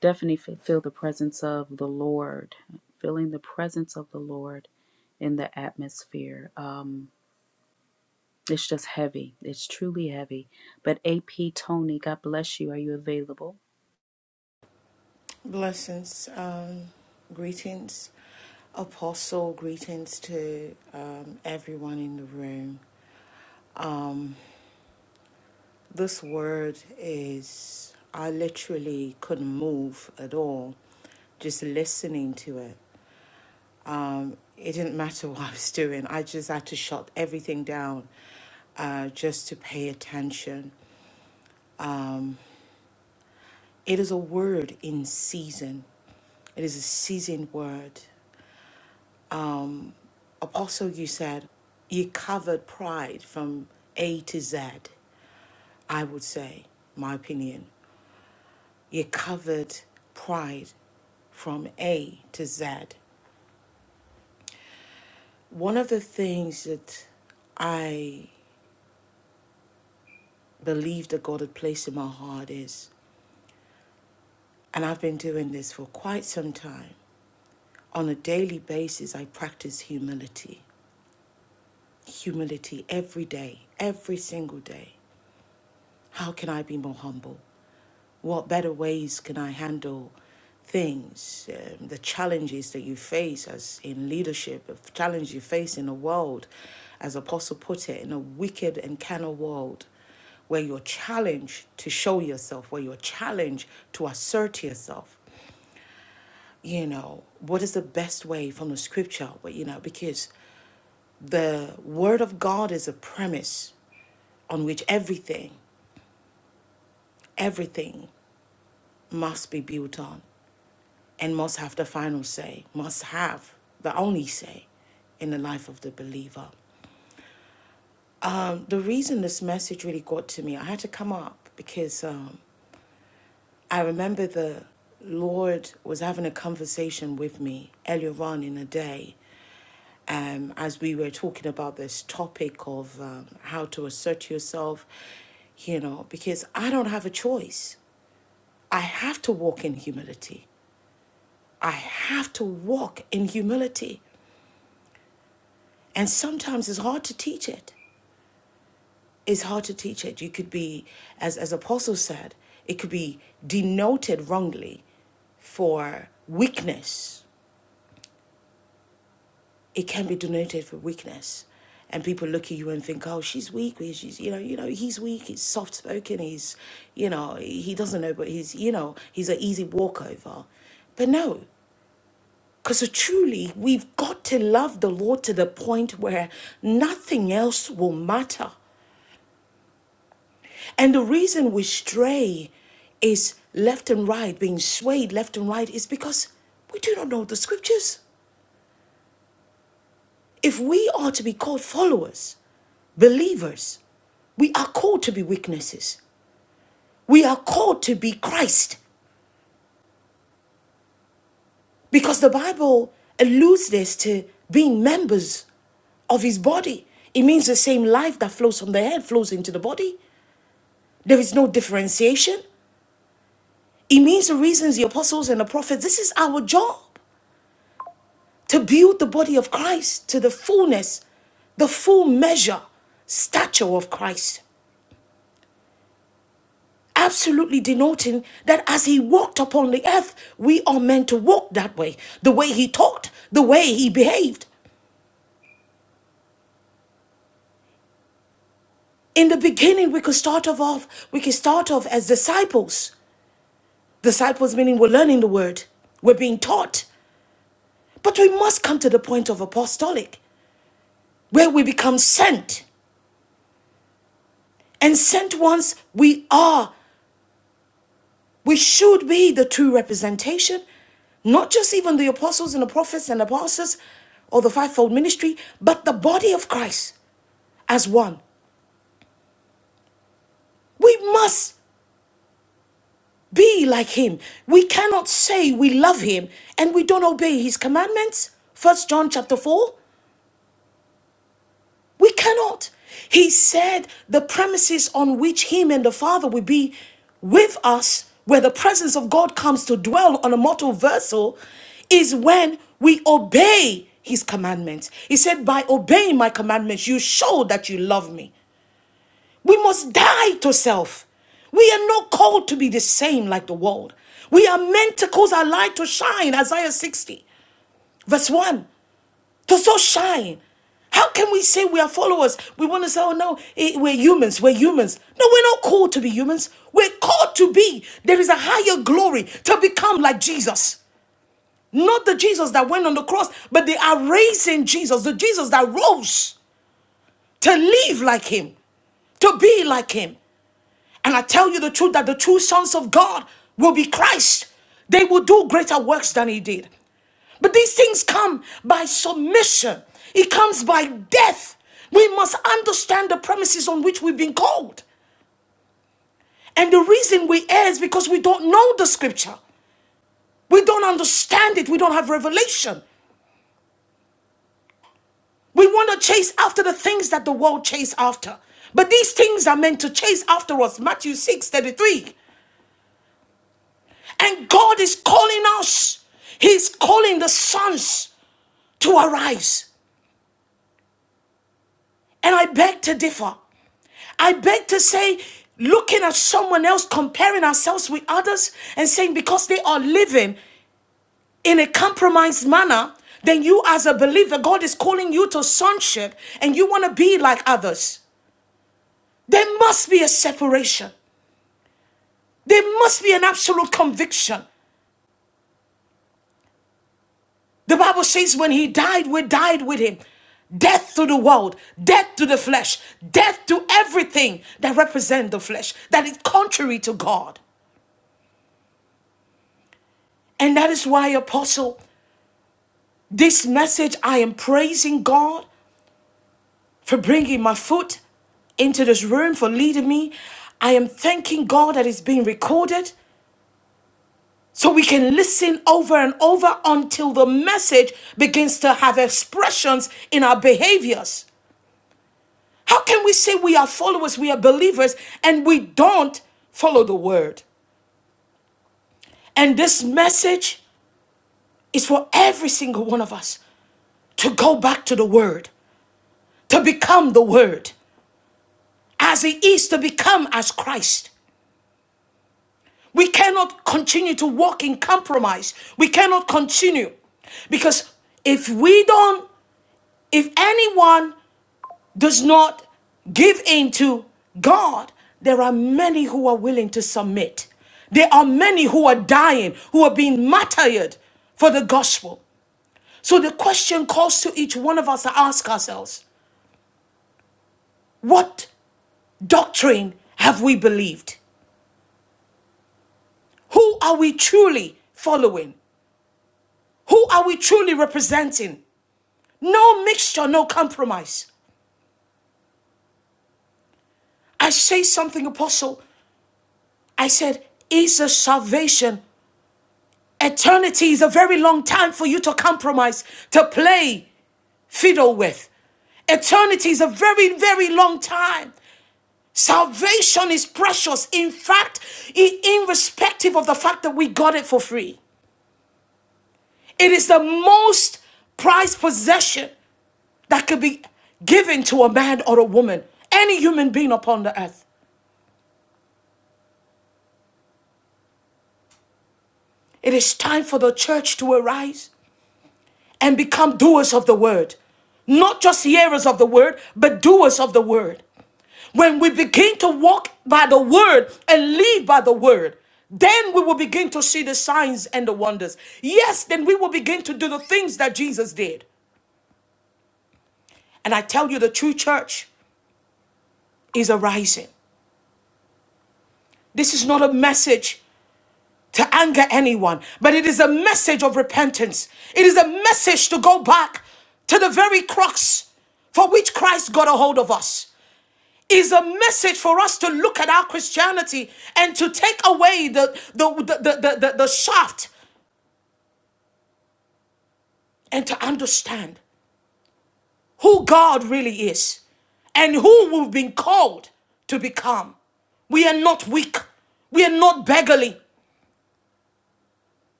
Definitely fe- feel the presence of the Lord. Feeling the presence of the Lord in the atmosphere. Um, it's just heavy. It's truly heavy. But AP Tony, God bless you. Are you available?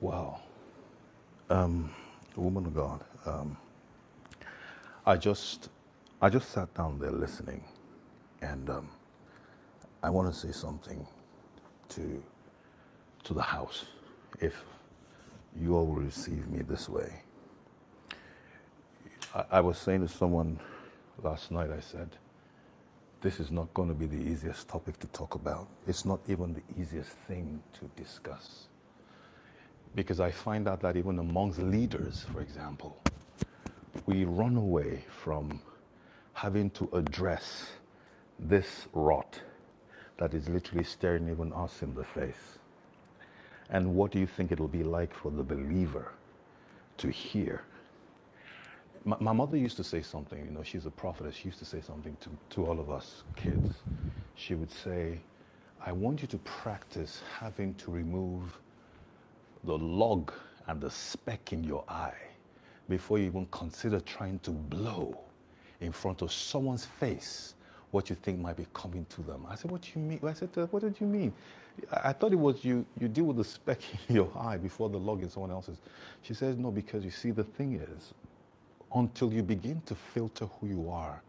Wow. Woman of God, um, I just I just sat down there listening and um, I want to say something to. to the house if you all receive me this way. I, I was saying to someone last night, I said, this is not going to be the easiest topic to talk about. It's not even the easiest thing to discuss. Because I find out that even amongst leaders, for example, we run away from having to address this rot that is literally staring even us in the face. And what do you think it'll be like for the believer to hear My, my mother used to say something, you know, she's a prophetess. She used to say something to, to all of us kids. She would say, I want you to practice having to remove the log and the speck in your eye before you even consider trying to blow in front of someone's face what you think might be coming to them. I said, What do you mean? I said, "Uh, What did you mean? I thought it was you, you deal with the speck in your eye before the log in someone else's. She says, No, because you see, the thing is, until you begin to filter who you are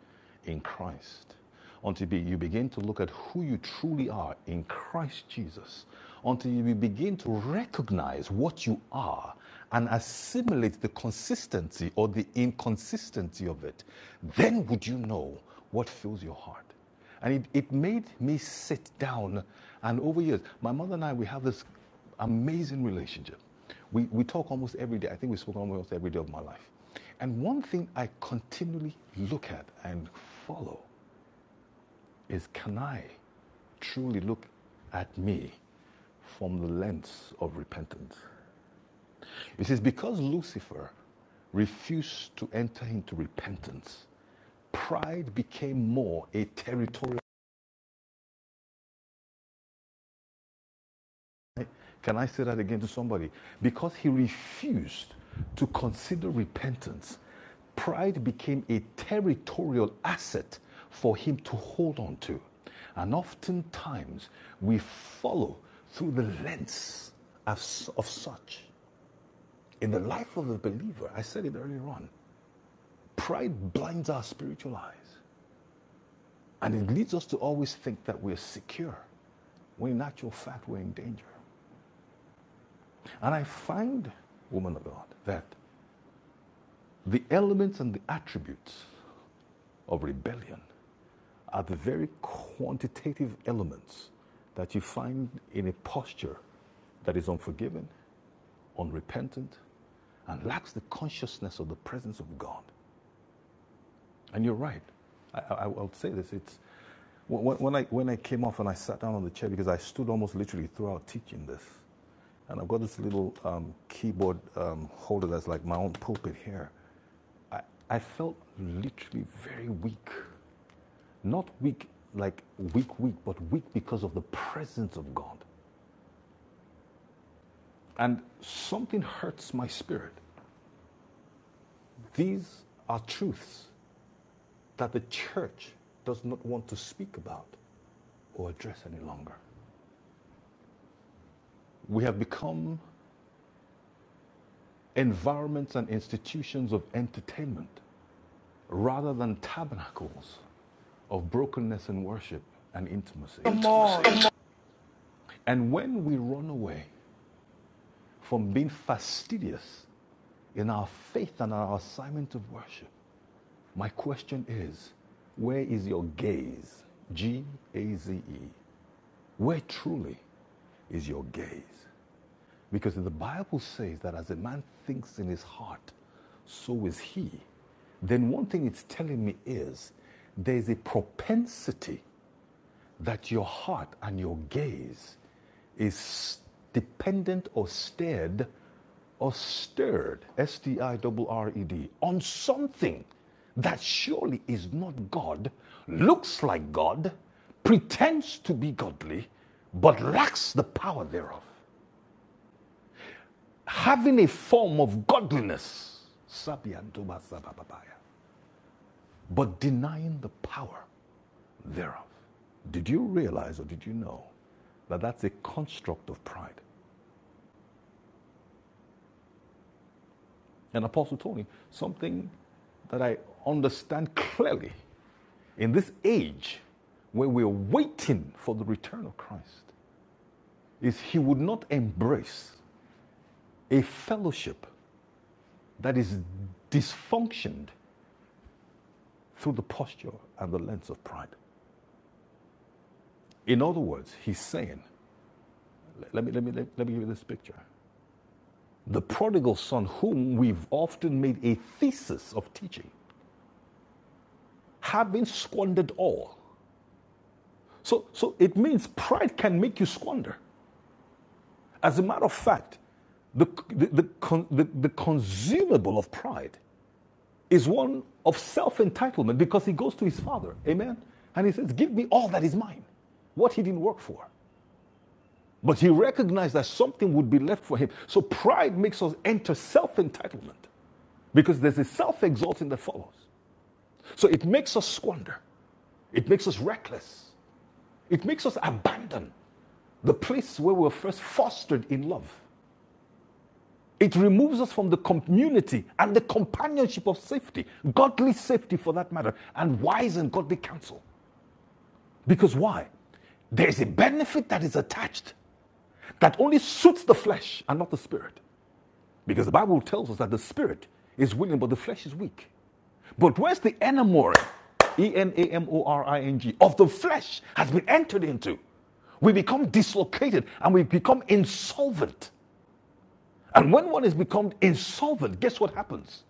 in Christ, until you begin to look at who you truly are in Christ Jesus, until you begin to recognize what you are and assimilate the consistency or the inconsistency of it, then would you know what fills your heart. And it, it made me sit down and over years, my mother and I, we have this amazing relationship. We, we talk almost every day. I think we spoke almost every day of my life. And one thing I continually look at and follow is can I truly look at me from the lens of repentance? It says, because Lucifer refused to enter into repentance, pride became more a territorial. Can I say that again to somebody? Because he refused to consider repentance, pride became a territorial asset for him to hold on to. And oftentimes we follow through the lens of, of such. In the life of the believer, I said it earlier on, pride blinds our spiritual eyes and it leads us to always think that we're secure when in actual fact we're in danger. And I find, woman of God, that The elements and the attributes of rebellion are the very quantitative elements that you find in a posture that is unforgiving, unrepentant, and lacks the consciousness of the presence of God. And you're right. I, I, I will say this. It's when, when I when I came off and I sat down on the chair because I stood almost literally throughout teaching this, and I've got this little um, keyboard um, holder that's like my own pulpit here, I felt literally very weak. Not weak like weak, weak, but weak because of the presence of God. And something hurts my spirit. These are truths that the church does not want to speak about or address any longer. We have become environments and institutions of entertainment rather than tabernacles of brokenness and worship and intimacy. Come on. And when we run away from being fastidious in our faith and our assignment of worship. My question is where is your gaze? G A Z E. Where truly is your gaze? Because the Bible says that as a man thinks in his heart, so is he. Then one thing it's telling me is there's a propensity that your heart and your gaze is dependent or stared or stirred, S T I R R E D, on something that surely is not God, looks like God, pretends to be godly, but lacks the power thereof, having a form of godliness, but denying the power thereof. Did you realize or did you know that that's a construct of pride? And Apostle Tony, something that I understand clearly in this age when we're waiting for the return of Christ is he would not embrace a fellowship that is dysfunctioned through the posture and the lens of pride. In other words, he's saying, let me, let me, let me give you this picture. the prodigal son, whom we've often made a thesis of teaching, having squandered all. So, so it means pride can make you squander. As a matter of fact, the, the, the, con- the, the consumable of pride is one of self entitlement because he goes to his father, amen, and he says, Give me all that is mine, what he didn't work for. But he recognized that something would be left for him. So pride makes us enter self entitlement because there's a self exalting that follows. So it makes us squander. It makes us reckless. It makes us abandon the place where we were first fostered in love. It removes us from the community and the companionship of safety, godly safety for that matter, and wise and godly counsel. Because why? There is a benefit that is attached that only suits the flesh and not the spirit. Because the Bible tells us that the spirit is willing, but the flesh is weak. But where's the enamoring, E N A M O R I N G, of the flesh has been entered into? We become dislocated and we become insolvent. And when one has become insolvent, guess what happens?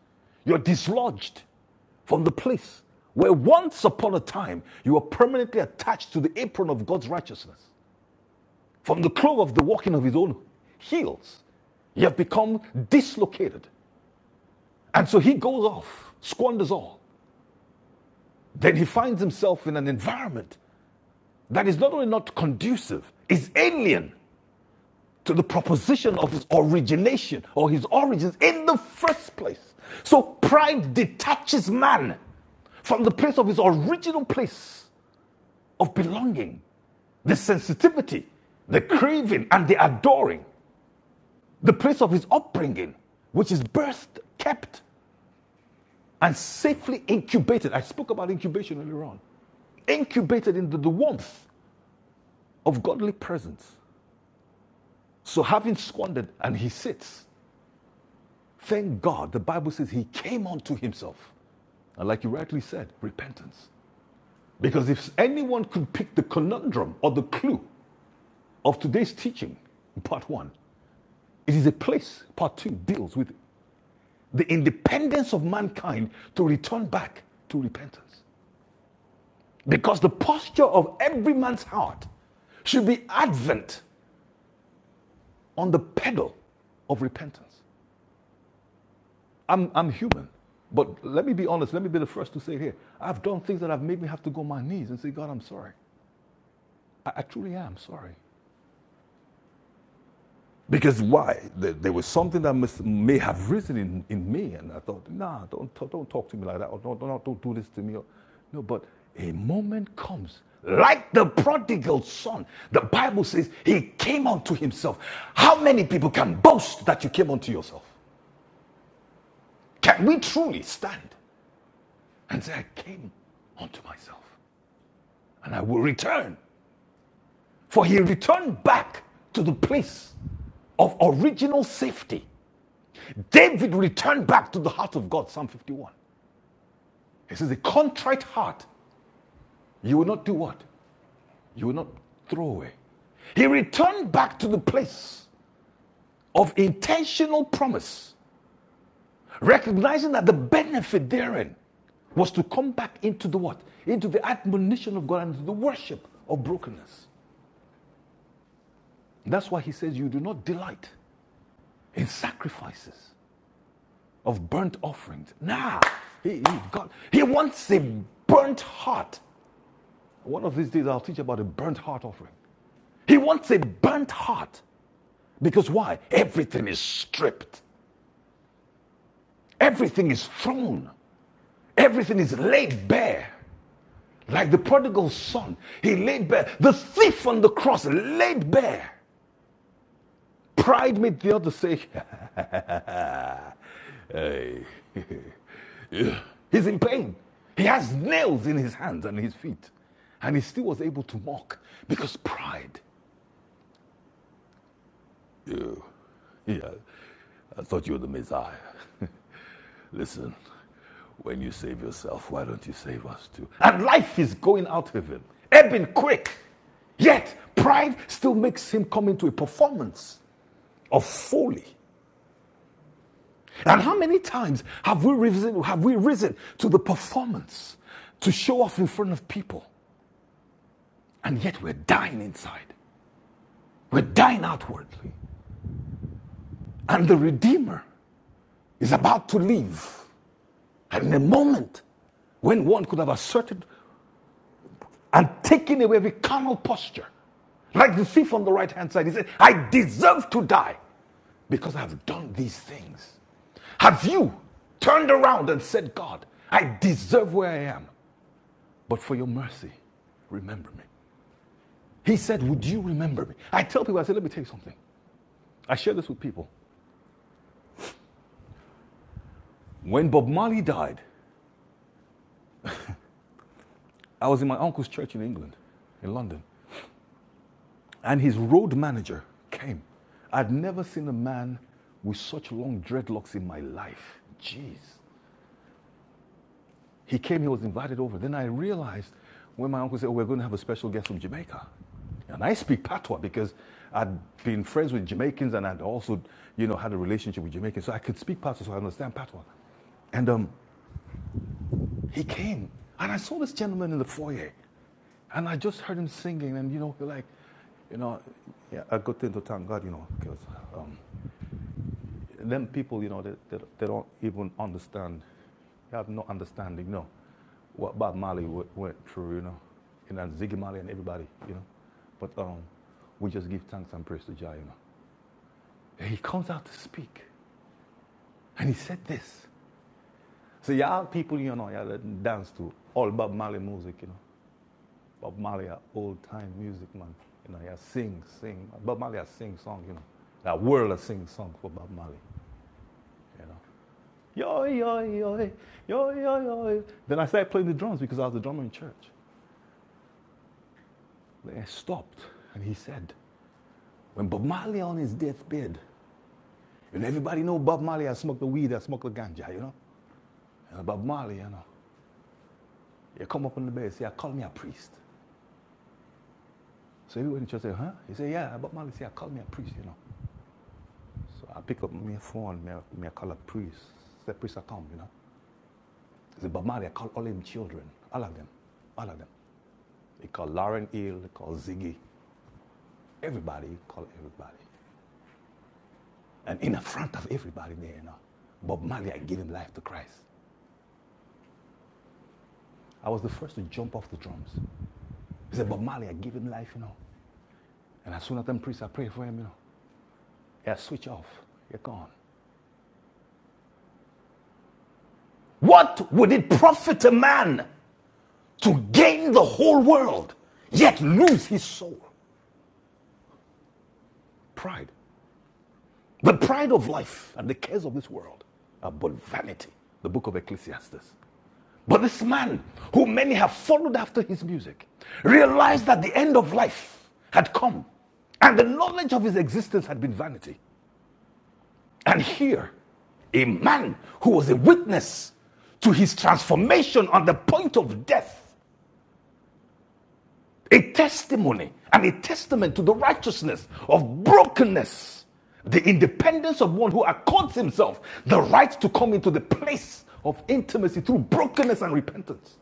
You're dislodged from the place where once upon a time you were permanently attached to the apron of God's righteousness, from the clove of the walking of his own heels. You have become dislocated. And so he goes off, squanders all. Then he finds himself in an environment that is not only not conducive, is alien to the proposition of his origination or his origins in the first place. So pride detaches man from the place of his original place of belonging, the sensitivity, the craving, and the adoring, the place of his upbringing, which is birthed, kept, and safely incubated. I spoke about incubation earlier on. incubated into the warmth of godly presence. So, having squandered, and he sits. Thank God, the Bible says he came unto himself. And, like you rightly said, repentance. Because if anyone could pick the conundrum or the clue of today's teaching, part one, it is a place, part two, deals with the independence of mankind to return back to repentance. Because the posture of every man's heart should be advent on the pedal of repentance. I'm, I'm human. But let me be honest. Let me be the first to say it here. I've done things that have made me have to go on my knees and say, God, I'm sorry. I, I truly am sorry. Because why? There, there was something that must, may have risen in, in me. And I thought, nah, don't, don't talk to me like that. Or don't, don't, don't do this to me. Or, no, but a moment comes. Like the prodigal son, the Bible says he came unto himself. How many people can boast that you came unto yourself? Can we truly stand and say, I came unto myself? and I will return. For he returned back to the place of original safety. David returned back to the heart of God, Psalm 51. He says, A contrite heart, you will not do what? You will not throw away. He returned back to the place of intentional promise, recognizing that the benefit therein was to come back into the what? Into the admonition of God and into the worship of brokenness. That's why he says, You do not delight in sacrifices of burnt offerings. Nah, he, he, God, he wants a burnt heart. One of these days, I'll teach about a burnt heart offering. He wants a burnt heart because why? Everything is stripped, everything is thrown, everything is laid bare. Like the prodigal son, he laid bare. The thief on the cross laid bare. Pride made the other say, Hey. He's in pain. He has nails in his hands and his feet. And he still was able to mock because pride. You. Yeah, I thought you were the Messiah. Listen, when you save yourself, why don't you save us too? And life is going out of him, ebbing quick. Yet, pride still makes him come into a performance of folly. And how many times have we risen, have we risen to the performance to show off in front of people? And yet we're dying inside. We're dying outwardly. And the Redeemer is about to leave. And in a moment when one could have asserted and taken away every carnal posture, like the thief on the right hand side, he said, I deserve to die because I have done these things. Have you turned around and said, God, I deserve where I am? but for your mercy, remember me. He said, Would you remember me? I tell people, I said, Let me tell you something. I share this with people. When Bob Marley died, I was in my uncle's church in England, in London, and his road manager came. I'd never seen a man with such long dreadlocks in my life. Jeez. He came, he was invited over. Then I realized when my uncle said, oh, We're going to have a special guest from Jamaica. And I speak patois because I'd been friends with Jamaicans and I'd also, you know, had a relationship with Jamaicans. So I could speak patois, so I understand patois. And um, he came, and I saw this gentleman in the foyer, and I just heard him singing, and you know, like, you know, yeah, I got into thank God, you know, because um, them people, you know, they, they, they don't even understand. They have no understanding, you know, what Bob Marley w- went through, you know, and then Ziggy Marley and everybody, you know. But um, we just give thanks and praise to Jah, you know. And he comes out to speak, and he said this. So y'all people, you know, y'all dance to all Bob Marley music, you know. Bob Marley are old time music, man. You know, y'all sing, sing. Bob Marley a sing song, you know. The world a sing song for Bob Marley, you know. yo, yo, yo, yo, yo, yo. Then I started playing the drums because I was a drummer in church. Then I stopped, and he said, when Bob Marley on his deathbed, and everybody know Bob Marley has smoked the weed, I smoked the ganja, you know? And Bob Marley, you know, he come up on the bed and say, I call me a priest. So everyone in church say, huh? He said, yeah, Bob Marley say, I call me a priest, you know? So I pick up my phone, me, me I call a priest. The priest, I come, you know? He said, Bob Marley, I call all him children, all of them, all of them. He called Lauren Hill, he called Ziggy, Everybody, call everybody. And in the front of everybody there, you know, Bob Marley had given life to Christ. I was the first to jump off the drums. He said, Bob Marley had given life, you know. And as soon as them priests, I prayed for him, you know. Yeah, switch off. You're gone. What would it profit a man to gain the whole world, yet lose his soul? Pride. The pride of life and the cares of this world are but vanity. The book of Ecclesiastes. But this man, who many have followed after his music, realized that the end of life had come and the knowledge of his existence had been vanity. And here, a man who was a witness to his transformation on the point of death, a testimony and a testament to the righteousness of brokenness, the independence of one who accords himself the right to come into the place of intimacy through brokenness and repentance.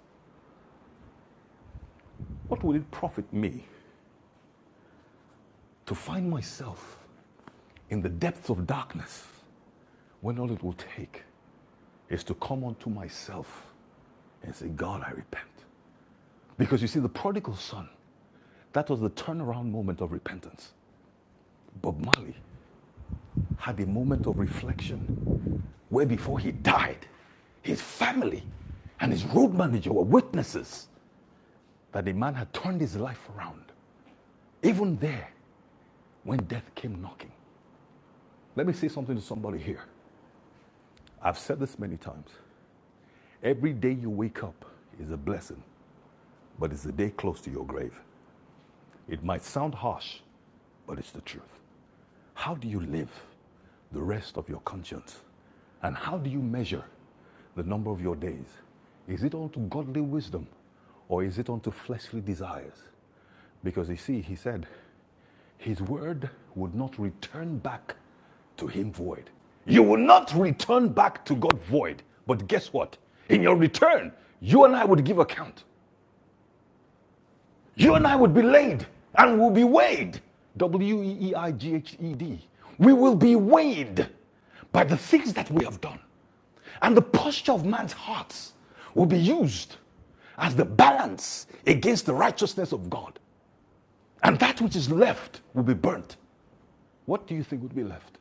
What will it profit me To find myself in the depths of darkness, when all it will take is to come unto myself and say, God, I repent. Because you see, the prodigal son, that was the turnaround moment of repentance. Bob Marley had a moment of reflection where before he died, his family and his road manager were witnesses that the man had turned his life around. Even there, when death came knocking. Let me say something to somebody here. I've said this many times. Every day you wake up is a blessing, but it's a day close to your grave. It might sound harsh, but it's the truth. How do you live the rest of your conscience? And how do you measure the number of your days? Is it unto godly wisdom or is it unto fleshly desires? Because you see, he said, his word would not return back to him void. You will not return back to God void. But guess what? In your return, you and I would give account. You and I would be laid and we'll be weighed. W E E I G H E D. We will be weighed by the things that we have done. And the posture of man's hearts will be used as the balance against the righteousness of God. And that which is left will be burnt. What do you think would be left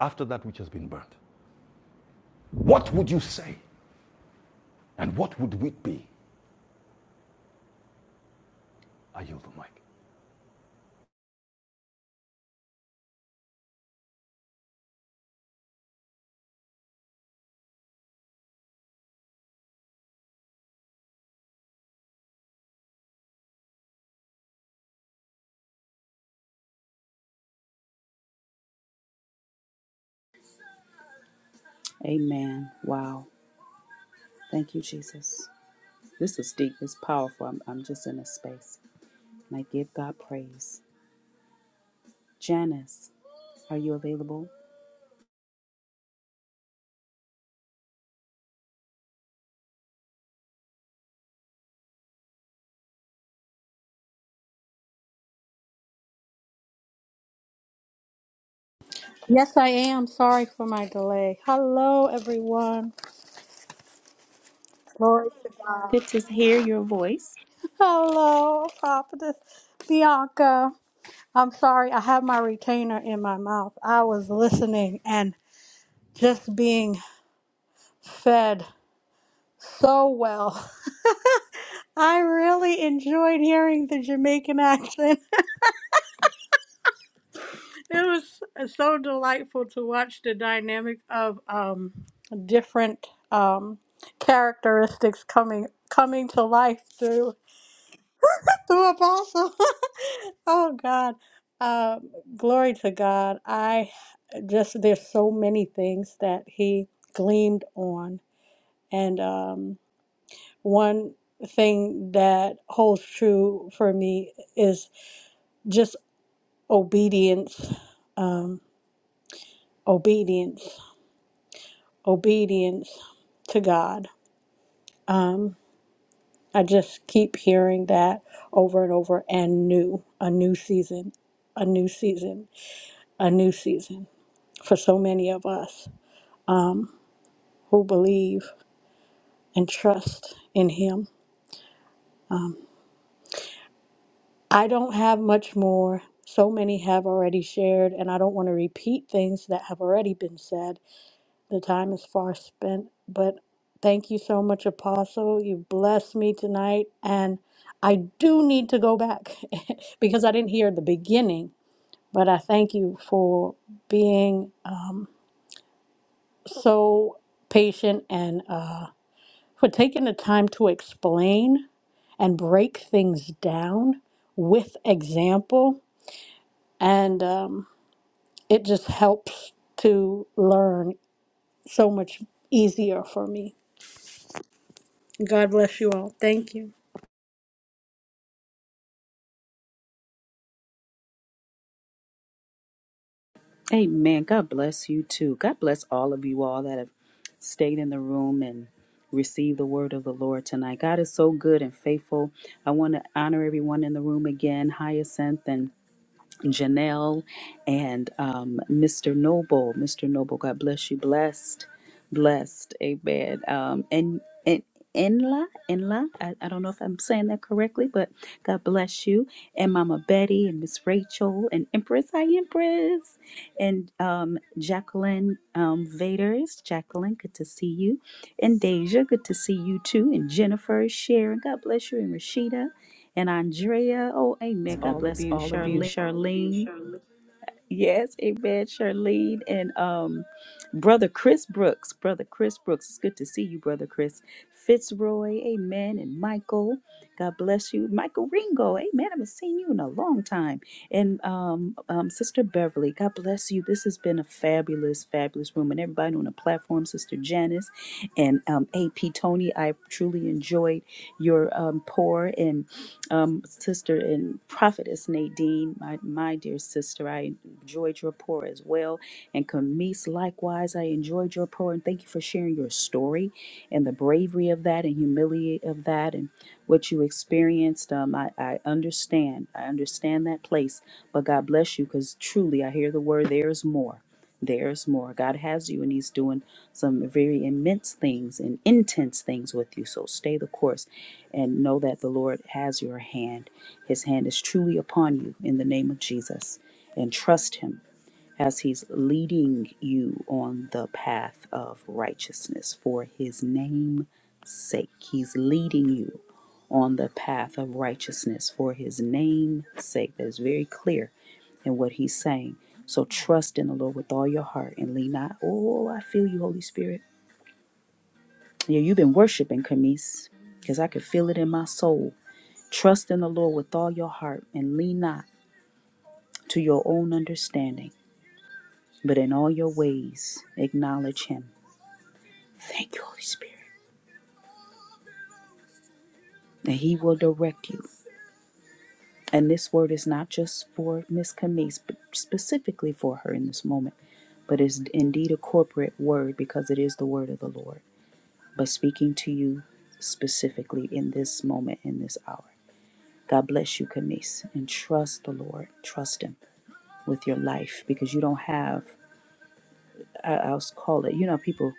after that which has been burnt? What would you say? And what would we be? I yield the mic. Amen. Wow. Thank you, Jesus. This is deep. It's powerful. I'm, I'm just in a space. And I give God praise. Janice, are you available? Yes, I am. Sorry for my delay. Hello, everyone. Glory to God. Good to hear your voice. Hello, Prophetess Bianca. I'm sorry, I have my retainer in my mouth. I was listening and just being fed so well. I really enjoyed hearing the Jamaican accent. It was so delightful to watch the dynamic of um, different um, characteristics coming coming to life through. the apostle. oh God. Um, glory to God. I just, there's so many things that he gleamed on. And um, one thing that holds true for me is just obedience, um, obedience, obedience to God. Um, I just keep hearing that over and over and new, a new season, a new season, a new season. for so many of us um, who believe and trust in Him. I don't have much more. So many have already shared, and I don't want to repeat things that have already been said. The time is far spent, but thank you so much, Apostle. You blessed me tonight, and I do need to go back because I didn't hear the beginning. But I thank you for being um, so patient and. uh, for taking the time to explain and break things down with example. And um, it just helps to learn so much easier for me. God bless you all. Thank you. Amen. God bless you too. God bless all of you all that have stayed in the room and received the word of the Lord tonight. God is so good and faithful. I want to honor everyone in the room again. Hyacinth and Janelle and um, Mr. Noble. Mr. Noble, God bless you. Blessed, blessed. Amen. Um, and and Enla, Enla. I, I don't know if I'm saying that correctly, but God bless you. And Mama Betty and Miss Rachel and Empress. Hi, Empress. And um, Jacqueline um, Vaders. Jacqueline, good to see you. And Deja, good to see you too. And Jennifer, Sharon, God bless you. And Rashida and Andrea. Oh, amen. God all of bless you. all of you. Charlene. Charlene. Yes, amen. Charlene and um brother Chris Brooks. Brother Chris Brooks. It's good to see you, brother Chris. Fitzroy, amen. And Michael. God bless you. Michael Ringo. Amen. I haven't seen you in a long time. And um, um Sister Beverly, God bless you. This has been a fabulous, fabulous room. And everybody on the platform, Sister Janice and um AP Tony, I truly enjoyed your um pour and um, sister and prophetess Nadine, my, my dear sister, I enjoyed your pour as well. And Camise, likewise, I enjoyed your pour. And thank you for sharing your story and the bravery of that and humility of that and what you experienced. Um, I, I understand. I understand that place. But God bless you because truly I hear the word there is more. There's more. God has you, and He's doing some very immense things and intense things with you. So stay the course and know that the Lord has your hand. His hand is truly upon you in the name of Jesus. And trust Him as He's leading you on the path of righteousness for His name's sake. He's leading you on the path of righteousness for His name's sake. That is very clear in what He's saying. So trust in the Lord with all your heart and lean not. Oh, I feel you, Holy Spirit. Yeah, you've been worshiping, Camise, because I could feel it in my soul. Trust in the Lord with all your heart and lean not to your own understanding, but in all your ways acknowledge Him Thank you, Holy Spirit. And He will direct you. And this word is not just for Miss Camise, but specifically for her in this moment, but is indeed a corporate word because it is the word of the Lord. But speaking to you specifically in this moment, in this hour. God bless you, Camise, and trust the Lord. Trust Him with your life because you don't have, I- I'll call it, you know, people.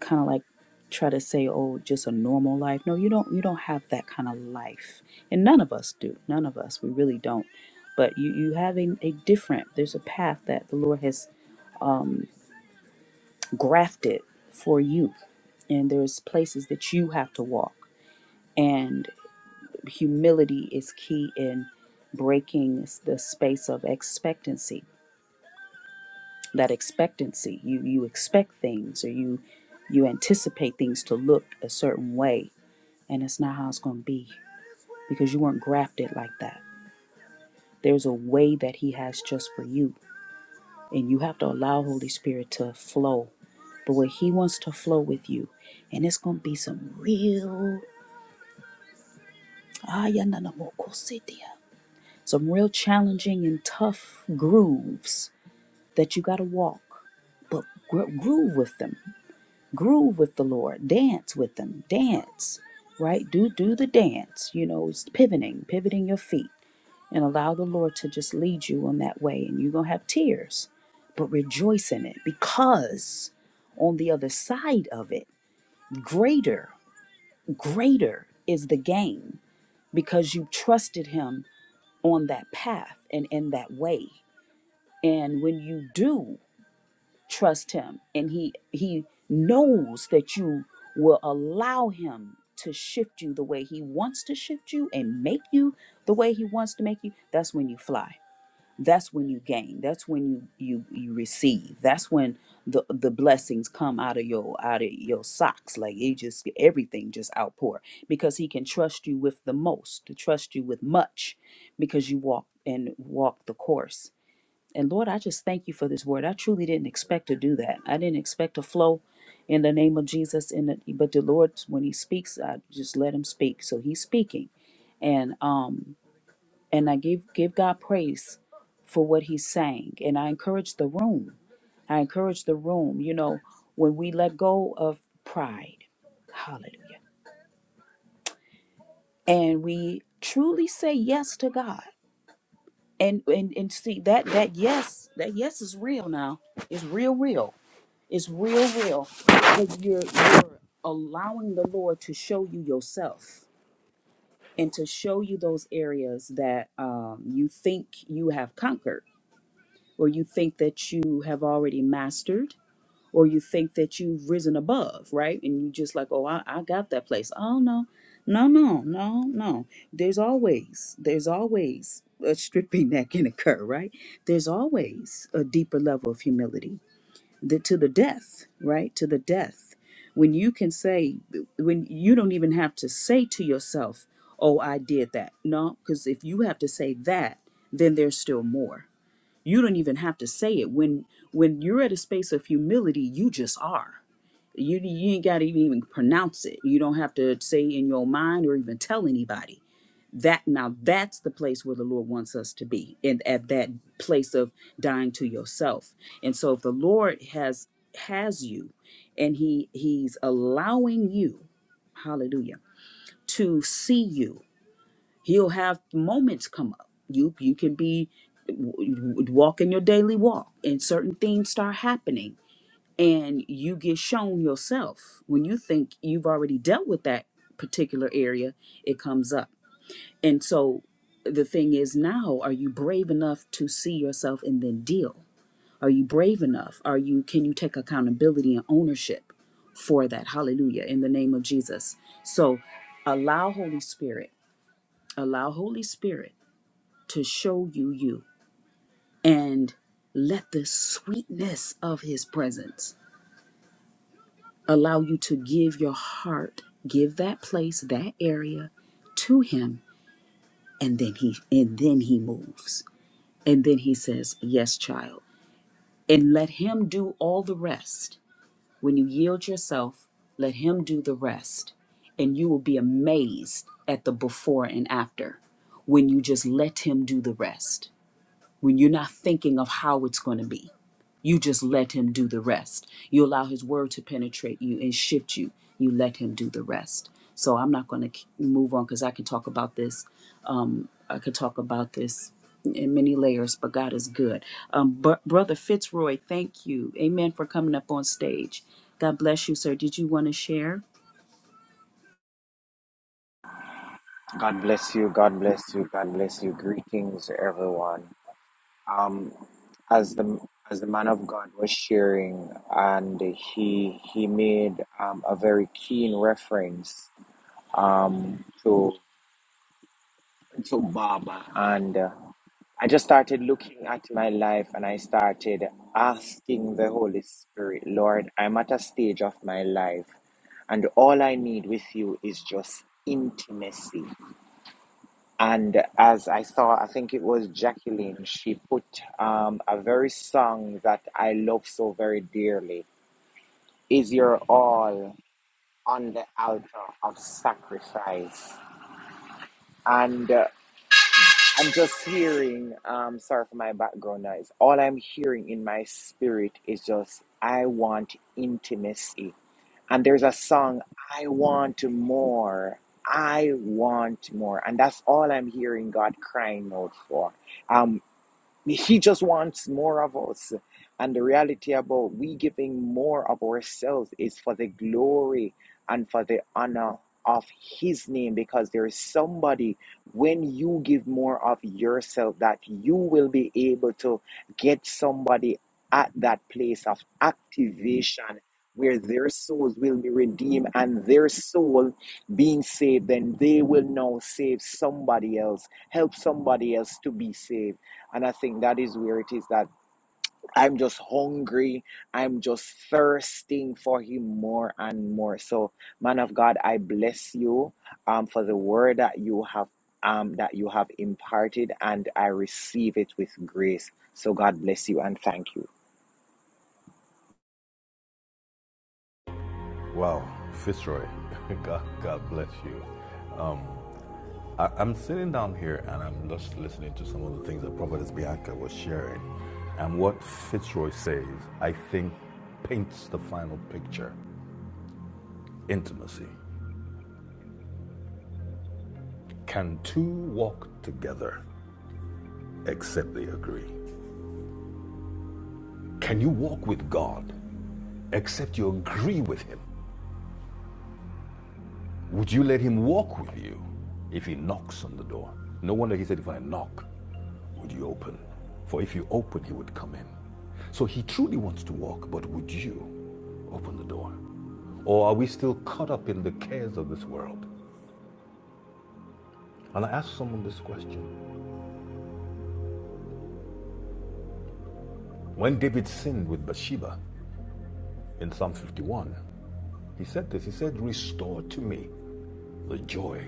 kind of like try to say oh just a normal life no you don't you don't have that kind of life and none of us do none of us we really don't but you you have a, a different there's a path that the lord has grafted for you and there's places that you have to walk and humility is key in breaking the space of expectancy that expectancy you you expect things or you you anticipate things to look a certain way and it's not how it's going to be because you weren't grafted like that. There's a way that He has just for you, and you have to allow Holy Spirit to flow the way He wants to flow with you. And it's going to be some real, ah, ya na na mo ko si some real challenging and tough grooves that you got to walk. But gro- groove with them, groove with the Lord, dance with them, dance, right? Do do the dance. You know, it's pivoting, pivoting your feet and allow the Lord to just lead you on that way. And you're going to have tears, but rejoice in it because on the other side of it, greater, greater is the gain because you trusted Him on that path and in that way. And when you do trust Him and He, He knows that you will allow Him to shift you the way He wants to shift you and make you the way He wants to make you, that's when you fly that's when you gain that's when you you you receive that's when the the blessings come out of your out of your socks like it just everything just outpour because he can trust you with the most to trust you with much because you walk and walk the course and lord i just thank you for this word i truly didn't expect to do that i didn't expect to flow in the name of jesus in the, but the lord when he speaks i just let him speak so he's speaking and um and I give give God praise for what He's saying. And I encourage the room. I encourage the room. You know, when we let go of pride, hallelujah, and we truly say yes to God, and and and see that that yes that yes is real now. It's real, real. It's real, real. Because you're you're allowing the Lord to show you yourself and to show you those areas that um, you think you have conquered or you think that you have already mastered or you think that you've risen above right and you just like oh i, I got that place oh no no no no no there's always there's always a stripping that can occur right there's always a deeper level of humility the, to the death right to the death when you can say when you don't even have to say to yourself oh i did that no because if you have to say that then there's still more you don't even have to say it when when you're at a space of humility you just are you, you ain't got to even pronounce it you don't have to say in your mind or even tell anybody that now that's the place where the lord wants us to be and at that place of dying to yourself and so if the lord has has you and he he's allowing you hallelujah to see you He'll have moments come up. You you can be w- w- walking your daily walk, and certain things start happening, and you get shown yourself when you think you've already dealt with that particular area. It comes up, and so the thing is now are you brave enough to see yourself and then deal are you brave enough are you can you take accountability and ownership for that hallelujah in the name of jesus so allow holy spirit allow holy spirit to show you you. And let the sweetness of his presence allow you to give your heart, give that place, that area to him, and then he and then he moves. And then he says, "Yes, child." And let him do all the rest. When you yield yourself, let him do the rest, and you will be amazed at the before and after when you just let him do the rest. When you're not thinking of how it's going to be You just let Him do the rest. You allow His word to penetrate you and shift you. You let Him do the rest. So I'm not going to move on because I can talk about this. Um, I could talk about this in many layers, but God is good. Um, br- Brother Fitzroy, thank you. Amen for coming up on stage. God bless you, sir. Did you want to share? God bless you. God bless you. God bless you. Greetings, everyone. Um, as the as the man of God was sharing, and he he made um, a very keen reference um, to, and uh, I just started looking at my life, and I started asking the Holy Spirit, Lord, I'm at a stage of my life, and all I need with you is just intimacy And as I saw, I think it was Jacqueline, she put um, a very song that I love so very dearly Is Your All on the Altar of Sacrifice. And uh, I'm just hearing, um, sorry for my background noise, all I'm hearing in my spirit is just, I want intimacy. And there's a song, I want more. I want more. And that's all I'm hearing God crying out for. Um, He just wants more of us. And the reality about we giving more of ourselves is for the glory and for the honor of His name because there is somebody when you give more of yourself that you will be able to get somebody at that place of activation where their souls will be redeemed and their soul being saved, then they will now save somebody else, help somebody else to be saved. And I think that is where it is that I'm just hungry. I'm just thirsting for him more and more. So, man of God, I bless you um, for the word that you have um, that you have imparted, and I receive it with grace. So, God bless you and thank you. Wow, Fitzroy, God, God bless you. Um, I, I'm sitting down here and I'm just listening to some of the things that Prophetess Bianca was sharing. And what Fitzroy says, I think, paints the final picture intimacy. Can two walk together except they agree? Can you walk with God except you agree with Him? Would you let Him walk with you if He knocks on the door? No wonder He said, If I knock, Would you open? For if you open, he would come in. So he truly wants to walk, but would you open the door? Or are we still caught up in the cares of this world? And I asked someone this question. When David sinned with Bathsheba in Psalm 51, he said this He said, Restore to me the joy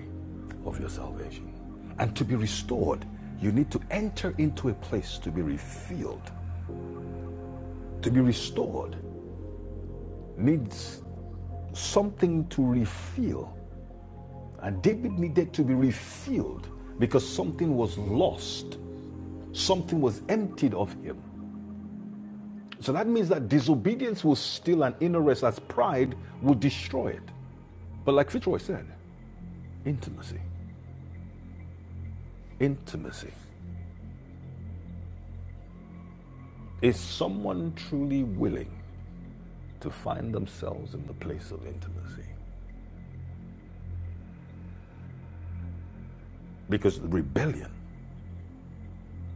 of your salvation. And to be restored, you need to enter into a place to be refilled. To be restored needs something to refill And David needed to be refilled because something was lost, something was emptied of him. So that means that disobedience will steal an inner rest as pride will destroy it. But like Fitzroy said, intimacy, intimacy. Is someone truly willing to find themselves in the place of intimacy? Because the rebellion,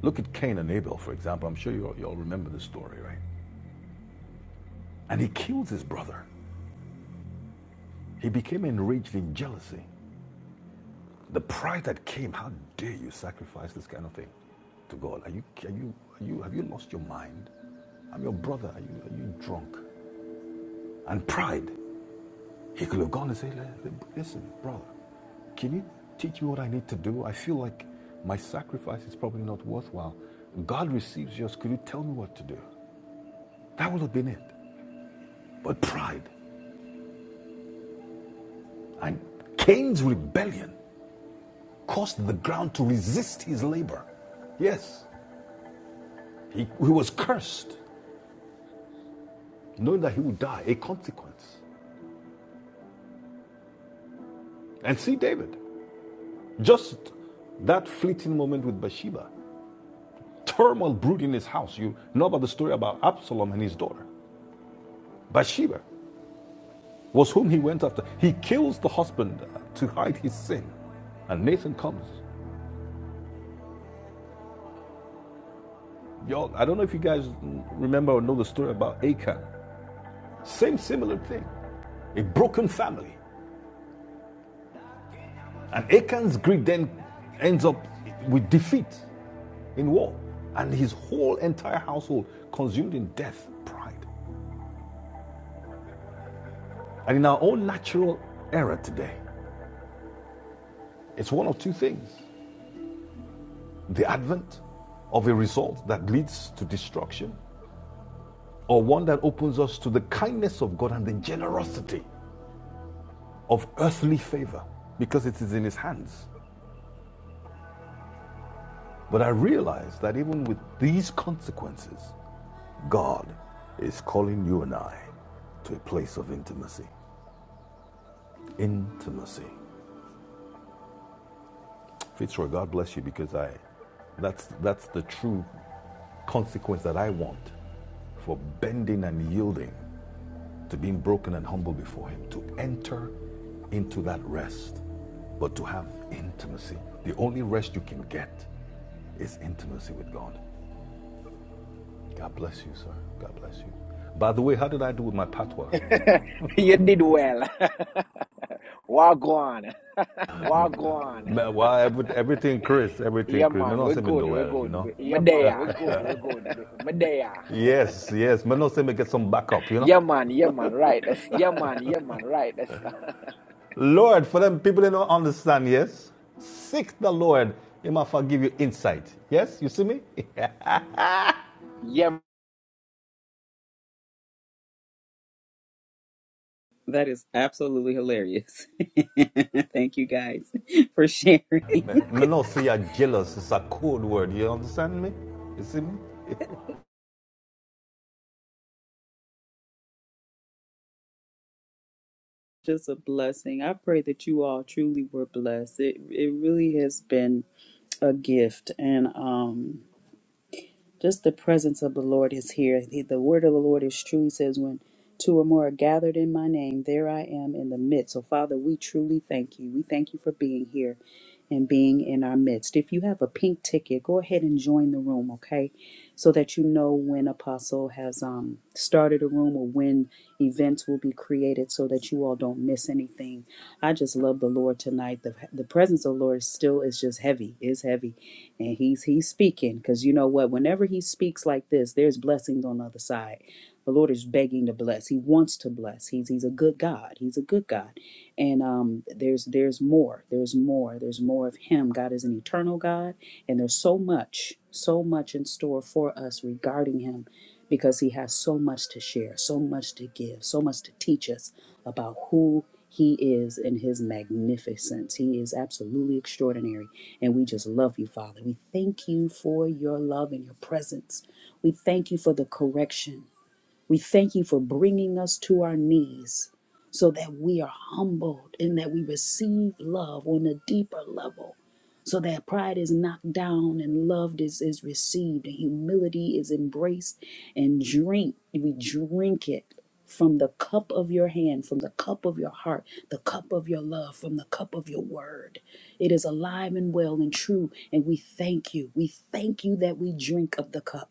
look at Cain and Abel, for example. I'm sure you all, you all remember the story, right? And he kills his brother. He became enraged in jealousy. The pride that came, how dare you sacrifice this kind of thing to God? Are you, are you, are you, have you lost your mind? I'm your brother. Are you, are you drunk? And pride. He could have gone and said, "Hey, listen, brother, can you teach me what I need to do? I feel like my sacrifice is probably not worthwhile. God receives yours. Could you tell me what to do? That would have been it. But pride and Cain's rebellion caused the ground to resist his labor. Yes, he, he was cursed. knowing that he would die, a consequence. And see David, just that fleeting moment with Bathsheba, turmoil brewed in his house. You know about the story about Absalom and his daughter. Bathsheba was whom he went after. He kills the husband to hide his sin. And Nathan comes. Y'all, I don't know if you guys remember or know the story about Achan. Same similar thing. A broken family. And Achan's greed then ends up with defeat. in war, and his whole entire household consumed in death, pride. And in our own natural era today, it's one of two things the advent of a result that leads to destruction, or one that opens us to the kindness of God and the generosity of earthly favor because it is in his hands. But I realize that even with these consequences, God is calling you and I to a place of intimacy. Intimacy. Fitzroy, God bless you because I that's that's the true consequence that I want for bending and yielding to being broken and humble before him to enter into that rest but to have intimacy the only rest you can get is intimacy with God God bless you sir God bless you by the way how did I do with my patois You did well. Walk on. Wagwan. Man, Well, every, everything Chris, everything Yeah, Chris. Me man, not we're say me do good. We're well, you good. know. Yeah, man, Medea. we're good, we're good. Medea. Yes, yes. Me not say me get some backup, you know. Yeah, man. Yeah, man. Right. Yeah, man, yeah, man, right. That's Lord, for them people they don't understand, yes. Seek the Lord, He might forgive you insight. Yes, you see me? yeah, Man. That is absolutely hilarious. Thank you guys for sharing. Me not say you're jealous. It's a code word. You understand me? You see me? Just a blessing. I pray that you all truly were blessed. It it really has been a gift and um just the presence of the Lord is here. The the word of the Lord is true. He says, When two or more are gathered in my name, there I am in the midst. So, Father, we truly thank you. We thank you for being here and being in our midst. If you have a pink ticket, go ahead and join the room, okay? So that you know when Apostle has um, started a room or when events will be created so that you all don't miss anything. I just love the Lord tonight. The, the presence of the Lord still is just heavy, is heavy and he's he's speaking because you know what whenever he speaks like this there's blessings on the other side the lord is begging to bless he wants to bless he's he's a good god he's a good god and um there's there's more there's more there's more of him god is an eternal god and there's so much so much in store for us regarding him because he has so much to share, so much to give, so much to teach us about who he is and his magnificence. He is absolutely extraordinary. And we just love you, Father. We thank you for your love and your presence. We thank you for the correction. We thank you for bringing us to our knees so that we are humbled and that we receive love on a deeper level, so that pride is knocked down and love is, is received and humility is embraced and drink. We drink it from the cup of your hand, from the cup of your heart, the cup of your love, from the cup of your word. It is alive and well and true, and we thank you. We thank you that we drink of the cup.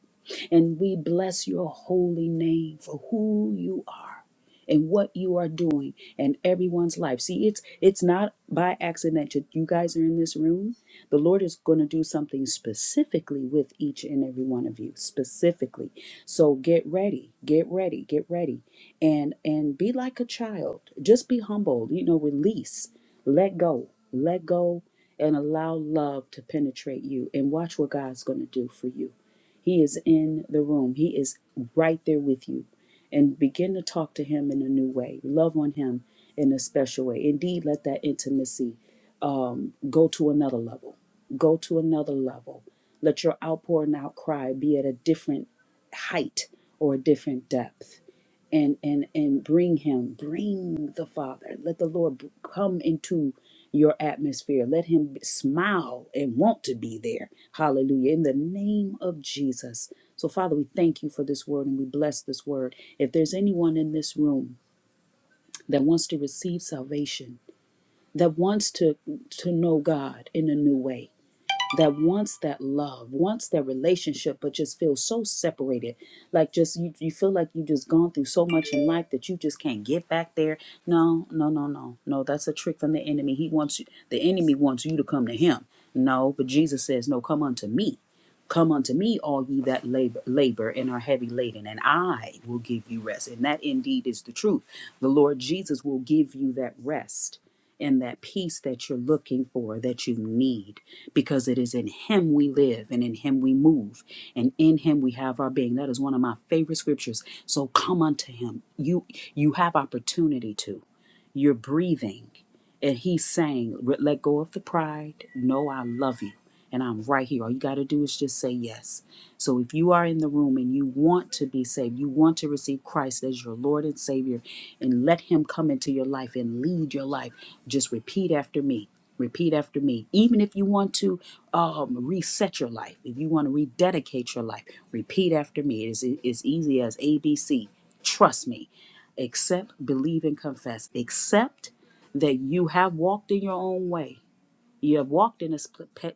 And we bless your holy name for who you are and what you are doing in everyone's life. See, it's it's not by accident that you guys are in this room. The Lord is going to do something specifically with each and every one of you, specifically. So get ready, get ready, get ready. And and be like a child. Just be humble, you know, release, let go, let go and allow love to penetrate you and watch what God's going to do for you he is in the room. He is right there with you. And begin to talk to him in a new way. Love on him in a special way. Indeed, let that intimacy um, go to another level. Go to another level. Let your outpour and outcry be at a different height or a different depth and and and bring him bring the father let the lord b- come into your atmosphere let him b- smile and want to be there hallelujah in the name of jesus so father we thank you for this word and we bless this word if there's anyone in this room that wants to receive salvation that wants to to know god in a new way that wants that love, wants that relationship, but just feels so separated. Like just you, you feel like you just gone through so much in life that you just can't get back there. No, no, no, no, no. That's a trick from the enemy. He wants you, the enemy wants you to come to him. No, but Jesus says, no, come unto me. Come unto me, all ye that labor, labor and are heavy laden, and I will give you rest. And that indeed is the truth. The Lord Jesus will give you that rest and that peace that you're looking for, that you need, because it is in Him we live and in Him we move, and in Him we have our being. That is one of my favorite scriptures. So come unto Him. You you have opportunity to. You're breathing, and He's saying, "Re- "Let go of the pride. No, I love you." And I'm right here. All you got to do is just say yes. So if you are in the room and you want to be saved, you want to receive Christ as your Lord and Savior, and let Him come into your life and lead your life. Just repeat after me. Repeat after me. Even if you want to um, reset your life, if you want to rededicate your life, repeat after me. It is as easy as ABC. Trust me. Accept, believe, and confess. Accept that you have walked in your own way you have walked in a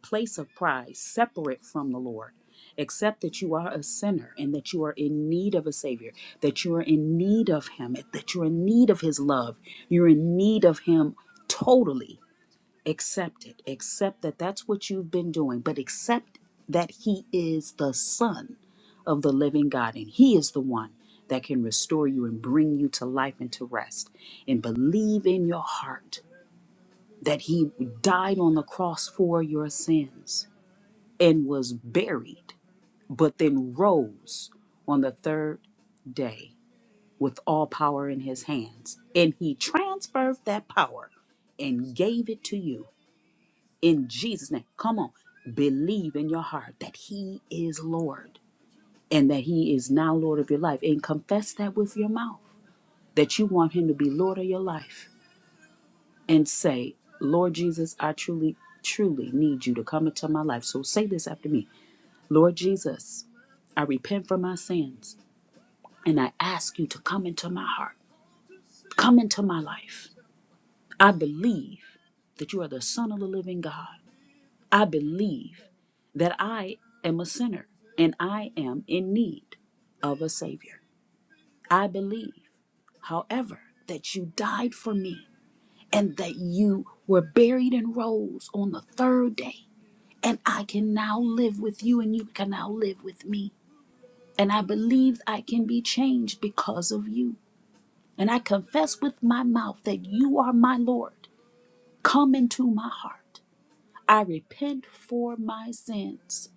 place of pride, separate from the Lord. Accept that you are a sinner and that you are in need of a Savior, that you are in need of Him, that you're in need of His love. You're in need of Him totally. Accept it. Accept that that's what you've been doing, but accept that He is the Son of the living God and He is the one that can restore you and bring you to life and to rest. And believe in your heart that he died on the cross for your sins and was buried, but then rose on the third day with all power in his hands. And he transferred that power and gave it to you in Jesus' name. Come on, believe in your heart that he is Lord and that he is now Lord of your life and confess that with your mouth that you want him to be Lord of your life and say, Lord Jesus, I truly, truly need you to come into my life. So say this after me Lord Jesus, I repent for my sins and I ask you to come into my heart, come into my life. I believe that you are the Son of the living God. I believe that I am a sinner and I am in need of a Savior. I believe, however, that you died for me and that you were buried and rose on the third day and I can now live with you, and you can now live with me. And I believe I can be changed because of you. And I confess with my mouth that you are my Lord. Come into my heart. I repent for my sins,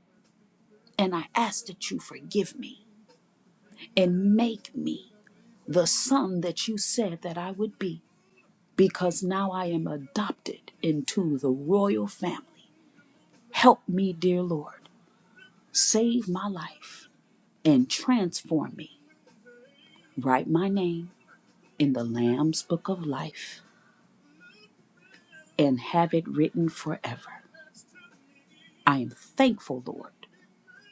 and I ask that you forgive me and make me the son that you said that I would be, because now I am adopted into the royal family. Help me, dear Lord. Save my life and transform me Write my name in the Lamb's Book of Life and have it written forever. I am thankful, Lord,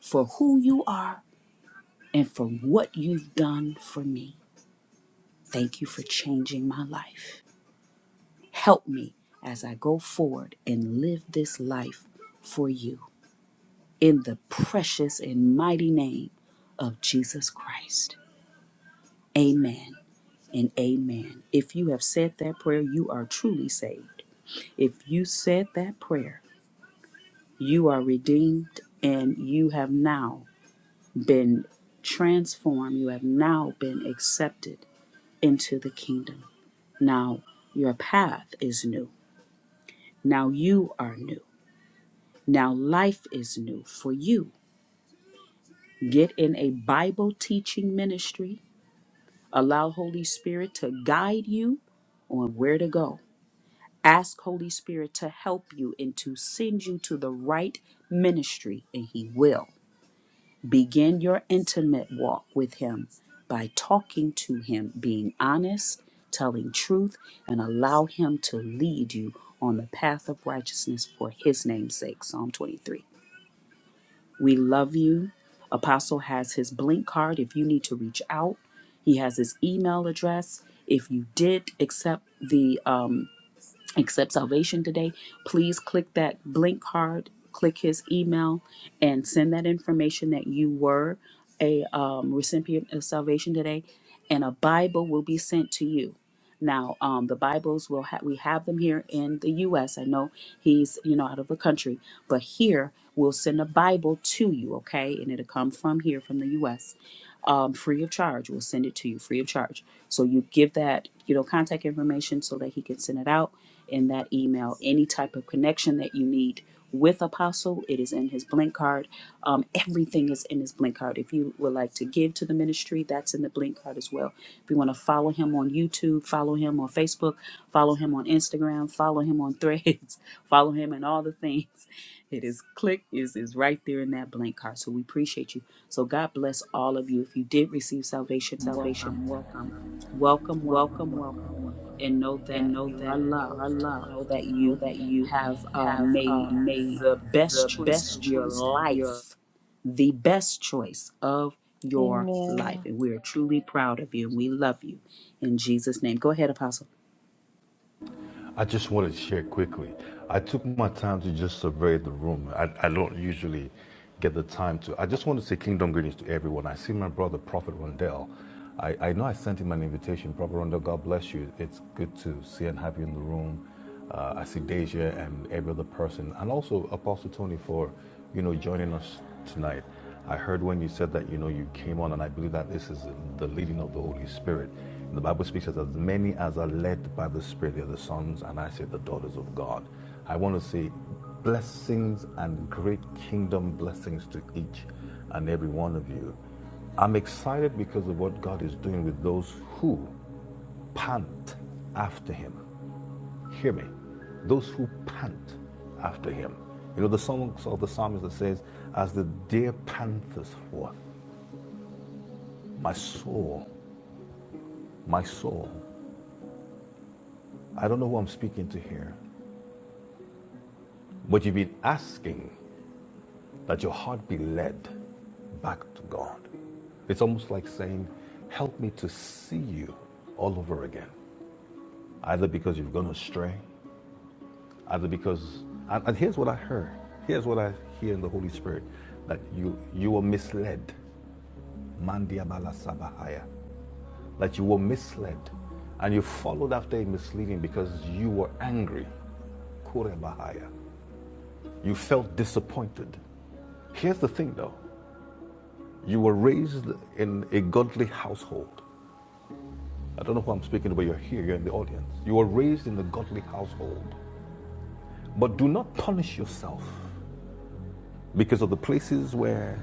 for who you are and for what you've done for me. Thank you for changing my life. Help me as I go forward and live this life for you. In the precious and mighty name of Jesus Christ. Amen and amen. If you have said that prayer, you are truly saved. If you said that prayer, You are redeemed and you have now been transformed. You have now been accepted into the kingdom. Now your path is new. Now you are new. Now life is new for you. Get in a Bible teaching ministry. Allow Holy Spirit to guide you on where to go. Ask Holy Spirit to help you and to send you to the right ministry, and He will. Begin your intimate walk with Him by talking to Him, being honest, telling truth, and allow Him to lead you on the path of righteousness for His name's sake. Psalm 23. We love you. Apostle has his blink card if you need to reach out. He has his email address. If you did accept the um, accept salvation today, please click that blink card, click his email, and send that information that you were a um, recipient of salvation today, and a Bible will be sent to you. Now, um, the Bibles will ha- we have them here in the U.S. I know he's you know out of the country, but here we'll send a Bible to you, okay? And it'll come from here from the U.S um, free of charge. We'll send it to you free of charge. So you give that, you know, contact information so that he can send it out in that email. Any type of connection that you need with Apostle, it is in his blink card. Um, everything is in his blink card. If you would like to give to the ministry, that's in the blink card as well. If you want to follow him on YouTube, follow him on Facebook, follow him on Instagram, follow him on Threads, follow him in all the things. It is click is is right there in that blank card. So we appreciate you. So God bless all of you. If you did receive salvation, welcome, Salvation, welcome. welcome, welcome, Welcome, welcome. welcome, welcome. And know and that know you are that you are loved. Know loved. that Know you that you have uh, have made uh, made the best the choice best of your choice of your life, the best choice of your life. Amen. And we are truly proud of you and we love you. In Jesus' name. Go ahead, Apostle. I just wanted to share quickly. I took my time to just survey the room. I, I don't usually get the time to. I just want to say kingdom greetings to everyone. I see my brother, Prophet Rondell. I, I know I sent him an invitation. Prophet Rondell, God bless you. It's good to see and have you in the room. uh, Asidasia and every other person, and also Apostle Tony for, you know, joining us tonight. I heard when you said that, you know, you came on, and I believe that this is the leading of the Holy Spirit. The Bible speaks as, as many as are led by the Spirit, they are the sons, and I say the daughters of God. I want to say blessings and great kingdom blessings to each and every one of you. I'm excited because of what God is doing with those who pant after Him. Hear me. Those who pant after him. You know, the songs of the psalmist that says, as the deer panthers for my soul, my soul. I don't know who I'm speaking to here, but you've been asking that your heart be led back to God. It's almost like saying, help me to see you all over again. Either because you've gone astray, either because, and, and here's what I heard. Here's what I hear in the Holy Spirit, that you, you were misled. Mandiabala Sabahaya. That you were misled and you followed after a misleading because you were angry. Kurebahaya. You felt disappointed. Here's the thing though you were raised in a godly household. I don't know who I'm speaking to, but you're here, you're in the audience. You were raised in a godly household. But do not punish yourself because of the places where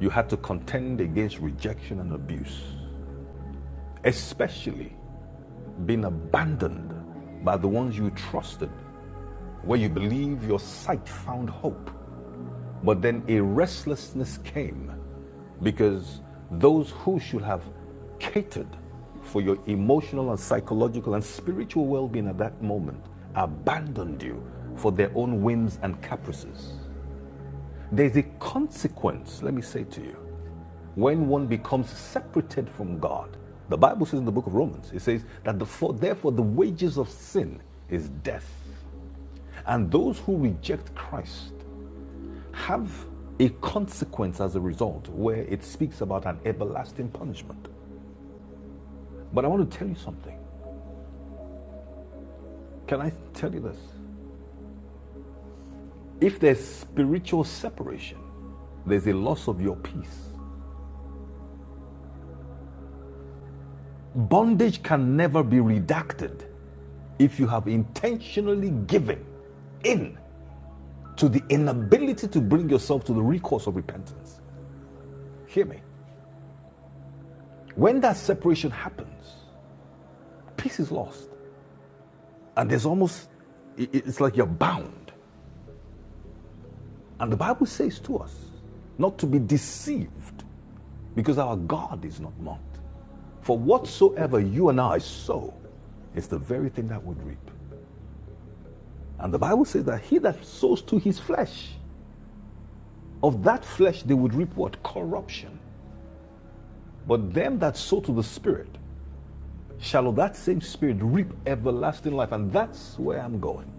you had to contend against rejection and abuse, especially being abandoned by the ones you trusted where you believe your sight found hope. But then a restlessness came because those who should have catered for your emotional and psychological and spiritual well being at that moment abandoned you for their own whims and caprices. There's a consequence, let me say to you, when one becomes separated from God. The Bible says in the book of Romans, it says that the, for, therefore the wages of sin is death. And those who reject Christ have a consequence as a result where it speaks about an everlasting punishment. But I want to tell you something. Can I tell you this? If there's spiritual separation, there's a loss of your peace. Bondage can never be redacted if you have intentionally given in to the inability to bring yourself to the recourse of repentance. Hear me. When that separation happens, peace is lost. And there's almost, it's like you're bound. And the Bible says to us not to be deceived because our God is not mocked. For whatsoever you and I sow, it's the very thing that would reap. And the Bible says that he that sows to his flesh, of that flesh they would reap what? Corruption. But them that sow to the Spirit, shall of that same Spirit reap everlasting life. And that's where I'm going.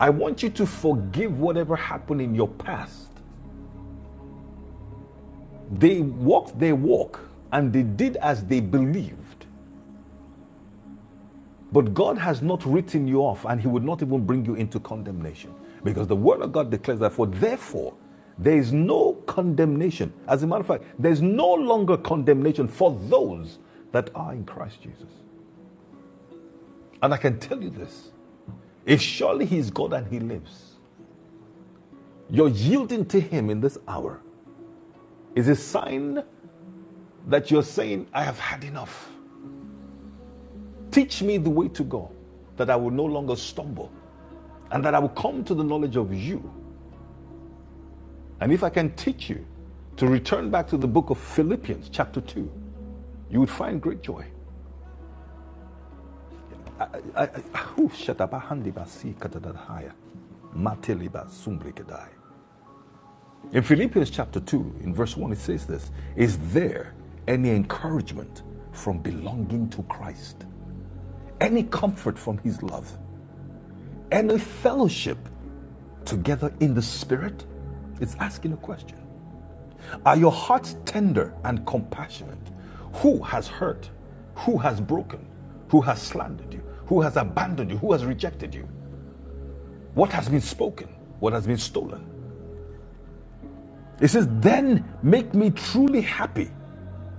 I want you to forgive whatever happened in your past. They walked their walk and they did as they believed. But God has not written you off, and He would not even bring you into condemnation. Because the Word of God declares that, for therefore, there is no condemnation. As a matter of fact, there's no longer condemnation for those that are in Christ Jesus. And I can tell you this if surely He is God and He lives, your yielding to Him in this hour is a sign that you're saying, I have had enough. Teach me the way to go, that I will no longer stumble, and that I will come to the knowledge of you And if I can teach you to return back to the book of Philippians, chapter 2, you would find great joy. I, I, oh, In Philippians chapter 2, in verse 1, it says this Is there any encouragement from belonging to Christ? Any comfort from his love? Any fellowship together in the Spirit? It's asking a question. Are your hearts tender and compassionate? Who has hurt? Who has broken? Who has slandered you? Who has abandoned you? Who has rejected you? What has been spoken? What has been stolen? It says, Then make me truly happy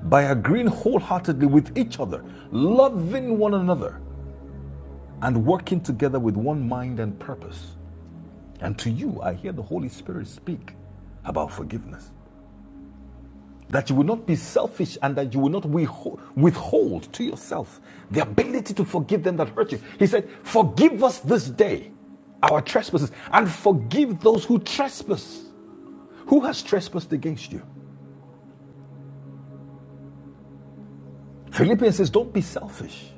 by agreeing wholeheartedly with each other, loving one another, and working together with one mind and purpose. And to you, I hear the Holy Spirit speak about forgiveness. that you will not be selfish and that you will not withhold to yourself the ability to forgive them that hurt you. He said, Forgive us this day our trespasses and forgive those who trespass. Who has trespassed against you? Philippians says, Don't be selfish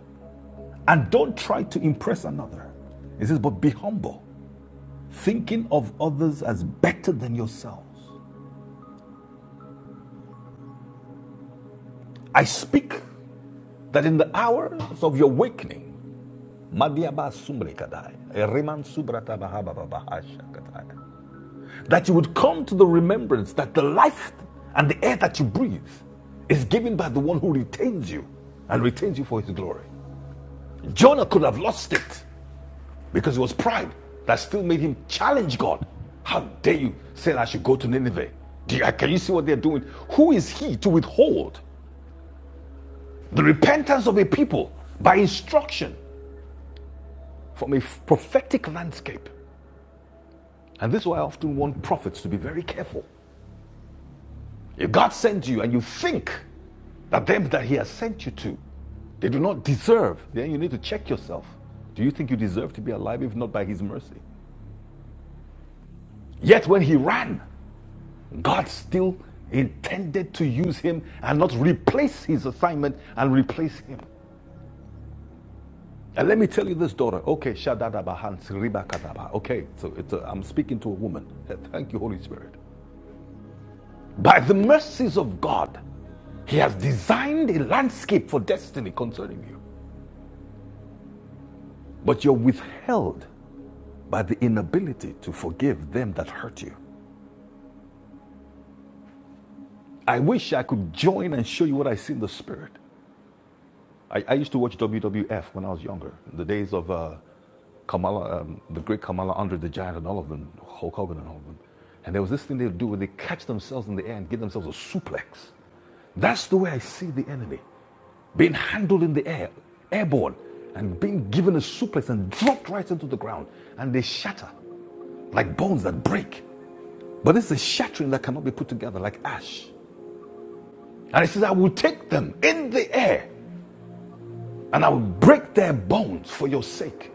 and don't try to impress another. He says, But be humble, thinking of others as better than yourselves. I speak that in the hours of your awakening, That you would come to the remembrance that the life and the air that you breathe is given by the one who retains you and retains you for his glory. Jonah could have lost it because it was pride that still made him challenge God. How dare you say that I should go to Nineveh? Do you- can you see what they're doing? Who is he to withhold the repentance of a people by instruction from a prophetic landscape? And this is why I often want prophets to be very careful. If God sends you and you think that them that He has sent you to, they do not deserve, then you need to check yourself. Do you think you deserve to be alive if not by His mercy? Yet when He ran, God still intended to use Him and not replace His assignment and replace Him. And let me tell you this, daughter. Okay, Shadadabahans Ribakadaba. Okay, so it's a, I'm speaking to a woman. Thank you, Holy Spirit. By the mercies of God, He has designed a landscape for destiny concerning you, but you're withheld by the inability to forgive them that hurt you. I wish I could join and show you what I see in the spirit. I, I used to watch WWF when I was younger, in the days of uh, Kamala, um, the great Kamala Andre the Giant, and all of them, Hulk Hogan and all of them. And there was this thing they would do where they catch themselves in the air and give themselves a suplex. That's the way I see the enemy. being handled in the air, airborne, and being given a suplex and dropped right into the ground. And they shatter like bones that break. But it's a shattering that cannot be put together like ash. And it says, I will take them in the air and I will break their bones for your sake.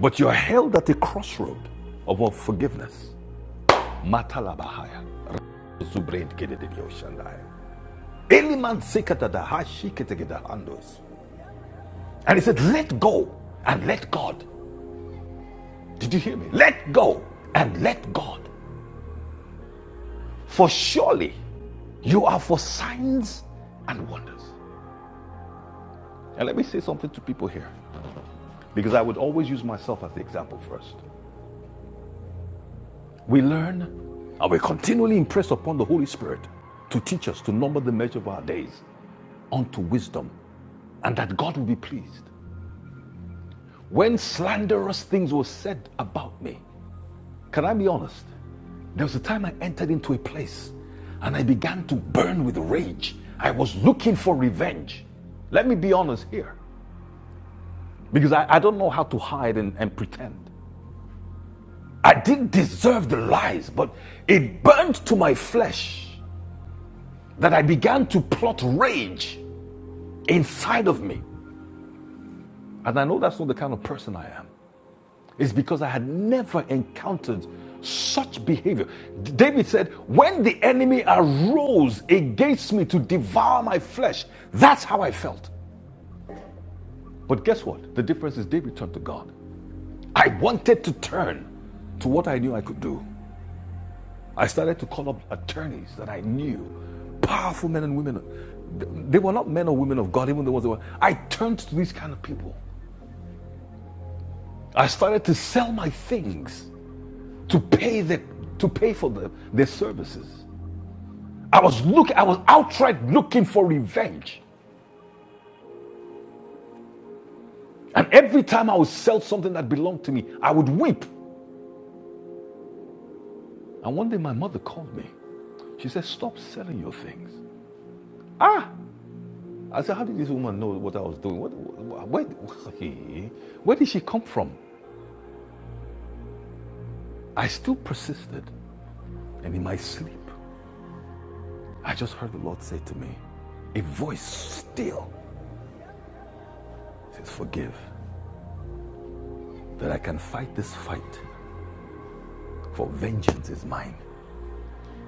But you're held at a crossroad of unforgiveness. Matalabahaya. Zubreid gedededeo shandaya. Eliman sekatadaha shiketegedahandos. And he said, Let go and let God. Did you hear me? Let go and let God. For surely you are for signs and wonders. And let me say something to people here, because I would always use myself as the example first. We learn and we continually impress upon the Holy Spirit to teach us to number the measure of our days unto wisdom, and that God will be pleased. When slanderous things were said about me, can I be honest? There was a time I entered into a place and I began to burn with rage. I was looking for revenge. Let me be honest here because I, I don't know how to hide and, and pretend. I didn't deserve the lies, but it burned to my flesh that I began to plot rage inside of me. And I know that's not the kind of person I am. It's because I had never encountered such behavior. David said, When the enemy arose against me to devour my flesh, that's how I felt. But guess what? The difference is David turned to God. I wanted to turn to what I knew I could do. I started to call up attorneys that I knew, powerful men and women. They were not men or women of God, even the ones that were. I turned to these kind of people. I started to sell my things to pay the, to pay for the, their services. I was looking, I was outright looking for revenge. And every time I would sell something that belonged to me, I would weep. And one day my mother called me. She said, Stop selling your things. Ah! I said, How did this woman know what I was doing? What, where, where did she come from? I still persisted. And in my sleep, I just heard the Lord say to me, A voice still says, Forgive, that I can fight this fight, for vengeance is mine.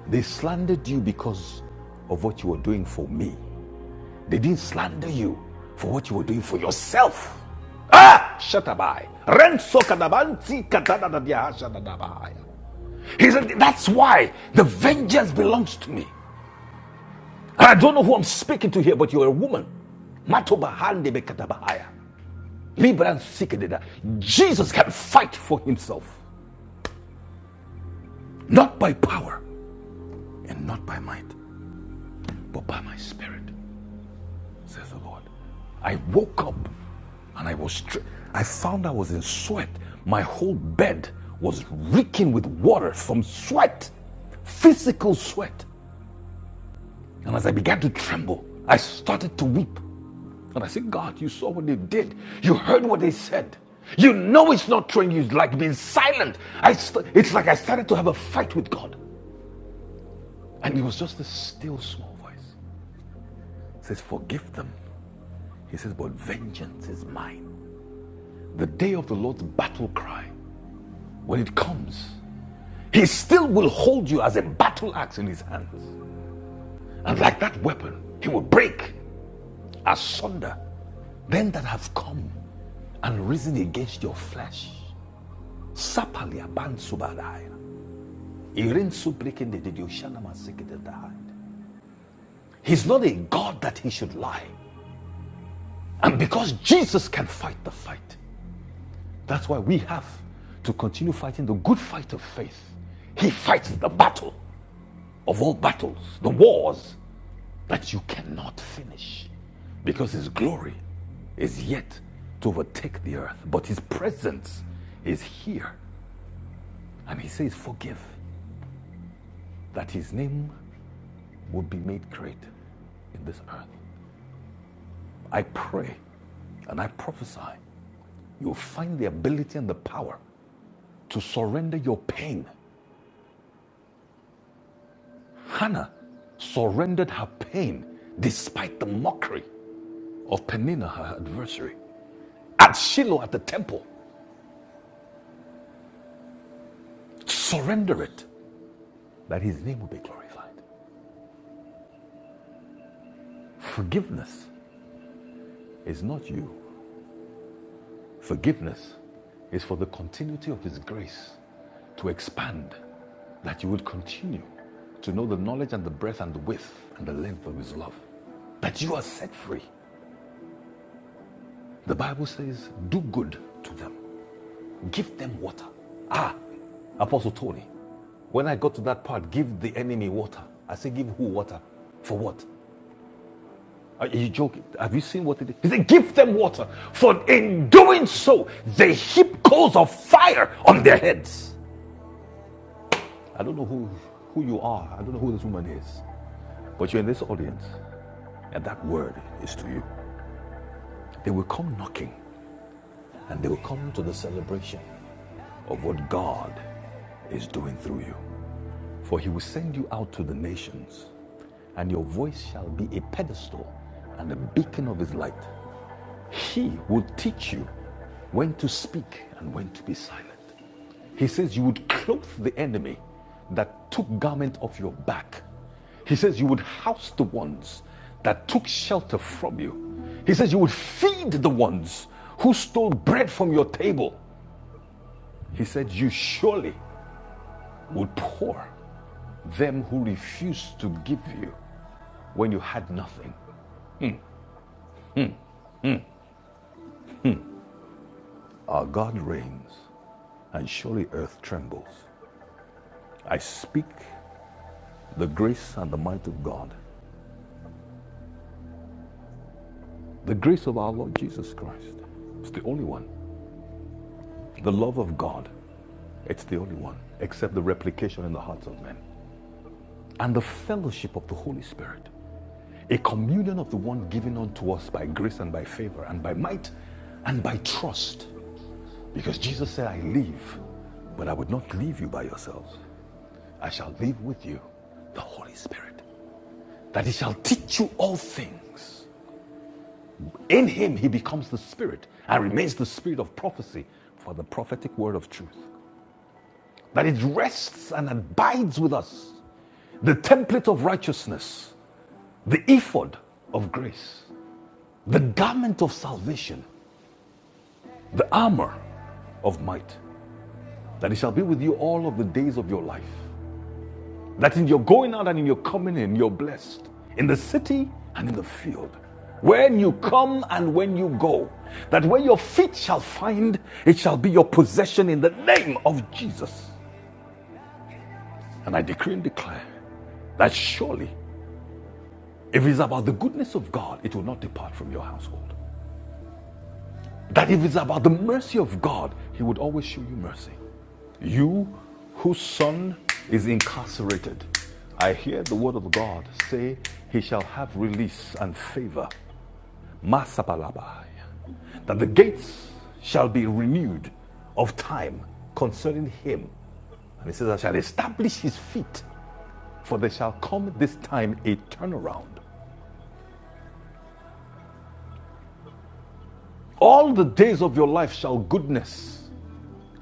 They slandered you because of what you were doing for me. They didn't slander you for what you were doing for yourself. Ah! Shatabai. Renso kadabanti katadadadiahashadadabai. He said, That's why the vengeance belongs to me. And I don't know who I'm speaking to here, but you're a woman. Matobahande bekatabahaya. Libran sikededa. Jesus can fight for himself, not by power and not by might, but by my spirit, says the Lord. I woke up And I was, I found I was in sweat. My whole bed was reeking with water from sweat, physical sweat. And as I began to tremble, I started to weep. And I said, God, you saw what they did. You heard what they said. You know it's not true. You like being silent. I st- it's like I started to have a fight with God. And it was just a still small voice It says, Forgive them. He says, But vengeance is mine. The day of the Lord's battle cry, when it comes, he still will hold you as a battle axe in his hands. And like that weapon, he will break asunder them that have come and risen against your flesh. Sapalia bansubadai. He's not a God that he should lie. And because Jesus can fight the fight, that's why we have to continue fighting the good fight of faith. He fights the battle of all battles, the wars but you cannot finish because his glory is yet to overtake the earth, but his presence is here. And he says, Forgive that his name will be made great in this earth. I pray and I prophesy you'll find the ability and the power to surrender your pain. Hannah surrendered her pain despite the mockery of Peninnah, her adversary. At Shiloh at the temple, surrender it that his name will be glorified. Forgiveness is not you, forgiveness is for the continuity of his grace to expand, that you would continue to know the knowledge and the breadth and the width and the length of his love, that you are set free. The Bible says, Do good to them, give them water. Ah, Apostle Tony, when I got to that part, give the enemy water. I say, Give who water? For what? Are you joking? Have you seen what it is? He said, Give them water, for in doing so, they heap coals of fire on their heads. I don't know who, who you are. I don't know who this woman is. But you're in this audience, and that word is to you. They will come knocking, and they will come to the celebration of what God is doing through you. For he will send you out to the nations, and your voice shall be a pedestal and a beacon of his light. He would teach you when to speak and when to be silent. He says you would clothe the enemy that took garment off your back. He says you would house the ones that took shelter from you. He says you would feed the ones who stole bread from your table. He said you surely would pour them who refused to give you when you had nothing. Our God reigns, and surely earth trembles. I speak the grace and the might of God, the grace of our Lord Jesus Christ. It's the only one. The love of God, it's the only one, except the replication in the hearts of men. And the fellowship of the Holy Spirit, a communion of the one given unto us by grace and by favor and by might and by trust. Because Jesus said, I leave, but I would not leave you by yourselves. I shall leave with you the Holy Spirit, that He shall teach you all things In him, he becomes the Spirit and remains the Spirit of prophecy for the prophetic word of truth. That it rests and abides with us. The template of righteousness, the ephod of grace, the garment of salvation, the armor of might. That he shall be with you all of the days of your life. That in your going out and in your coming in, you're blessed. In the city and in the field. When you come and when you go. That where your feet shall find, it shall be your possession in the name of Jesus. And I decree and declare that surely, if it's about the goodness of God, it will not depart from your household. That if it's about the mercy of God, He would always show you mercy. You whose son is incarcerated, I hear the word of God say, He shall have release and favor. Masapalabai. That the gates shall be renewed of time concerning him. And he says, I shall establish his feet, for there shall come this time a turnaround. All the days of your life shall goodness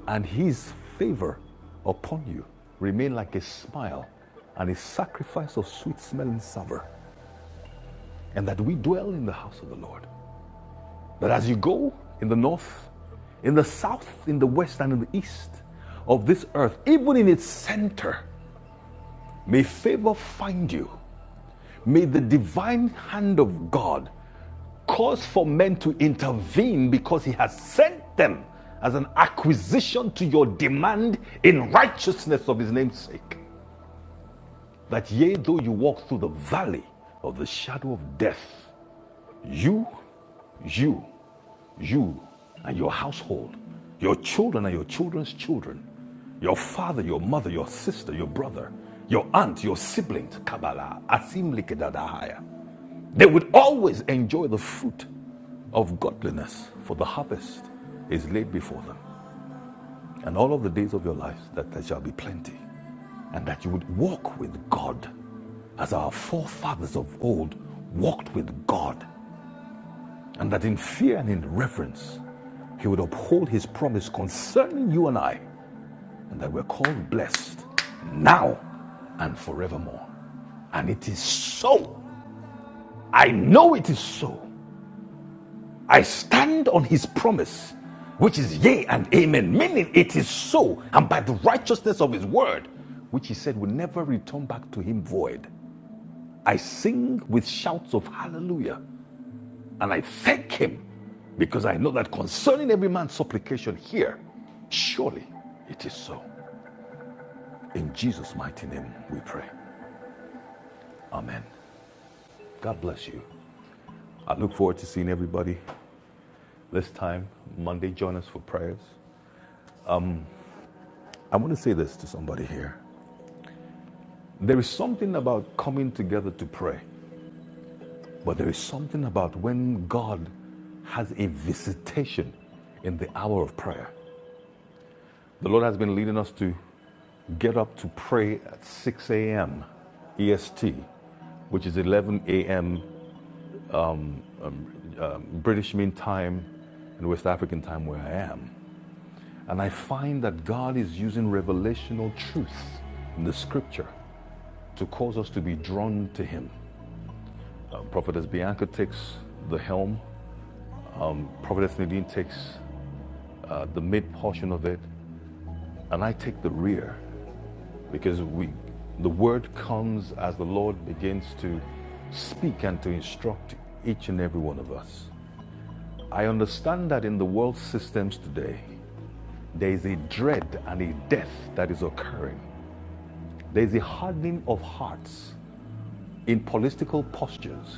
and his favor upon you remain like a smile and a sacrifice of sweet smelling savour, and that we dwell in the house of the Lord. That as you go in the north, in the south, in the west, and in the east of this earth, even in its center, may favor find you. May the divine hand of God cause for men to intervene because he has sent them as an acquisition to your demand in righteousness of his name's sake. that yea, though you walk through the valley of the shadow of death, you, you, you, and your household, your children and your children's children, your father, your mother, your sister, your brother, your aunt, your siblings, Kabbalah, Asim Likedadahaya, they would always enjoy the fruit of godliness, for the harvest is laid before them. And all of the days of your life that there shall be plenty, and that you would walk with God as our forefathers of old walked with God, and that in fear and in reverence he would uphold his promise concerning you and I, and that we're called blessed now and forevermore. And it is so. I know it is so. I stand on his promise, which is yea and amen, meaning it is so, and by the righteousness of his word, which he said will never return back to him void. I sing with shouts of hallelujah And I thank him because I know that concerning every man's supplication here, surely it is so. In Jesus' mighty name we pray. Amen. God bless you. I look forward to seeing everybody this time, Monday. Join us for prayers. I want to say this to somebody here. There is something about coming together to pray, but there is something about when God has a visitation in the hour of prayer. The Lord has been leading us to get up to pray at 6 a.m. EST, which is 11 a.m. British Mean Time and West African Time where I am. And I find that God is using revelational truth in the scripture to cause us to be drawn to Him. Prophetess Bianca takes the helm, Prophetess Nadine takes uh, the mid portion of it, and I take the rear because we, the word comes as the Lord begins to speak and to instruct each and every one of us. I understand that in the world systems today, there is a dread and a death that is occurring. There is a hardening of hearts in political postures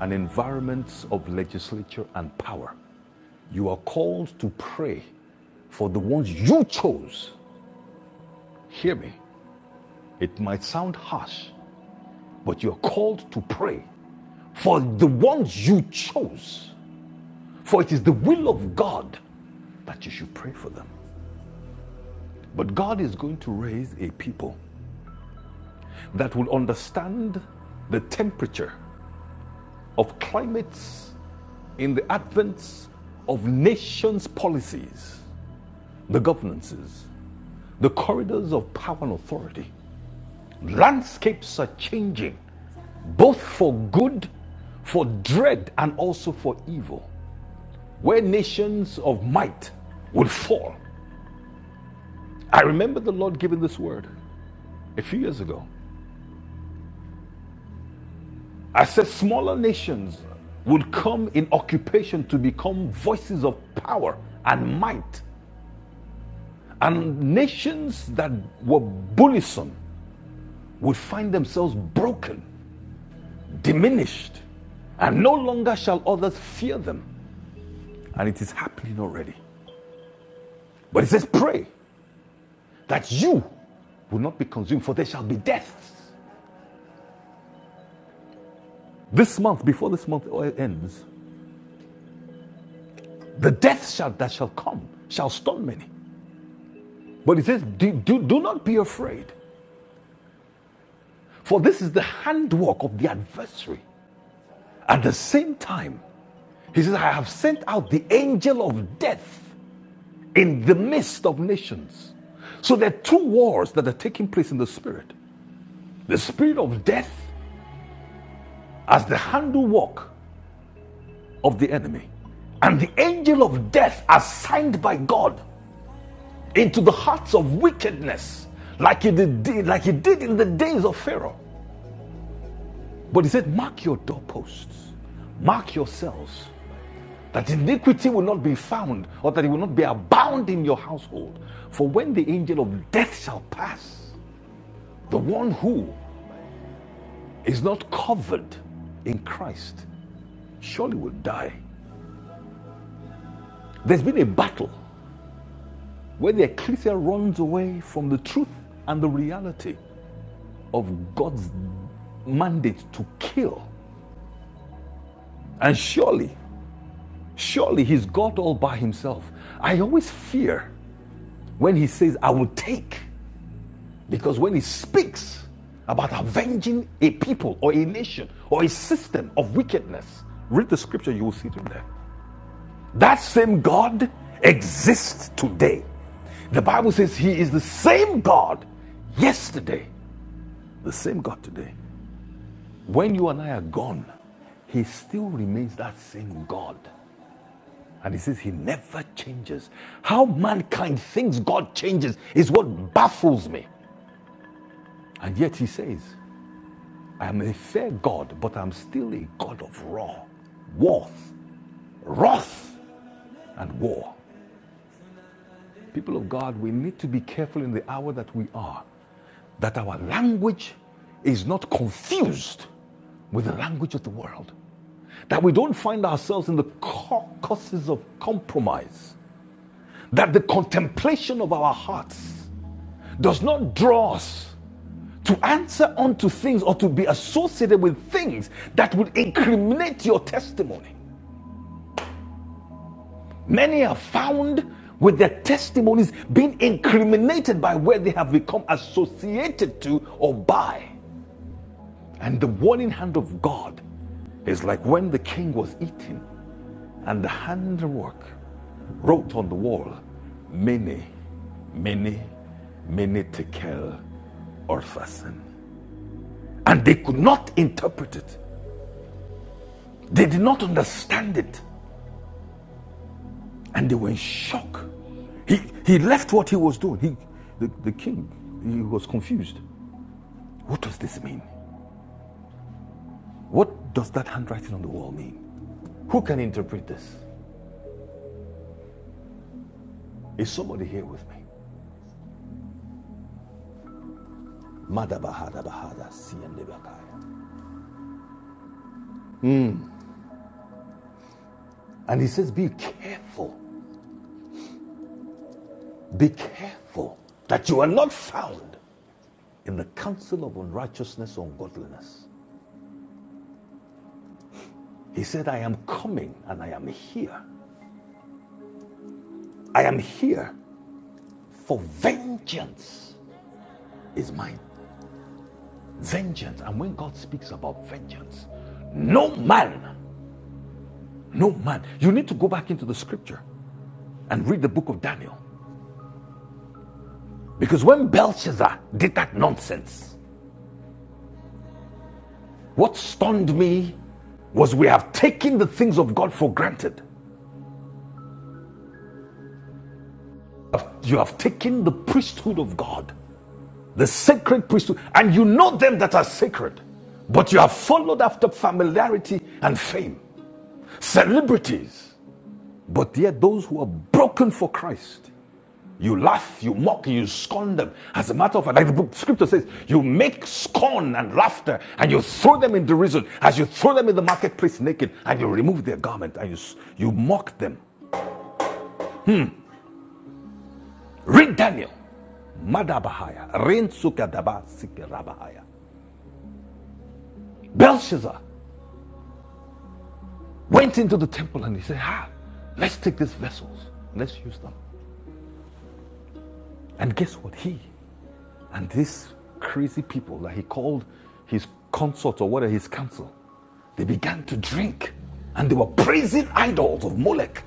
and environments of legislature and power. You are called to pray for the ones you chose. Hear me. It might sound harsh, but you are called to pray for the ones you chose. For it is the will of God that you should pray for them. But God is going to raise a people that will understand the temperature of climates in the advance of nations' policies, the governances, the corridors of power and authority. Landscapes are changing, both for good, for dread, and also for evil, where nations of might will fall. I remember the Lord giving this word a few years ago I said smaller nations would come in occupation to become voices of power and might. And nations that were bullisome would find themselves broken, diminished, and no longer shall others fear them. And it is happening already. But it says, Pray that you will not be consumed, for there shall be deaths. This month, before this month ends, the death shall, that shall come shall stun many. But it says, do, do, do not be afraid. For this is the handwork of the adversary. At the same time, he says, I have sent out the angel of death in the midst of nations. So there are two wars that are taking place in the spirit the spirit of death as the handwork of the enemy, and the angel of death assigned by God into the hearts of wickedness, like he did, like he did in the days of Pharaoh. But he said, Mark your doorposts, mark yourselves that iniquity will not be found or that it will not be abound in your household. For when the angel of death shall pass, the one who is not covered in Christ surely will die. There's been a battle where the ecclesia runs away from the truth and the reality of God's mandate to kill. And surely, surely he's God all by himself. I always fear when he says, I will take Because when he speaks about avenging a people or a nation or a system of wickedness, read the scripture, you will see it there. That same God exists today. The Bible says he is the same God yesterday, the same God today. When you and I are gone, he still remains that same God. And he says he never changes. How mankind thinks God changes is what baffles me. And yet he says I am a fair God, but I'm still a God of raw, wrath, wrath, and war. People of God, we need to be careful in the hour that we are, that our language is not confused with the language of the world, that we don't find ourselves in the caucuses of compromise, that the contemplation of our hearts does not draw us to answer unto things or to be associated with things that would incriminate your testimony. Many are found with their testimonies being incriminated by where they have become associated to or by. And the warning hand of God is like when the king was eating and the handwork wrote on the wall, Many, many, many tekel orphasin. And they could not interpret it. They did not understand it. And they were in shock. He, he left what he was doing. He, the, the king, he was confused. What does this mean? What does that handwriting on the wall mean? Who can interpret this? Is somebody here with me? Madabahada Bahada Siyandebakaya. And he says, Be careful, be careful that you are not found in the counsel of unrighteousness or ungodliness. He said, I am coming and I am here. I am here for vengeance is mine. Vengeance. And when God speaks about vengeance, no man, no man. You need to go back into the scripture. and read the book of Daniel. Because when Belshazzar did that nonsense, what stunned me was we have taken the things of God for granted. You have taken the priesthood of God, the sacred priesthood, and you know them that are sacred, but you have followed after familiarity and fame, celebrities, but yet those who are broken for Christ You laugh, you mock, you scorn them. As a matter of fact, like the book scripture says, you make scorn and laughter and you throw them in derision as you throw them in the marketplace naked and you remove their garment and you, you mock them. Read Daniel. Madabahaya. Rein sukadaba sikerabahaya. Belshazzar went into the temple and he said, Ah, let's take these vessels. Let's use them. And guess what? He and these crazy people that he called his consorts or whatever, his council, They began to drink and they were praising idols of Molech.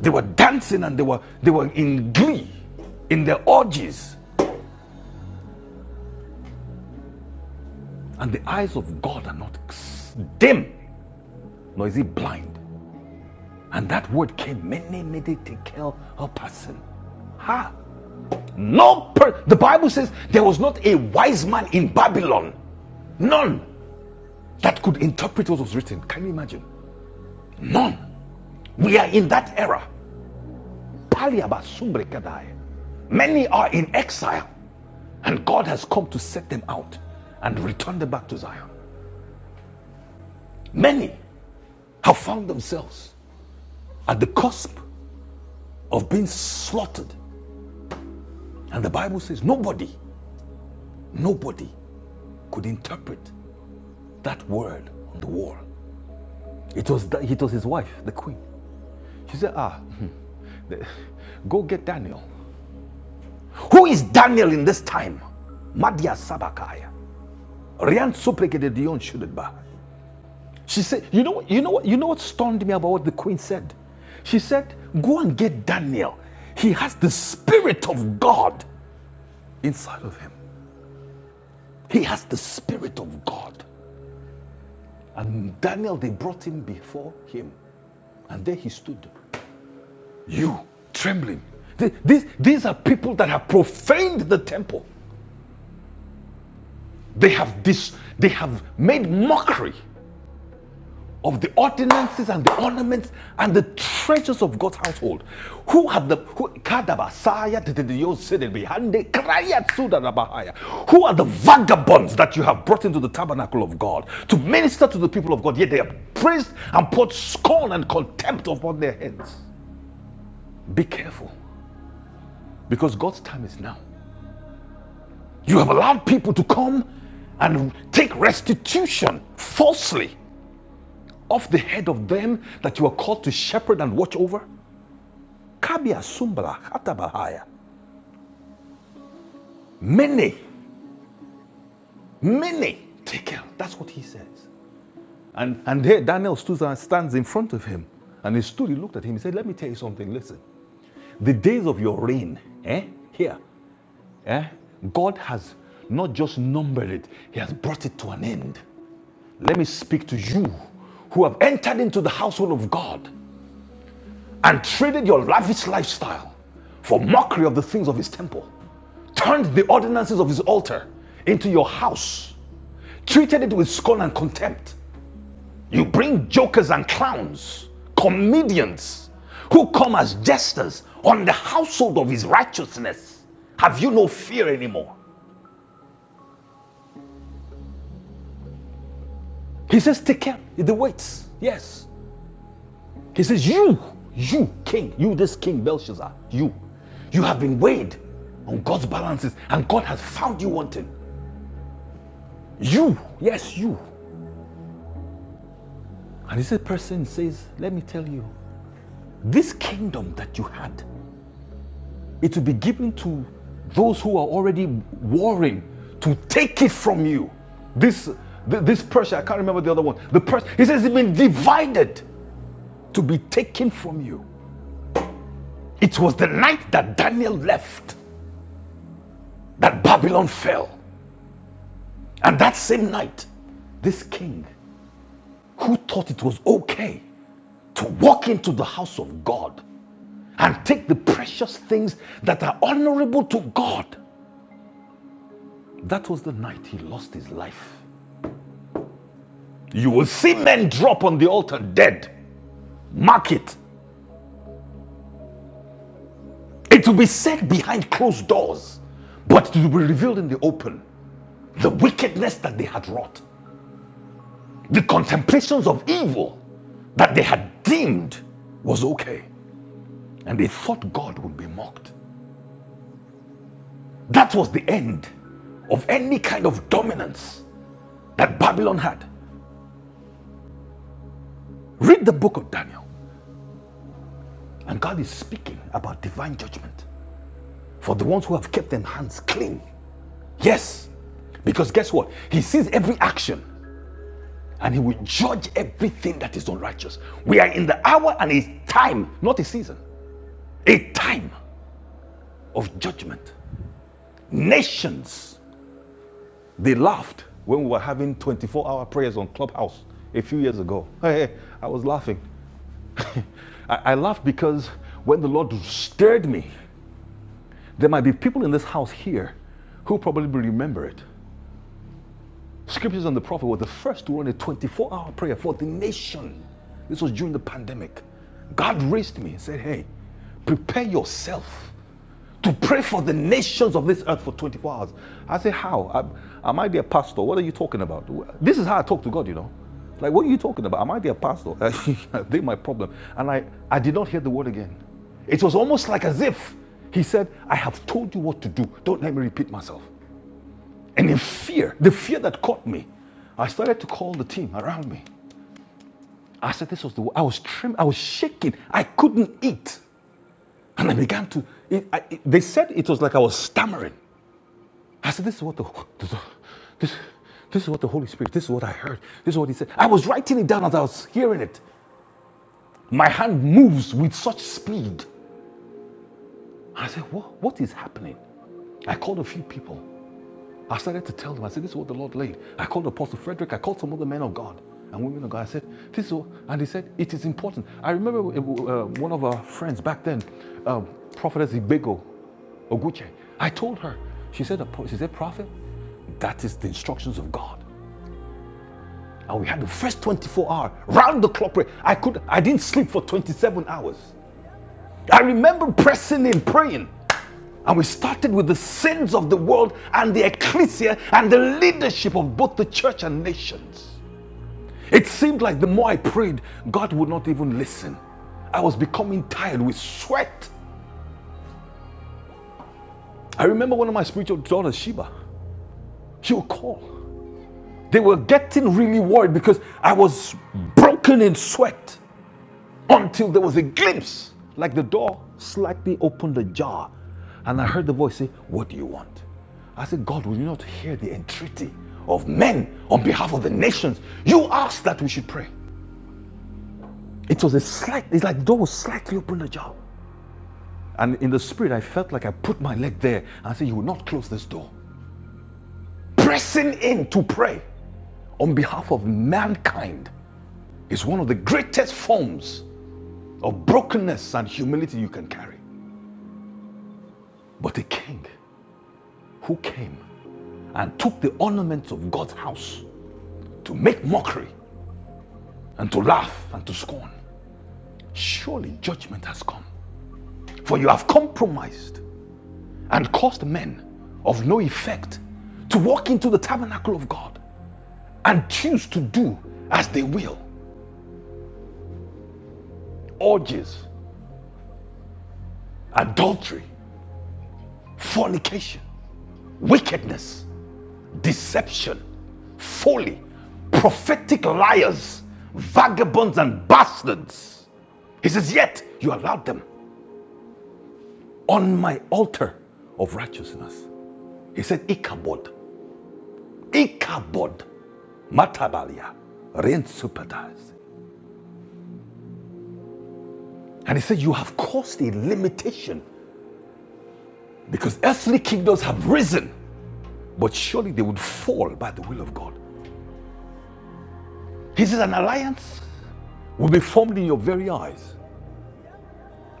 They were dancing and they were, they were in glee in their orgies. And the eyes of God are not dim, nor is he blind. And that word came, many many tekel a person. Ha! No per- the Bible says there was not a wise man in Babylon. None that could interpret what was written. Can you imagine? None. We are in that era. Many are in exile. And God has come to set them out and return them back to Zion. Many have found themselves at the cusp of being slaughtered. And the Bible says nobody, nobody could interpret that word on the wall. It was, the, it was his wife, the queen. She said, Ah, go get Daniel. Who is Daniel in this time? Madia Sabakaya. Rian Supregede Dion Shudedba. She said, you know, you know what, you know what stunned me about what the queen said? She said, go and get Daniel. He has the spirit of God inside of him. He has the spirit of God. And Daniel, they brought him before him. And there he stood. You trembling. These, these are people that have profaned the temple. They have dis- they have made mockery of the ordinances and the ornaments and the treasures of God's household. Who had the who Kadabasaya Titidiyosidin Behande Kraya Tsudarabahaya? Who are the vagabonds that you have brought into the tabernacle of God to minister to the people of God? Yet they have praised and poured scorn and contempt upon their heads. Be careful, because God's time is now. You have allowed people to come and take restitution falsely off the head of them that you are called to shepherd and watch over. Kabia Sumbala Hatabahaya. Mene, Mene, tekel. That's what he says. And, and there Daniel stands in front of him. And he stood, he looked at him, he said, Let me tell you something. Listen, the days of your reign, eh, here, eh, God has not just numbered it, He has brought it to an end. Let me speak to you who have entered into the household of God. and traded your lavish lifestyle for mockery of the things of his temple, turned the ordinances of his altar into your house, treated it with scorn and contempt. You bring jokers and clowns, comedians, who come as jesters on the household of his righteousness. Have you no fear anymore? He says, Take care, the weights. Yes. He says, You, you, king, you, this king Belshazzar, you, you have been weighed on God's balances and God has found you wanting. You, yes, you. And this person says, Let me tell you, this kingdom that you had, it will be given to those who are already warring to take it from you. This, this Persia, I can't remember the other one. The Persia, he says, it's been divided to be taken from you. It was the night that Daniel left that Babylon fell. And that same night, this king, who thought it was okay to walk into the house of God and take the precious things that are honorable to God, that was the night he lost his life. You will see men drop on the altar dead. Mark it. It will be said behind closed doors, but it will be revealed in the open. The wickedness that they had wrought, the contemplations of evil that they had deemed was okay. And they thought God would be mocked. That was the end of any kind of dominance that Babylon had. Read the book of Daniel, and God is speaking about divine judgment for the ones who have kept their hands clean. Yes, because guess what? He sees every action and he will judge everything that is unrighteous. We are in the hour and a time, not a season, a time of judgment. Nations, they laughed when we were having 24 hour prayers on Clubhouse a few years ago. Hey, hey, I was laughing. I, I laughed because when the Lord stirred me, there might be people in this house here who probably remember it. Scriptures and the prophet were the first to run a 24 hour prayer for the nation. This was during the pandemic. God raised me and said, Hey, prepare yourself to pray for the nations of this earth for 24 hours. I say, How? I, I might be a pastor. What are you talking about? This is how I talk to God, you know. Like, what are you talking about? I might be a pastor. I think my problem. And I, I did not hear the word again. It was almost like as if he said, I have told you what to do. Don't let me repeat myself. And in fear, the fear that caught me, I started to call the team around me. I said, This was the word. I was trim, I was shaking. I couldn't eat. And I began to, it, I, it- they said it was like I was stammering. I said, this is what the, this, this is what the Holy Spirit, this is what I heard, this is what he said. I was writing it down as I was hearing it. My hand moves with such speed. I said, what, what is happening? I called a few people. I started to tell them, I said, this is what the Lord laid. I called Apostle Frederick, I called some other men of God and women of God. I said, this is what, and they said, it is important. I remember uh, one of our friends back then, um, Prophetess Ibego Oguche, I told her, she said, she said, Prophet, that is the instructions of God. And we had the first 24 hour round the clock prayer. I could I didn't sleep for 27 hours. I remember pressing in praying. And we started with the sins of the world and the ecclesia and the leadership of both the church and nations. It seemed like the more I prayed, God would not even listen. I was becoming tired with sweat. I remember one of my spiritual daughters, Sheba, she would call. They were getting really worried because I was broken in sweat. until there was a glimpse, like the door slightly opened ajar. And I heard the voice say, What do you want? I said, God, will you not hear the entreaty of men on behalf of the nations? You asked that we should pray. It was a slight, it's like the door was slightly opened ajar. And in the spirit, I felt like I put my leg there and said, You will not close this door. Pressing in to pray on behalf of mankind is one of the greatest forms of brokenness and humility you can carry. But a king who came and took the ornaments of God's house to make mockery and to laugh and to scorn. Surely judgment has come, for you have compromised and caused men of no effect to walk into the tabernacle of God and choose to do as they will orgies, adultery, fornication, wickedness, deception, folly, prophetic liars, vagabonds, and bastards. He says, Yet you allowed them on my altar of righteousness. He said, Ichabod, Ichabod, Matabalia, Rensupatas. And he said, You have caused a limitation because earthly kingdoms have risen, but surely they would fall by the will of God. He says, An alliance will be formed in your very eyes.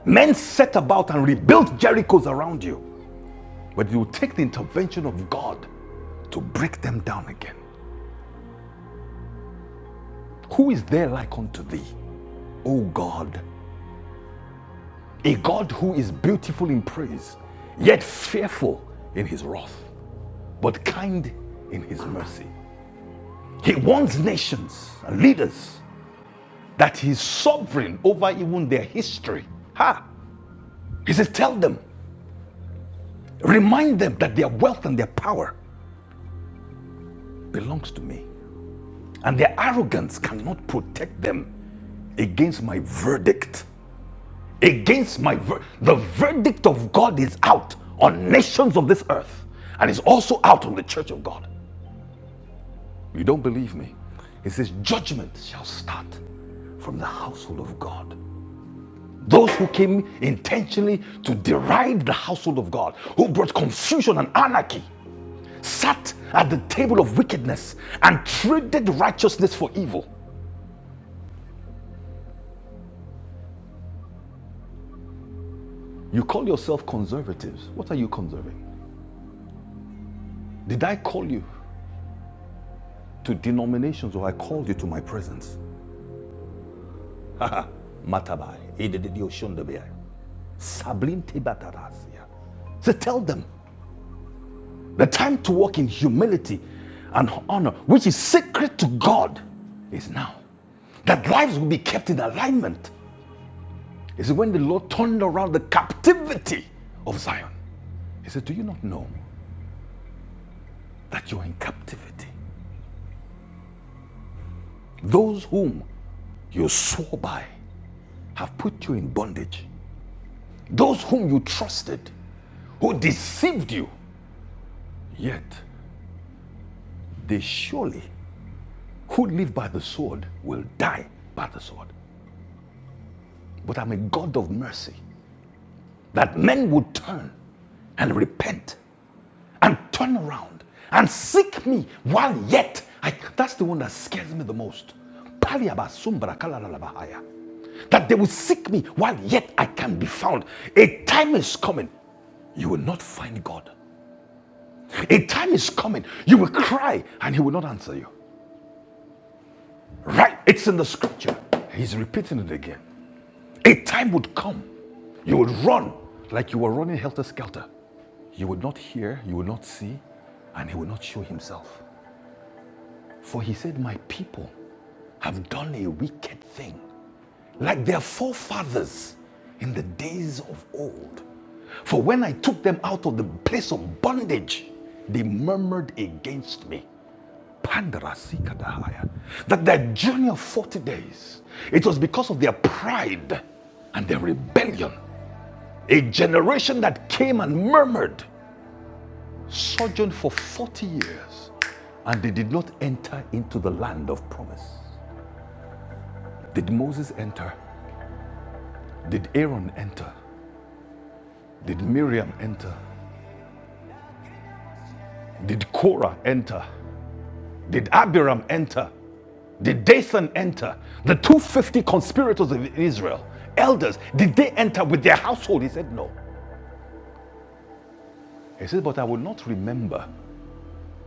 Men set about and rebuilt Jerichos around you, but you will take the intervention of God to break them down again. Who is there like unto thee, O God, A God who is beautiful in praise, yet fearful in his wrath, but kind in his mercy. He wants nations and leaders that he's sovereign over even their history. Ha! He says, Tell them, remind them that their wealth and their power belongs to me, and their arrogance cannot protect them against my verdict. Against my ver- the verdict of God is out on nations of this earth and is also out on the church of God. You don't believe me? It says, Judgment shall start from the household of God. Those who came intentionally to deride the household of God, who brought confusion and anarchy, sat at the table of wickedness and traded righteousness for evil. You call yourself conservatives. What are you conserving? Did I call you to denominations or I called you to my presence? Matabai, Edededioshondabai, Sablin Tebatarazia. So tell them The time to walk in humility and honor, which is sacred to God, is now. That lives will be kept in alignment. Is when the Lord turned around the captivity of Zion. He said, Do you not know that you're in captivity? Those whom you swore by have put you in bondage. Those whom you trusted, who deceived you, yet they surely who live by the sword will die by the sword. But I'm a God of mercy, that men would turn and repent and turn around and seek me while yet. I, that's the one that scares me the most. That they will seek me while yet I can be found. A time is coming, you will not find God. A time is coming, you will cry and He will not answer you. Right? It's in the scripture. He's repeating it again. A time would come you would run like you were running helter skelter. You would not hear, you would not see, and he would not show himself. For he said, My people have done a wicked thing, like their forefathers in the days of old. For when I took them out of the place of bondage, they murmured against me. Pandarasikadahaya. That their journey of 40 days, it was because of their pride and their rebellion. A generation that came and murmured, sojourned for 40 years, and they did not enter into the land of promise. Did Moses enter? Did Aaron enter? Did Miriam enter? Did Korah enter? Did Abiram enter? Did Dathan enter? The 250 conspirators of Israel, elders, did they enter with their household? He said, No. He said, But I will not remember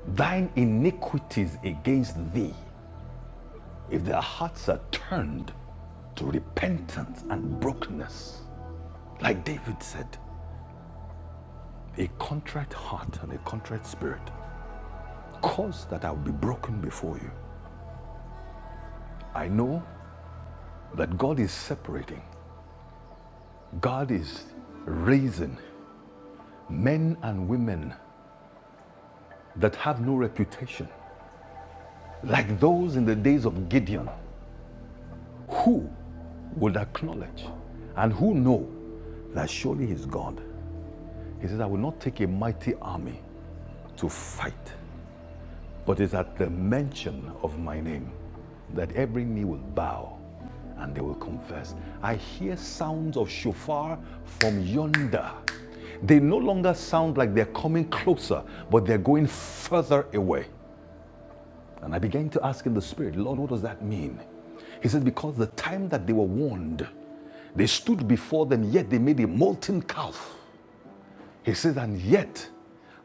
thine iniquities against thee if their hearts are turned to repentance and brokenness. Like David said, a contrite heart and a contrite spirit cause that I will be broken before you. I know that God is separating. God is raising men and women that have no reputation, like those in the days of Gideon, who would acknowledge and who know that surely He is God. He says, I will not take a mighty army to fight But it's at the mention of my name that every knee will bow and they will confess. I hear sounds of shofar from yonder. They no longer sound like they're coming closer, but they're going further away. And I began to ask in the Spirit, Lord, what does that mean? He says, Because the time that they were warned, they stood before them, yet they made a molten calf. He says, and yet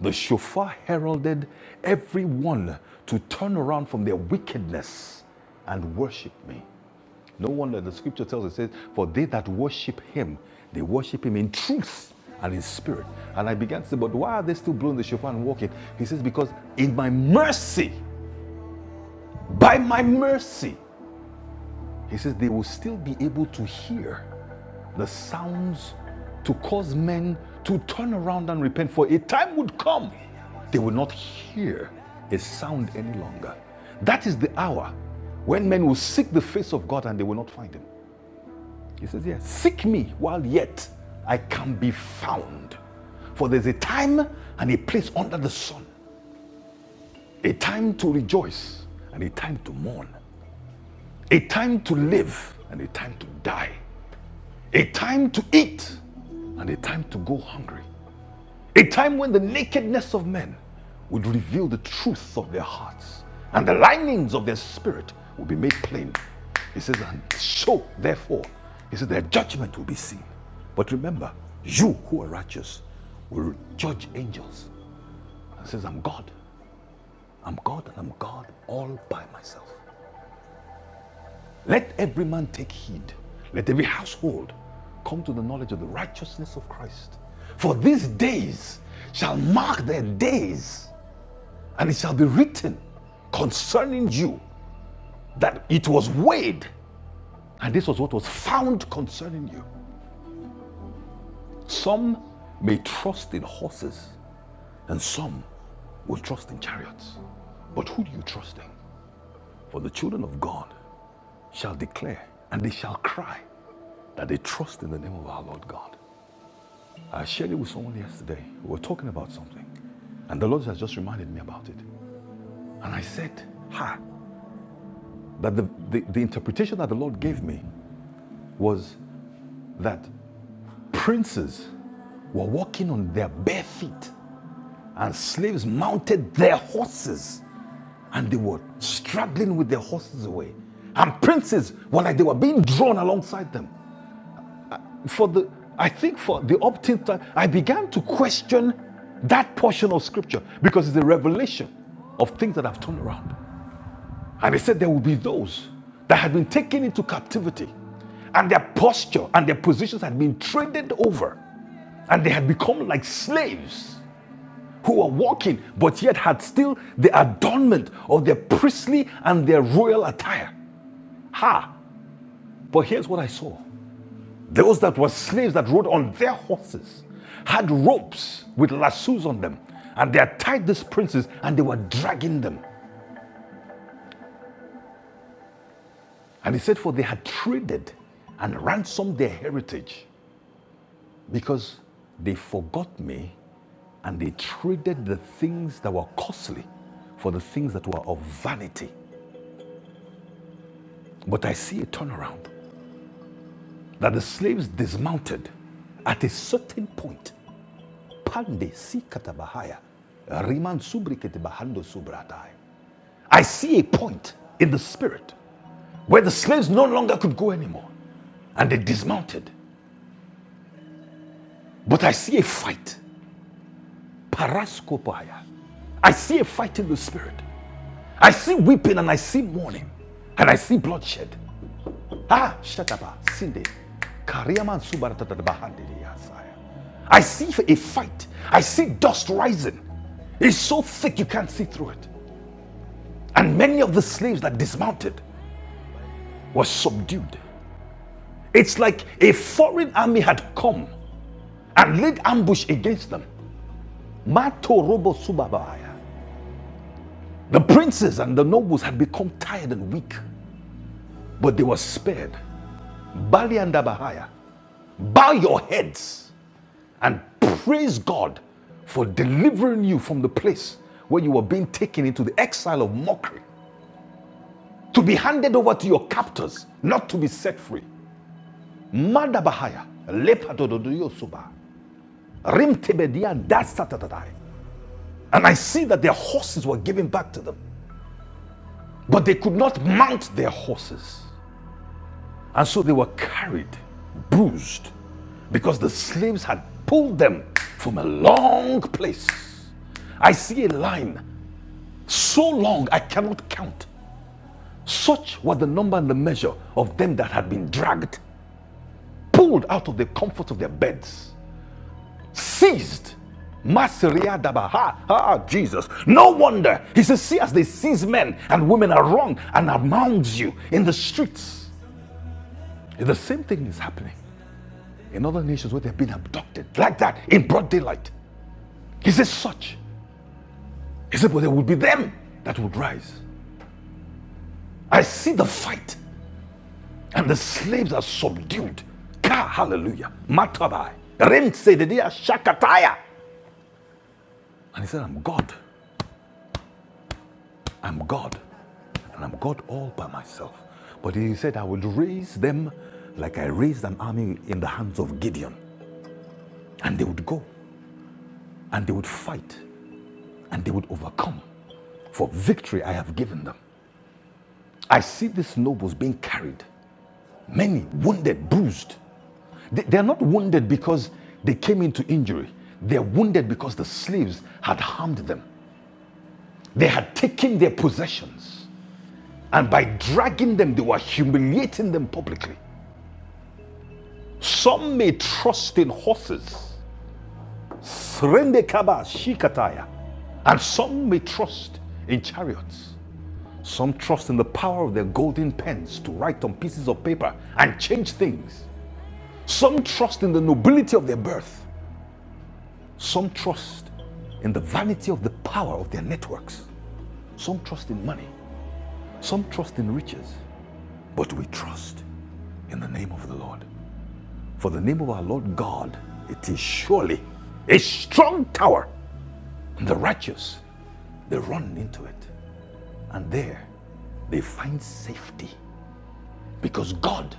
the shofar heralded everyone to turn around from their wickedness and worship me. No wonder the scripture tells us, it says, for they that worship him, they worship him in truth and in spirit. And I began to say, but why are they still blowing the shofar and walking? He says, because in my mercy, by my mercy, he says, they will still be able to hear the sounds to cause men to turn around and repent. For a time would come, they would not hear a sound any longer. That is the hour when men will seek the face of God and they will not find him. He says, Yes, seek me while yet I can be found. For there's a time and a place under the sun, a time to rejoice and a time to mourn, a time to live and a time to die, a time to eat and a time to go hungry, A time when the nakedness of men would reveal the truth of their hearts and the linings of their spirit will be made plain. He says, and so therefore, he says, their judgment will be seen. But remember, you who are righteous will judge angels. He says, I'm God. I'm God and I'm God all by myself. Let every man take heed. Let every household come to the knowledge of the righteousness of Christ. For these days shall mark their days and it shall be written concerning you that it was weighed, and this was what was found concerning you. Some may trust in horses, and some will trust in chariots. But who do you trust in? For the children of God shall declare, and they shall cry that they trust in the name of our Lord God. I shared it with someone yesterday. We were talking about something, and the Lord has just reminded me about it. And I said, Ha, that the, the, the interpretation that the Lord gave me was that princes were walking on their bare feet, and slaves mounted their horses, and they were struggling with their horses away. And princes were like they were being drawn alongside them. For the, I think for the upteenth time, I began to question that portion of scripture because it's a revelation of things that have turned around. And he said there will be those that had been taken into captivity, and their posture and their positions had been traded over, and they had become like slaves who were walking, but yet had still the adornment of their priestly and their royal attire. Ha! But here's what I saw those that were slaves that rode on their horses had ropes with lassos on them, and they had tied these princes and they were dragging them. And he said, For they had traded and ransomed their heritage because they forgot me and they traded the things that were costly for the things that were of vanity. But I see a turnaround. that the slaves dismounted at a certain point. Pande si katabahaya, riman subri ketebahando subratai. I see a point in the spirit where the slaves no longer could go anymore and they dismounted. But I see a fight. Paraskopaya. I see a fight in the spirit. I see weeping and I see mourning and I see bloodshed. Ah, Shataba, Sinde, Kariaman Subaratabahandidiyasaya. I see a fight. I see dust rising. It's so thick you can't see through it. And many of the slaves that dismounted were subdued. It's like a foreign army had come and laid ambush against them. Mato Robo Subabaya. The princes and the nobles had become tired and weak, but they were spared. Bali and bow your heads and praise God for delivering you from the place where you were being taken into the exile of mockery, to be handed over to your captors, not to be set free. Madabahaya, lepadododoyosuba, rimtebedian, dasatatadai. And I see that their horses were given back to them, but they could not mount their horses. And so they were carried, bruised, because the slaves had pulled them from a long place. I see a line so long I cannot count Such was the number and the measure of them that had been dragged, pulled out of the comfort of their beds, seized. Masiria daba. Ha, ha, Jesus. No wonder. He says, See, as they seize men and women are wrong and amounts you in the streets. The same thing is happening in other nations where they've been abducted like that in broad daylight. He says, Such. He said, But there would be them that would rise. I see the fight And the slaves are subdued. Ka, hallelujah. Matabai. Rem sedidia shakataya. And he said, I'm God. I'm God. And I'm God all by myself. But he said, I will raise them like I raised an army in the hands of Gideon. And they would go and they would fight and they would overcome. For victory I have given them. I see these nobles being carried, many wounded, bruised. They, are not wounded because they came into injury. They're wounded because the slaves had harmed them. They had taken their possessions. And by dragging them, they were humiliating them publicly. Some may trust in horses, Srende kaba shikataya. and some may trust in chariots. Some trust in the power of their golden pens to write on pieces of paper and change things. Some trust in the nobility of their birth. Some trust in the vanity of the power of their networks. Some trust in money, some trust in riches, but we trust in the name of the Lord. For the name of our Lord God, it is surely a strong tower. And The righteous, they run into it, and there they find safety because God,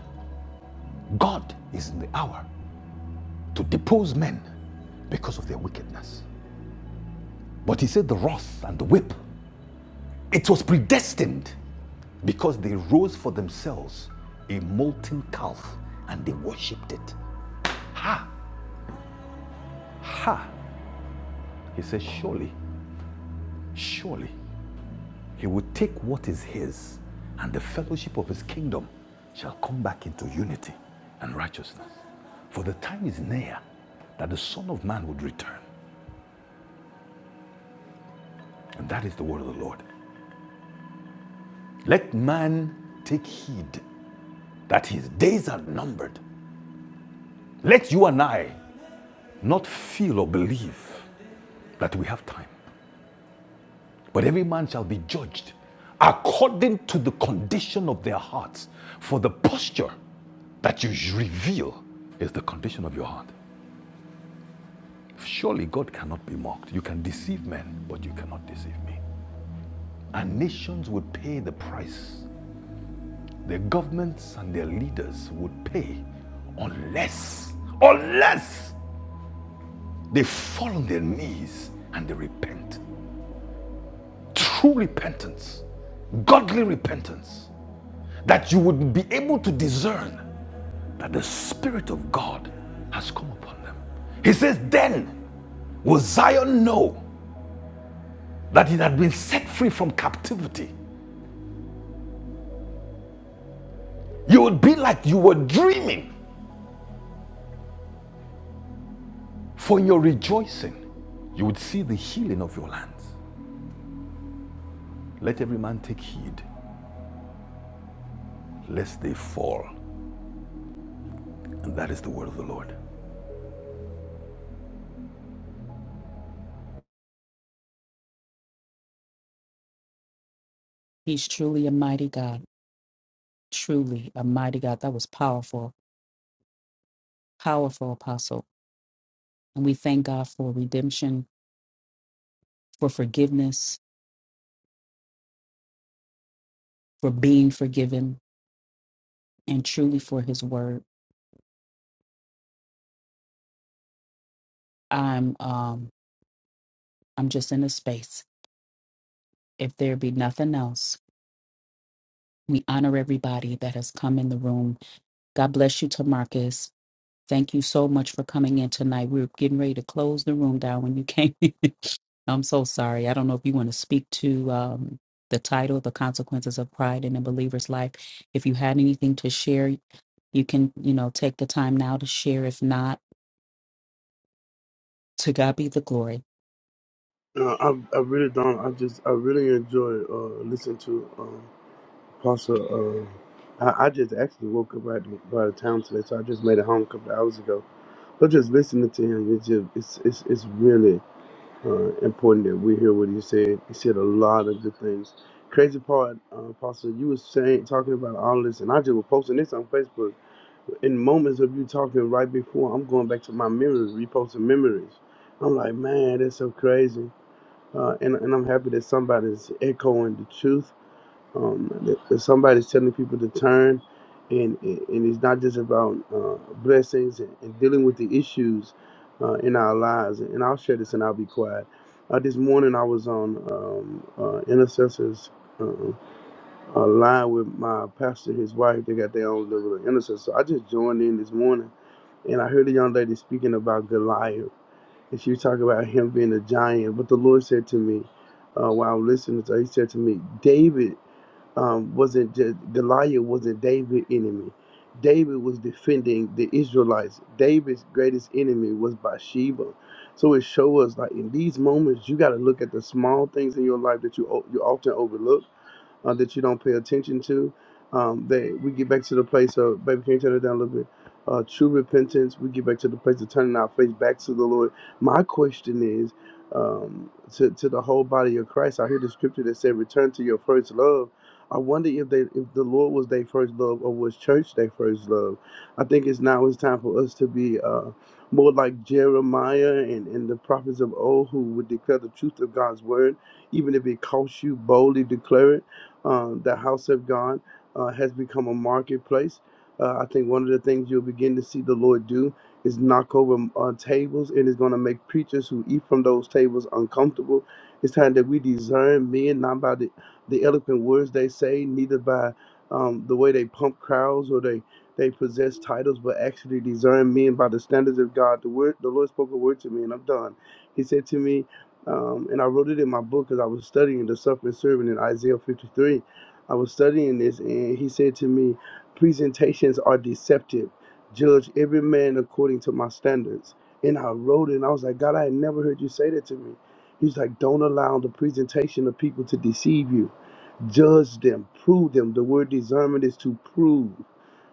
God is in the hour to depose men because of their wickedness. But he said the wrath and the whip, it was predestined because they rose for themselves a molten calf and they worshipped it. Ha! Ha! He says, Surely, surely, he will take what is his, and the fellowship of his kingdom shall come back into unity and righteousness. For the time is near that the Son of Man would return, and that is the word of the Lord. Let man take heed that his days are numbered. Let you and I not feel or believe that we have time. But every man shall be judged according to the condition of their hearts. For the posture that you reveal is the condition of your heart. Surely God cannot be mocked. You can deceive men, but you cannot deceive me. And nations would pay the price. Their governments and their leaders would pay unless, unless they fall on their knees and they repent. True repentance, godly repentance, that you would be able to discern that the Spirit of God has come upon them. He says, Then will Zion know that it had been set free from captivity. You would be like you were dreaming, for in your rejoicing, you would see the healing of your lands. Let every man take heed, lest they fall. And that is the word of the Lord. He's truly a mighty God, truly a mighty God. That was powerful, powerful apostle. And we thank God for redemption, for forgiveness, for being forgiven and truly for his word. I'm um I'm just in a space. If there be nothing else, we honor everybody that has come in the room. God bless you to Marcus. Thank you so much for coming in tonight. We were getting ready to close the room down when you came in. I'm so sorry. I don't know if you want to speak to um, the title, The Consequences of Pride in a Believer's Life. If you had anything to share, you can, you know, take the time now to share. If not, to God be the glory. No, I, I really don't. I just I really enjoy uh, listening to uh, Apostle. Uh, I, I just actually woke up right by the town today, so I just made it home a couple of hours ago. But just listening to him, it's just it's it's, it's really uh, important that we hear what he said. He said a lot of good things. Crazy part, uh, Apostle, you was saying talking about all this, and I just was posting this on Facebook. In moments of you talking right before, I'm going back to my memories, reposting memories. I'm like, man, that's so crazy uh, and and I'm happy that somebody's echoing the truth. Um, that, that somebody's telling people to turn, and and it's not just about uh, blessings and, and dealing with the issues uh, in our lives. And I'll share this, and I'll be quiet. Uh, this morning I was on um, uh, intercessors. Uh, uh, line with my pastor, his wife, they got their own little intercessor. So I just joined in this morning and I heard a young lady speaking about Goliath. And she was talking about him being a giant, But the Lord said to me uh, while listening to, her, He said to me, David um, wasn't just Goliath wasn't David's enemy. David was defending the Israelites. David's greatest enemy was Bathsheba. So it shows us like in these moments, you got to look at the small things in your life that you o- you often overlook uh, that you don't pay attention to. Um, they we get back to the place of baby, can you turn it down a little bit? Uh, true repentance. We get back to the place of turning our face back to the Lord. My question is um, to to the whole body of Christ. I hear the scripture that said, "Return to your first love." I wonder if they if the Lord was their first love or was church their first love. I think it's now it's time for us to be. Uh, more like Jeremiah and, and the prophets of old who would declare the truth of God's word, even if it costs you boldly declare it um, the house of God uh, has become a marketplace. Uh, I think one of the things you'll begin to see the Lord do is knock over uh, tables and it's going to make preachers who eat from those tables uncomfortable. It's time that we discern men not by the, the eloquent words they say, neither by um, the way they pump crowds or they they possess titles, but actually discern men by the standards of God. The word, the Lord spoke a word to me, and I'm done. He said to me, um, and I wrote it in my book because I was studying the suffering servant in Isaiah 53. I was studying this, and he said to me, Presentations are deceptive. Judge every man according to my standards. And I wrote it, and I was like, God, I had never heard you say that to me. He's like, Don't allow the presentation of people to deceive you. Judge them, prove them. The word discernment is to prove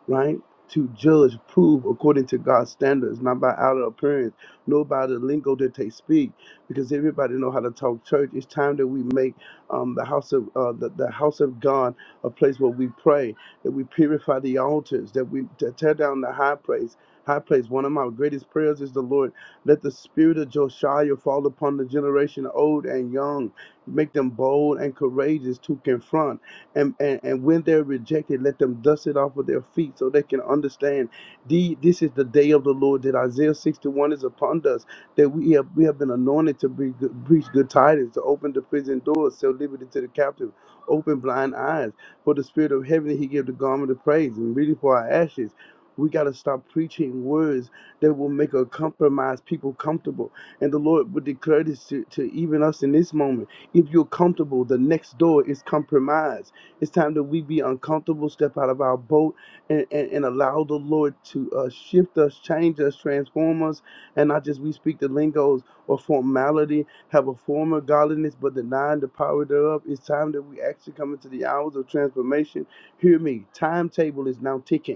right? To judge, prove according to God's standards, not by outer appearance, nor by the lingo that they speak, because everybody know how to talk church. It's time that we make um, the house of uh, the, the house of God a place where we pray, that we purify the altars, that we to tear down the high place. High place. One of my greatest prayers is the Lord, let the spirit of Josiah fall upon the generation, old and young, make them bold and courageous to confront and, and, and when they're rejected, let them dust it off of their feet so they can understand the, this is the day of the Lord that Isaiah 61 is upon us, that we have, we have been anointed to be good, preach good tidings, to open the prison doors, sell liberty to the captive, open blind eyes. For the spirit of heaven, he gave the garment of praise and really for our ashes. We got to stop preaching words that will make a compromised people comfortable. And the Lord would declare this to, to even us in this moment. If you're comfortable, the next door is compromised it's time that we be uncomfortable, step out of our boat, and, and, and allow the Lord to uh, shift us, change us, transform us, and not just we speak the lingos or formality, have a form of godliness, but denying the power thereof. It's time that we actually come into the hours of transformation. Hear me, timetable is now ticking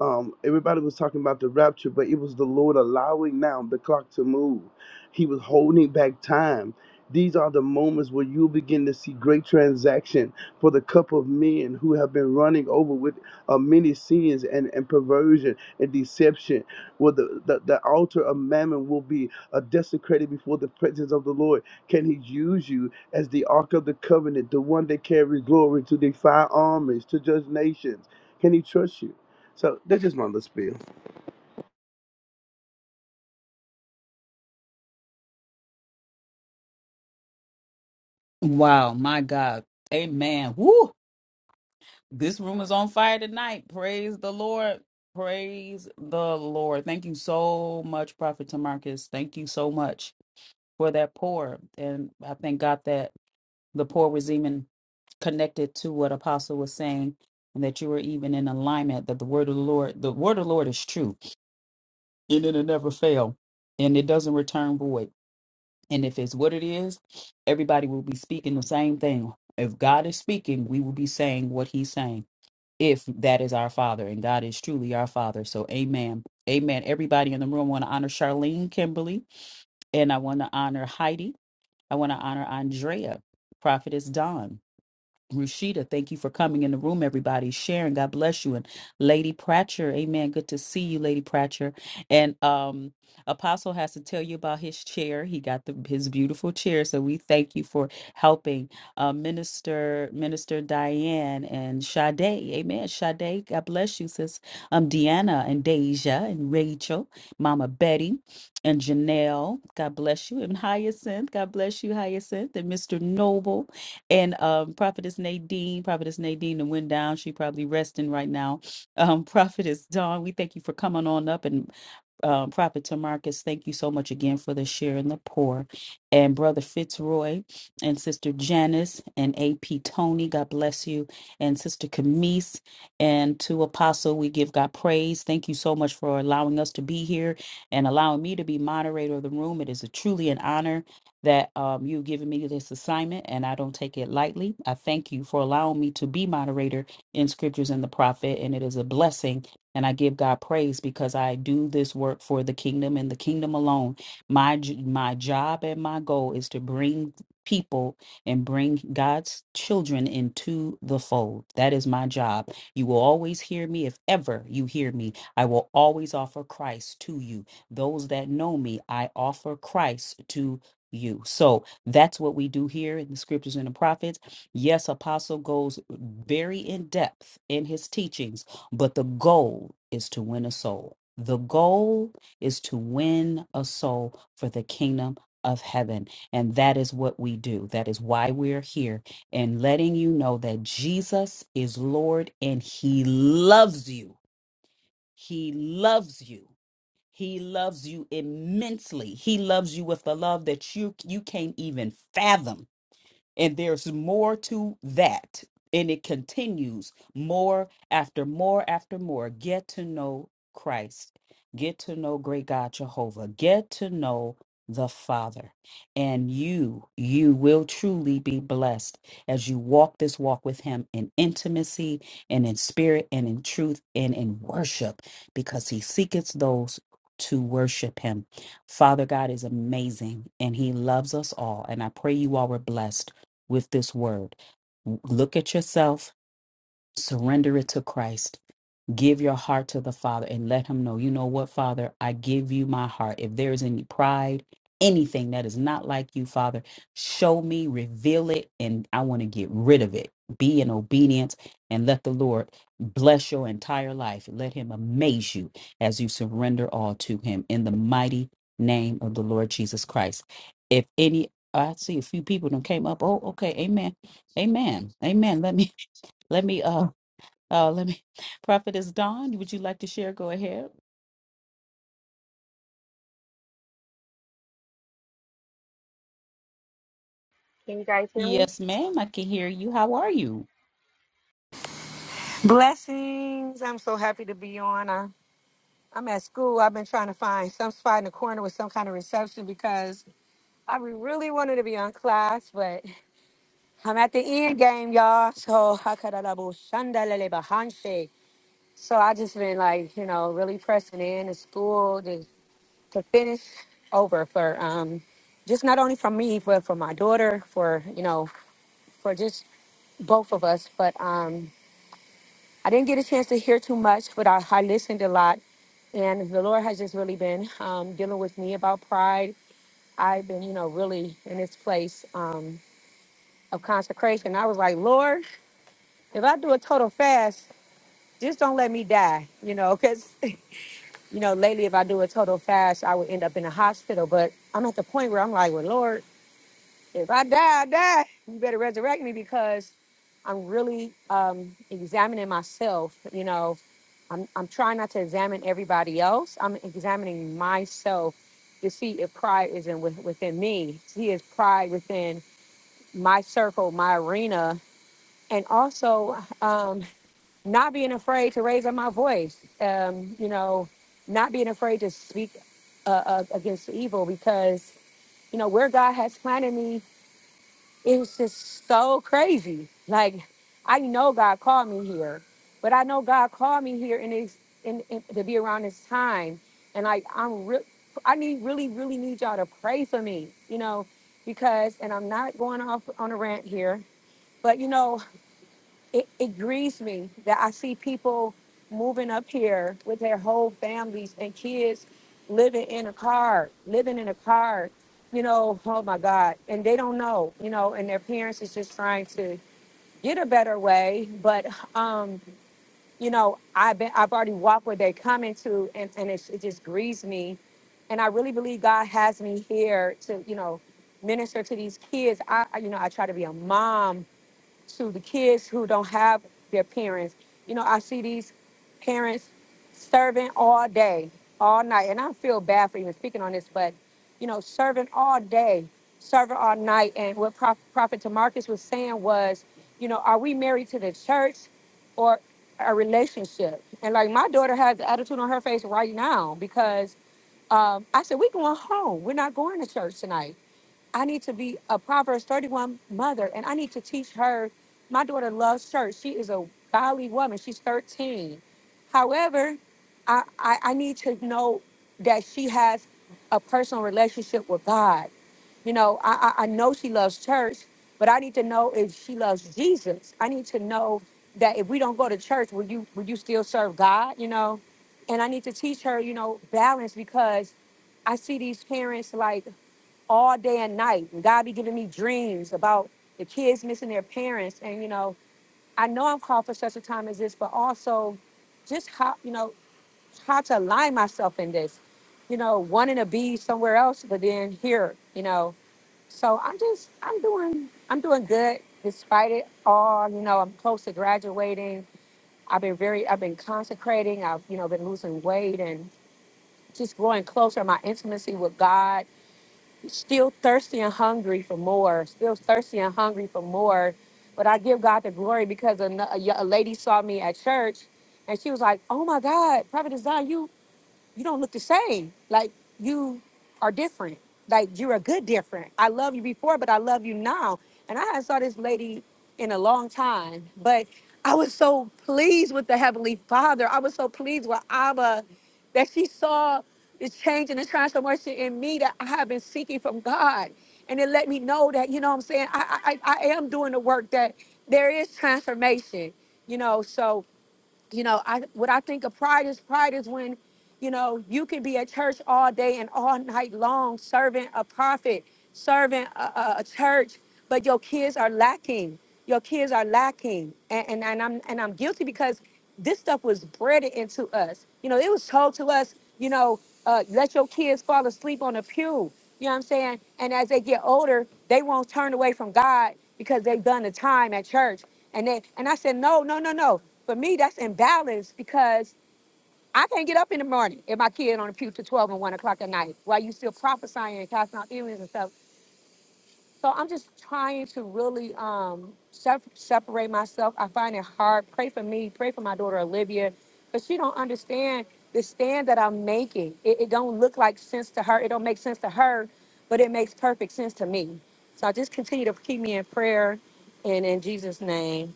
um, everybody was talking about the rapture, but it was the Lord allowing now the clock to move. He was holding back time. These are the moments where you begin to see great transaction for the cup of men who have been running over with uh, many sins and, and perversion and deception. Where the, the, the altar of mammon will be uh, desecrated before the presence of the Lord. Can He use you as the ark of the covenant, the one that carries glory to defy armies, to judge nations? Can He trust you? So that's just my little spiel. Wow, my God. Amen. Woo! This room is on fire tonight. Praise the Lord. Praise the Lord. Thank you so much, Prophet Tamarcus. Thank you so much for that pour. And I thank God that the pour was even connected to what Apostle was saying and that you were even in alignment that the word of the Lord, the word of the Lord is true and it'll never fail and it doesn't return void. And if it's what it is, everybody will be speaking the same thing. If God is speaking, we will be saying what he's saying. If that is our father, and God is truly our father. So amen. Amen. Everybody in the room I want to honor Charlene Kimberly, and I want to honor Heidi. I want to honor Andrea, Prophetess Dawn. Rashida, thank you for coming in the room, everybody. Sharon, God bless you. And Lady Pratcher, amen. Good to see you, Lady Pratcher. And um, Apostle has to tell you about his chair. He got the his beautiful chair. So we thank you for helping uh, Minister Minister Diane and Sade. Amen. Sade, God bless you, sis. Um, Deanna and Deja and Rachel, Mama Betty and Janelle. God bless you. And Hyacinth, God bless you, Hyacinth. And Mr. Noble. And um, Prophetess Nadine, Prophetess Nadine, and went down. She probably resting right now. Um, Prophetess Dawn, we thank you for coming on up and uh, Prophet Tamarcus, thank you so much again for the share and the pour. And Brother Fitzroy and Sister Janice and AP Tony, God bless you. And Sister Camise and to Apostle, we give God praise. Thank you so much for allowing us to be here and allowing me to be moderator of the room. It is a, truly an honor that um, you've given me this assignment, and I don't take it lightly. I thank you for allowing me to be moderator in Scriptures and the Prophet, and it is a blessing and I give God praise because I do this work for the kingdom and the kingdom alone. My j- my job and my goal is to bring people and bring God's children into the fold. That is my job. You will always hear me if ever you hear me. I will always offer Christ to you. Those that know me, I offer Christ to you. So that's what we do here in the scriptures and the prophets. Yes, apostle goes very in depth in his teachings but the goal is to win a soul. The goal is to win a soul for the kingdom of heaven. And that is what we do. That is why we're here and letting you know that Jesus is Lord and He loves you. He loves you. He loves you immensely. He loves you with a love that you you can't even fathom and there's more to that. And it continues more after more after more. Get to know Christ. Get to know great God Jehovah. Get to know the Father. And you, you will truly be blessed as you walk this walk with Him in intimacy and in spirit and in truth and in worship because He seeketh those to worship Him. Father God is amazing and He loves us all. And I pray you all were blessed with this word. Look at yourself, surrender it to Christ, give your heart to the Father and let Him know, you know what, Father, I give you my heart. If there is any pride, anything that is not like you, Father, show me, reveal it, and I want to get rid of it. Be in obedience and let the Lord bless your entire life. Let Him amaze you as you surrender all to Him in the mighty name of the Lord Jesus Christ. If any, I see a few people that came up. Oh, okay, Amen, Amen, Amen. Let me let me uh uh, let me, Prophetess Dawn, would you like to share? Go ahead. Can you guys hear me? Yes, ma'am. I can hear you. How are you? Blessings. I'm so happy to be on. I, I'm at school. I've been trying to find some spot in the corner with some kind of reception because I re- really wanted to be on class, but I'm at the end game, y'all. So hakarabo shandalele bahanshe. So I just been like, you know, really pressing in to school to, to finish over for um just not only for me, but for my daughter, for you know, for just both of us. But um I didn't get a chance to hear too much, but I, I listened a lot. And the Lord has just really been um, dealing with me about pride. I've been, you know, really in this place um, of consecration. I was like, Lord, if I do a total fast, just don't let me die, you know, because, you know, lately if I do a total fast, I would end up in a hospital. But I'm at the point where I'm like, well, Lord, If I die, I die. You better resurrect me because I'm really um, examining myself. You know, I'm, I'm trying not to examine everybody else. I'm examining myself to see if pride isn't with, within me. See if pride within my circle, my arena, and also um, not being afraid to raise up my voice. Um, you know, not being afraid to speak uh, uh, against evil because you know where God has planted me it was just so crazy. Like I know God called me here, but I know God called me here and it's in, in to be around this time. And like I'm real, I need really, really need y'all to pray for me, you know, because and I'm not going off on a rant here, but you know it, it grieves me that I see people moving up here with their whole families and kids living in a car, living in a car, you know, oh my God. And they don't know, you know, and their parents is just trying to get a better way. But um, you know, I've been I've already walked where they come into and, and it's, it just grieves me. And I really believe God has me here to, you know, minister to these kids. I, I- you know, I try to be a mom to the kids who don't have their parents. You know, I see these parents serving all day, all night, and I feel bad for even speaking on this, but you know, serving all day, serving all night, and what Prof, Prophet Tamarcus was saying was, you know, are we married to the church or a relationship? And like my daughter has the attitude on her face right now because um, I said we going home. We're not going to church tonight I need to be a Proverbs 31 mother and I need to teach her. My daughter loves church. She is a godly woman. She's 13. However, I, I, I need to know that she has a personal relationship with God. You know, I, I, I know she loves church, but I need to know if she loves Jesus. I need to know that if we don't go to church, will you will you still serve God? You know? And I need to teach her, you know, balance because I see these parents like all day and night. And God be giving me dreams about the kids missing their parents. And, you know, I know I'm called for such a time as this, but also just how, you know, how to align myself in this, you know, wanting to be somewhere else, but then here, you know. So I'm just, I'm doing, I'm doing good despite it all. You know, I'm close to graduating. I've been very, I've been consecrating. I've, you know, been losing weight and just growing closer in my intimacy with God still thirsty and hungry for more, still thirsty and hungry for more. But I give God the glory because a, n- a y- a lady saw me at church and she was like, Oh my God, Prophet Design, you you don't look the same. Like you are different. Like you're a good different. I love you before, but I love you now. And I had saw this lady in a long time, but I was so pleased with the Heavenly Father. I was so pleased with Abba that she saw the change and the transformation in me that I have been seeking from God. And it let me know that, you know what I'm saying? I I, I I am doing the work that there is transformation, you know. So you know i what i think of pride is pride is when you know you can be at church all day and all night long serving a prophet serving a, a, a church but your kids are lacking your kids are lacking and, and and i'm and i'm guilty because this stuff was bred into us you know it was told to us you know uh, let your kids fall asleep on the pew you know what i'm saying and as they get older they won't turn away from god because they've done the time at church and then and I said, no, no, no, no. For me, that's imbalance because I can't get up in the morning if my kid on the pew to 12 and 1 o'clock at night while you still prophesying and casting out demons and stuff. So I'm just trying to really um sep- separate myself. I find it hard. Pray for me. Pray for my daughter Olivia, because she don't understand the stand that I'm making. It, it don't look like sense to her. It don't make sense to her, but it makes perfect sense to me. So I just continue to keep me in prayer, and in Jesus' name.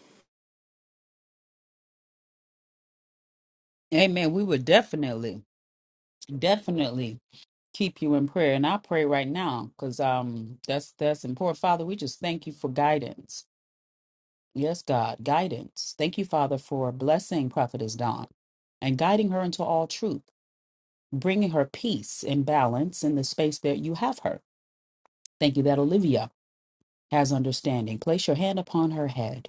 Amen. We would definitely, definitely Keep you in prayer, and I pray right now because um, that's that's important. Father, we just thank you for guidance. Yes, God, guidance. Thank you, Father, for blessing Prophetess Dawn and guiding her into all truth, bringing her peace and balance in the space that you have her. Thank you that Olivia has understanding. Place your hand upon her head.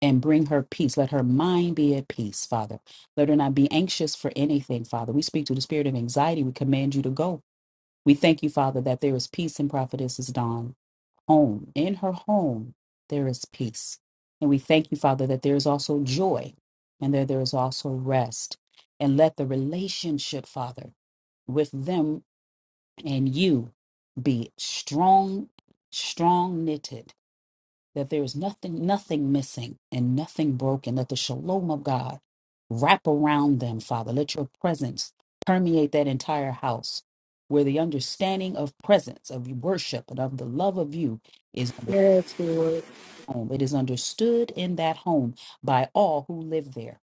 and bring her peace. Let her mind be at peace, Father. Let her not be anxious for anything, Father. We speak to the spirit of anxiety. We command you to go. We thank you, Father, that there is peace in Prophetess's Dawn home. In her home, there is peace. And we thank you, Father, that there is also joy and that there is also rest. And let the relationship, Father, with them and you be strong, strong knitted that there is nothing, nothing missing and nothing broken, that the shalom of God wrap around them, Father. Let your presence permeate that entire house where the understanding of presence, of worship, and of the love of you is under Yes, Lord. home. It is understood in that home by all who live there.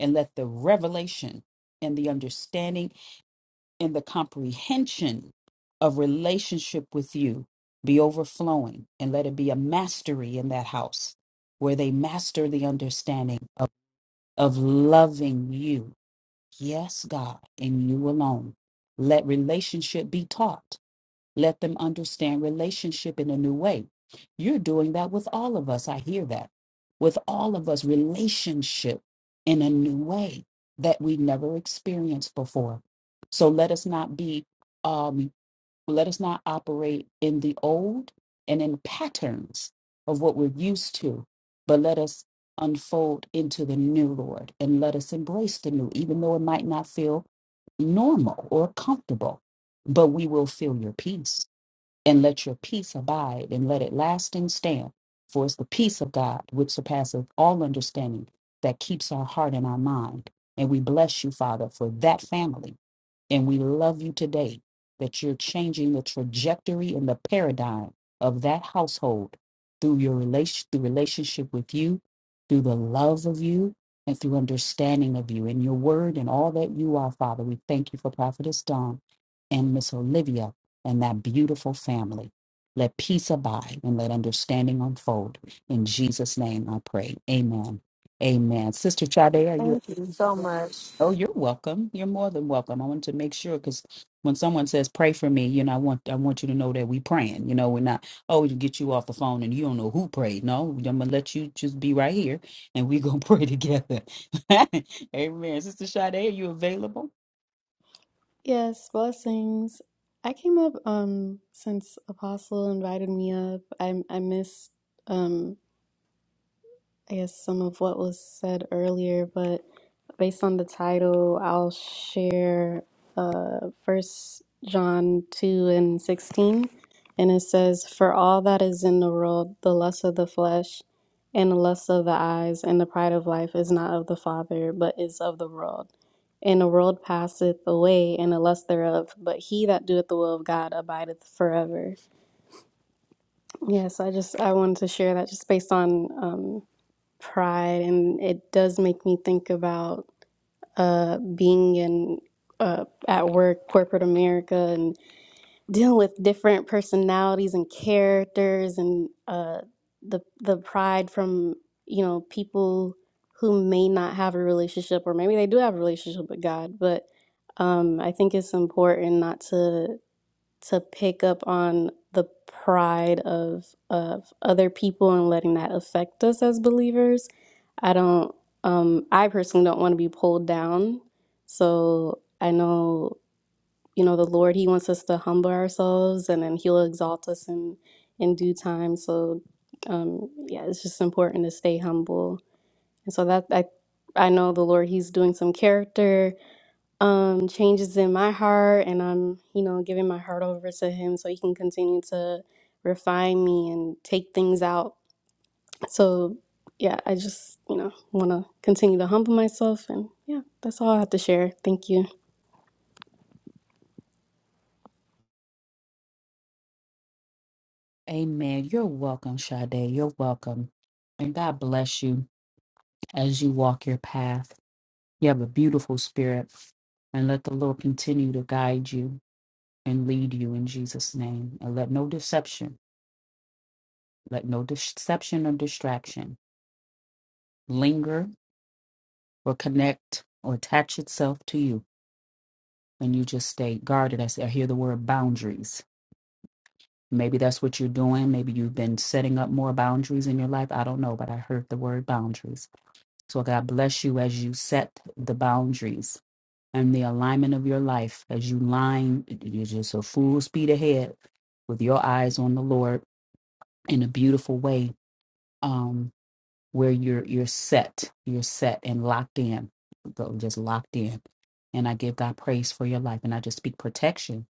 And let the revelation and the understanding and the comprehension of relationship with you be overflowing and let it be a mastery in that house where they master the understanding of, of loving you. Yes, God, and you alone. Let relationship be taught let them understand relationship in a new way. You're doing that with all of us. I hear that. With all of us, relationship in a new way that we never experienced before. So let us not be, um, let us not operate in the old and in patterns of what we're used to, but let us unfold into the new, Lord, and let us embrace the new, even though it might not feel normal or comfortable, but we will feel your peace and let your peace abide, and let it lasting stand. For it's the peace of God, which surpasseth all understanding, that keeps our heart and our mind. And we bless you, Father, for that family. And we love you today that you're changing the trajectory and the paradigm of that household through your relation, through relationship with you, through the love of you, and through understanding of you and your word and all that you are, Father. We thank you for Prophetess Dawn and Miss Olivia and that beautiful family. Let peace abide and let understanding unfold. In Jesus' name I pray. Amen. Amen. Sister Chade, are you? Thank you so much. Oh, you're welcome. You're more than welcome. I want to make sure because when someone says pray for me, you know, I want I want you to know that we praying. You know, we're not oh to get you off the phone and you don't know who prayed. No, I'm gonna let you just be right here and we gonna pray together. Amen. Sister Sade, are you available? Yes, blessings. I came up um since Apostle invited me up. I I missed um I guess some of what was said earlier, but based on the title, I'll share uh, 1 John 2 and 16. And it says, For all that is in the world, the lust of the flesh and the lust of the eyes and the pride of life is not of the Father, but is of the world. And the world passeth away and the lust thereof, but he that doeth the will of God abideth forever. Yeah, so I just I wanted to share that just based on um, pride and it does make me think about uh, being in uh, at work corporate america and dealing with different personalities and characters and uh, the the pride from you know people who may not have a relationship or maybe they do have a relationship with god but um, i think it's important not to to pick up on the pride of of other people and letting that affect us as believers. I don't um I personally don't want to be pulled down. So I know, you know, the Lord he wants us to humble ourselves and then he'll exalt us in in due time. So um yeah, it's just important to stay humble. And so that I I know the Lord he's doing some character um changes in my heart and I'm, you know, giving my heart over to him so he can continue to refine me and take things out. So yeah, I just, you know, want to continue to humble myself and yeah, that's all I have to share. Thank you. Amen. You're welcome, Sade. You're welcome. And God bless you as you walk your path. You have a beautiful spirit. And let the Lord continue to guide you and lead you in Jesus' name. And let no deception Let no deception or distraction linger or connect or attach itself to you. And you just stay guarded. I, say, I hear the word boundaries. Maybe that's what you're doing. Maybe you've been setting up more boundaries in your life. I don't know, but I heard the word boundaries. So God bless you as you set the boundaries and the alignment of your life as you line, you're just a full speed ahead with your eyes on the Lord in a beautiful way. Um. where you're you're set, you're set and locked in, though just locked in. And I give God praise for your life, and I just speak protection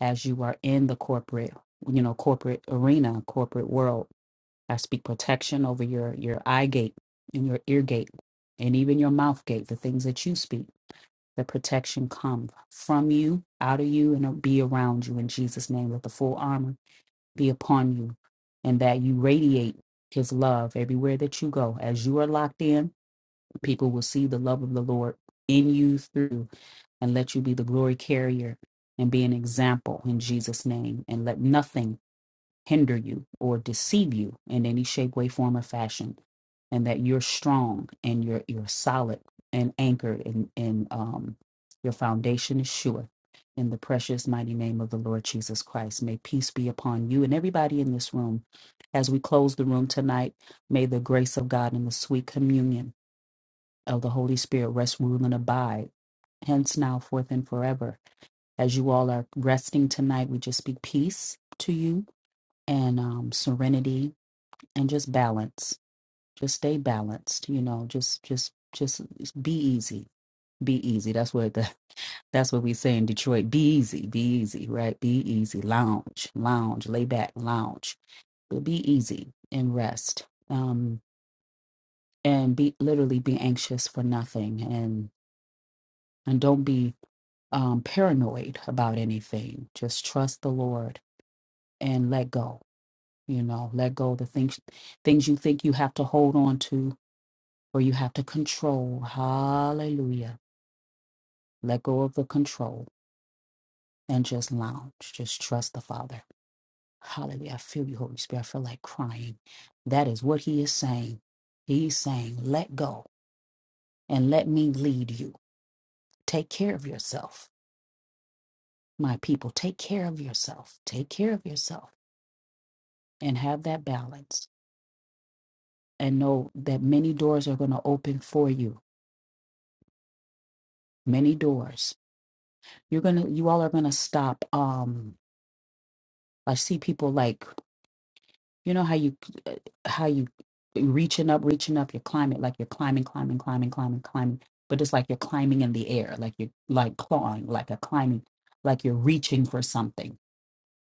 as you are in the corporate, you know, corporate arena, corporate world. I speak protection over your your eye gate and your ear gate, and even your mouth gate, the things that you speak. The protection come from you, out of you, and it'll be around you in Jesus' name. Let the full armor be upon you and that you radiate his love everywhere that you go. As you are locked in, people will see the love of the Lord in you through you, and let you be the glory carrier and be an example in Jesus' name. And let nothing hinder you or deceive you in any shape, way, form, or fashion, and that you're strong and you're you're solid and anchored and and um, your foundation is sure. In the precious mighty name of the Lord Jesus Christ, may peace be upon you and everybody in this room. As we close the room tonight, may the grace of God and the sweet communion of the Holy Spirit rest, rule, and abide hence now forth and forever as you all are resting tonight we just speak peace to you and um, serenity and just balance. Just stay balanced, you know. Just, just, just be easy. Be easy. That's what the, that's what we say in Detroit. Be easy. Be easy. Right. Be easy. Lounge. Lounge. Lay back. Lounge. But be easy and rest. Um, and be literally be anxious for nothing, and and don't be um paranoid about anything. Just trust the Lord and let go. You know, let go of the things things you think you have to hold on to where you have to control. Hallelujah. Let go of the control and just lounge. Just trust the Father. Hallelujah. I feel you, Holy Spirit. I feel like crying. That is what He is saying. He's saying, let go and let me lead you. Take care of yourself, my people. Take care of yourself. Take care of yourself and have that balance. And know that many doors are going to open for you. Many doors. You're gonna. You all are gonna stop. Um, I see people like You know how you uh, how you reaching up, reaching up. You're climbing like you're climbing, climbing, climbing, climbing, climbing. But it's like you're climbing in the air, like you're like clawing, like a climbing, like you're reaching for something.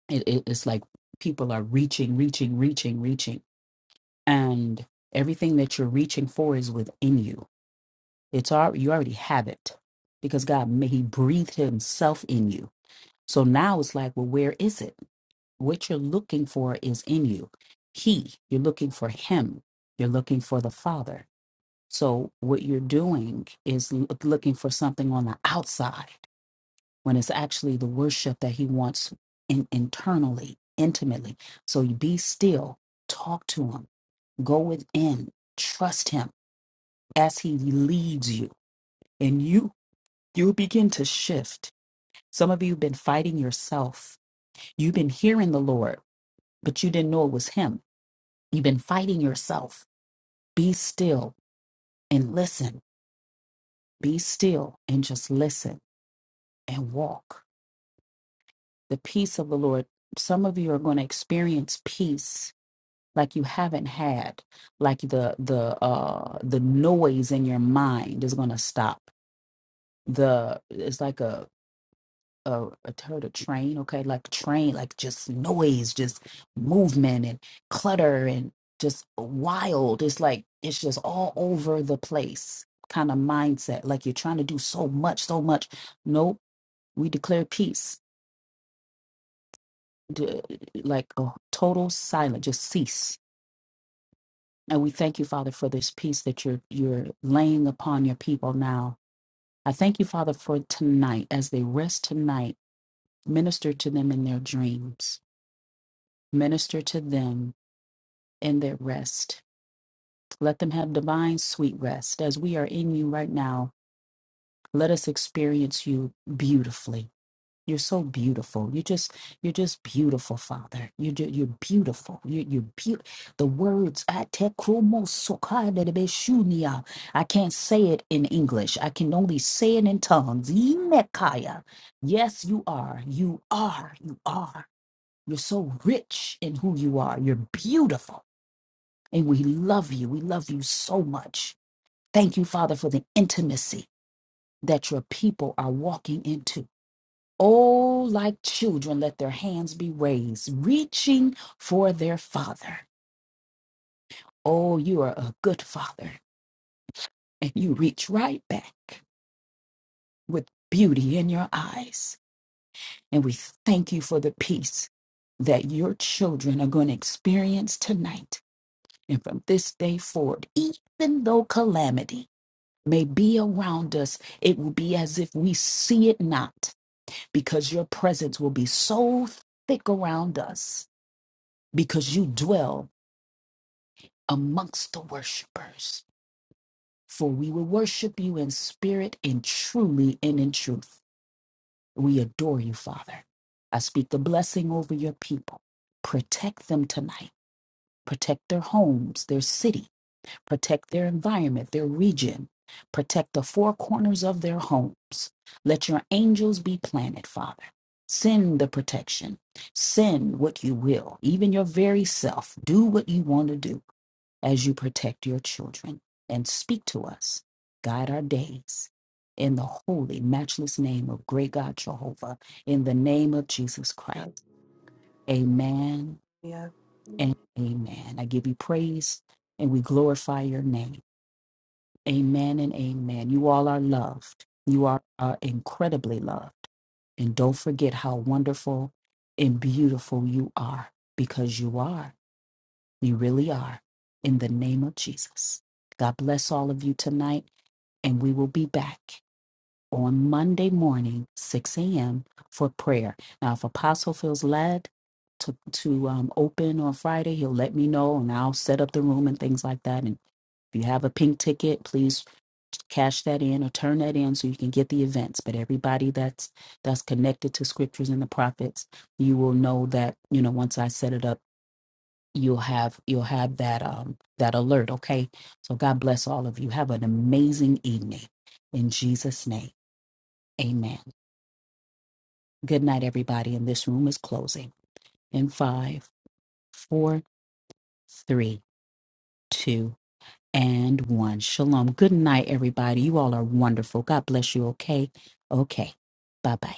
It, it, it's like people are reaching, reaching, reaching, reaching, and everything that you're reaching for is within you. It's all you already have it because God ma- He breathed Himself in you. So now it's like, well, where is it? what you're looking for is in you. He, you're looking for him, you're looking for the Father. So, what you're doing is l- looking for something on the outside when it's actually the worship that he wants in, internally, intimately. So, you be still, talk to him, go within, trust him as he leads you, and you you begin to shift. Some of you have been fighting yourself. You've been hearing the Lord, but you didn't know it was him You've been fighting yourself. Be still and listen. Be still and just listen and walk. The peace of the Lord. Some of you are going to experience peace like you haven't had. Like the the uh the noise in your mind is going to stop. The it's like a uh, I heard a train, okay, like train, like just noise, just movement and clutter and just wild. It's like it's just all over the place kind of mindset. Like you're trying to do so much, so much. Nope, we declare peace, d- like a total silence, just cease. And we thank you, Father, for this peace that you're you're laying upon your people now. I thank you, Father, for tonight as they rest tonight. Minister to them in their dreams Minister to them in their rest. Let them have divine sweet rest. As we are in you right now, let us experience you beautifully. You're so beautiful. You just, you're just beautiful, Father. You, ju- you're beautiful. You, you're beautiful. The words I te krumo soka de de be shunia. I can't say it in English. I can only say it in tongues. Imekaya. Yes, you are. You are. You are. You're so rich in who you are. You're beautiful. And we love you. We love you so much. Thank you, Father, for the intimacy that your people are walking into. Oh, like children, let their hands be raised, reaching for their Father. Oh, you are a good Father, and you reach right back with beauty in your eyes. And we thank you for the peace that your children are going to experience tonight and from this day forward, even though calamity may be around us, it will be as if we see it not, because your presence will be so thick around us, because you dwell amongst the worshipers. For we will worship you in spirit and truly and in truth. We adore you, Father. I speak the blessing over your people. Protect them tonight. Protect their homes, their city protect their environment, their region, protect the four corners of their homes. Let your angels be planted, Father. Send the protection. Send what you will, even your very self. Do what you want to do as you protect your children and speak to us. Guide our days. In the holy, matchless name of great God Jehovah, in the name of Jesus Christ. Amen and amen. I give you praise and we glorify your name. Amen and amen. You all are loved. You are, are incredibly loved. And don't forget how wonderful and beautiful you are because you are. You really are. In the name of Jesus. God bless all of you tonight. And we will be back on Monday morning, 6 a.m., for prayer. Now, if Apostle feels led to, to um, open on Friday, he'll let me know and I'll set up the room and things like that. And if you have a pink ticket, please cash that in or turn that in so you can get the events but everybody that's that's connected to scriptures and the prophets you will know that you know once i set it up you'll have you'll have that um that alert okay so god bless all of you have an amazing evening in jesus name amen good night everybody and this room is closing in five four three two and one shalom good night everybody you all are wonderful god bless you okay okay bye bye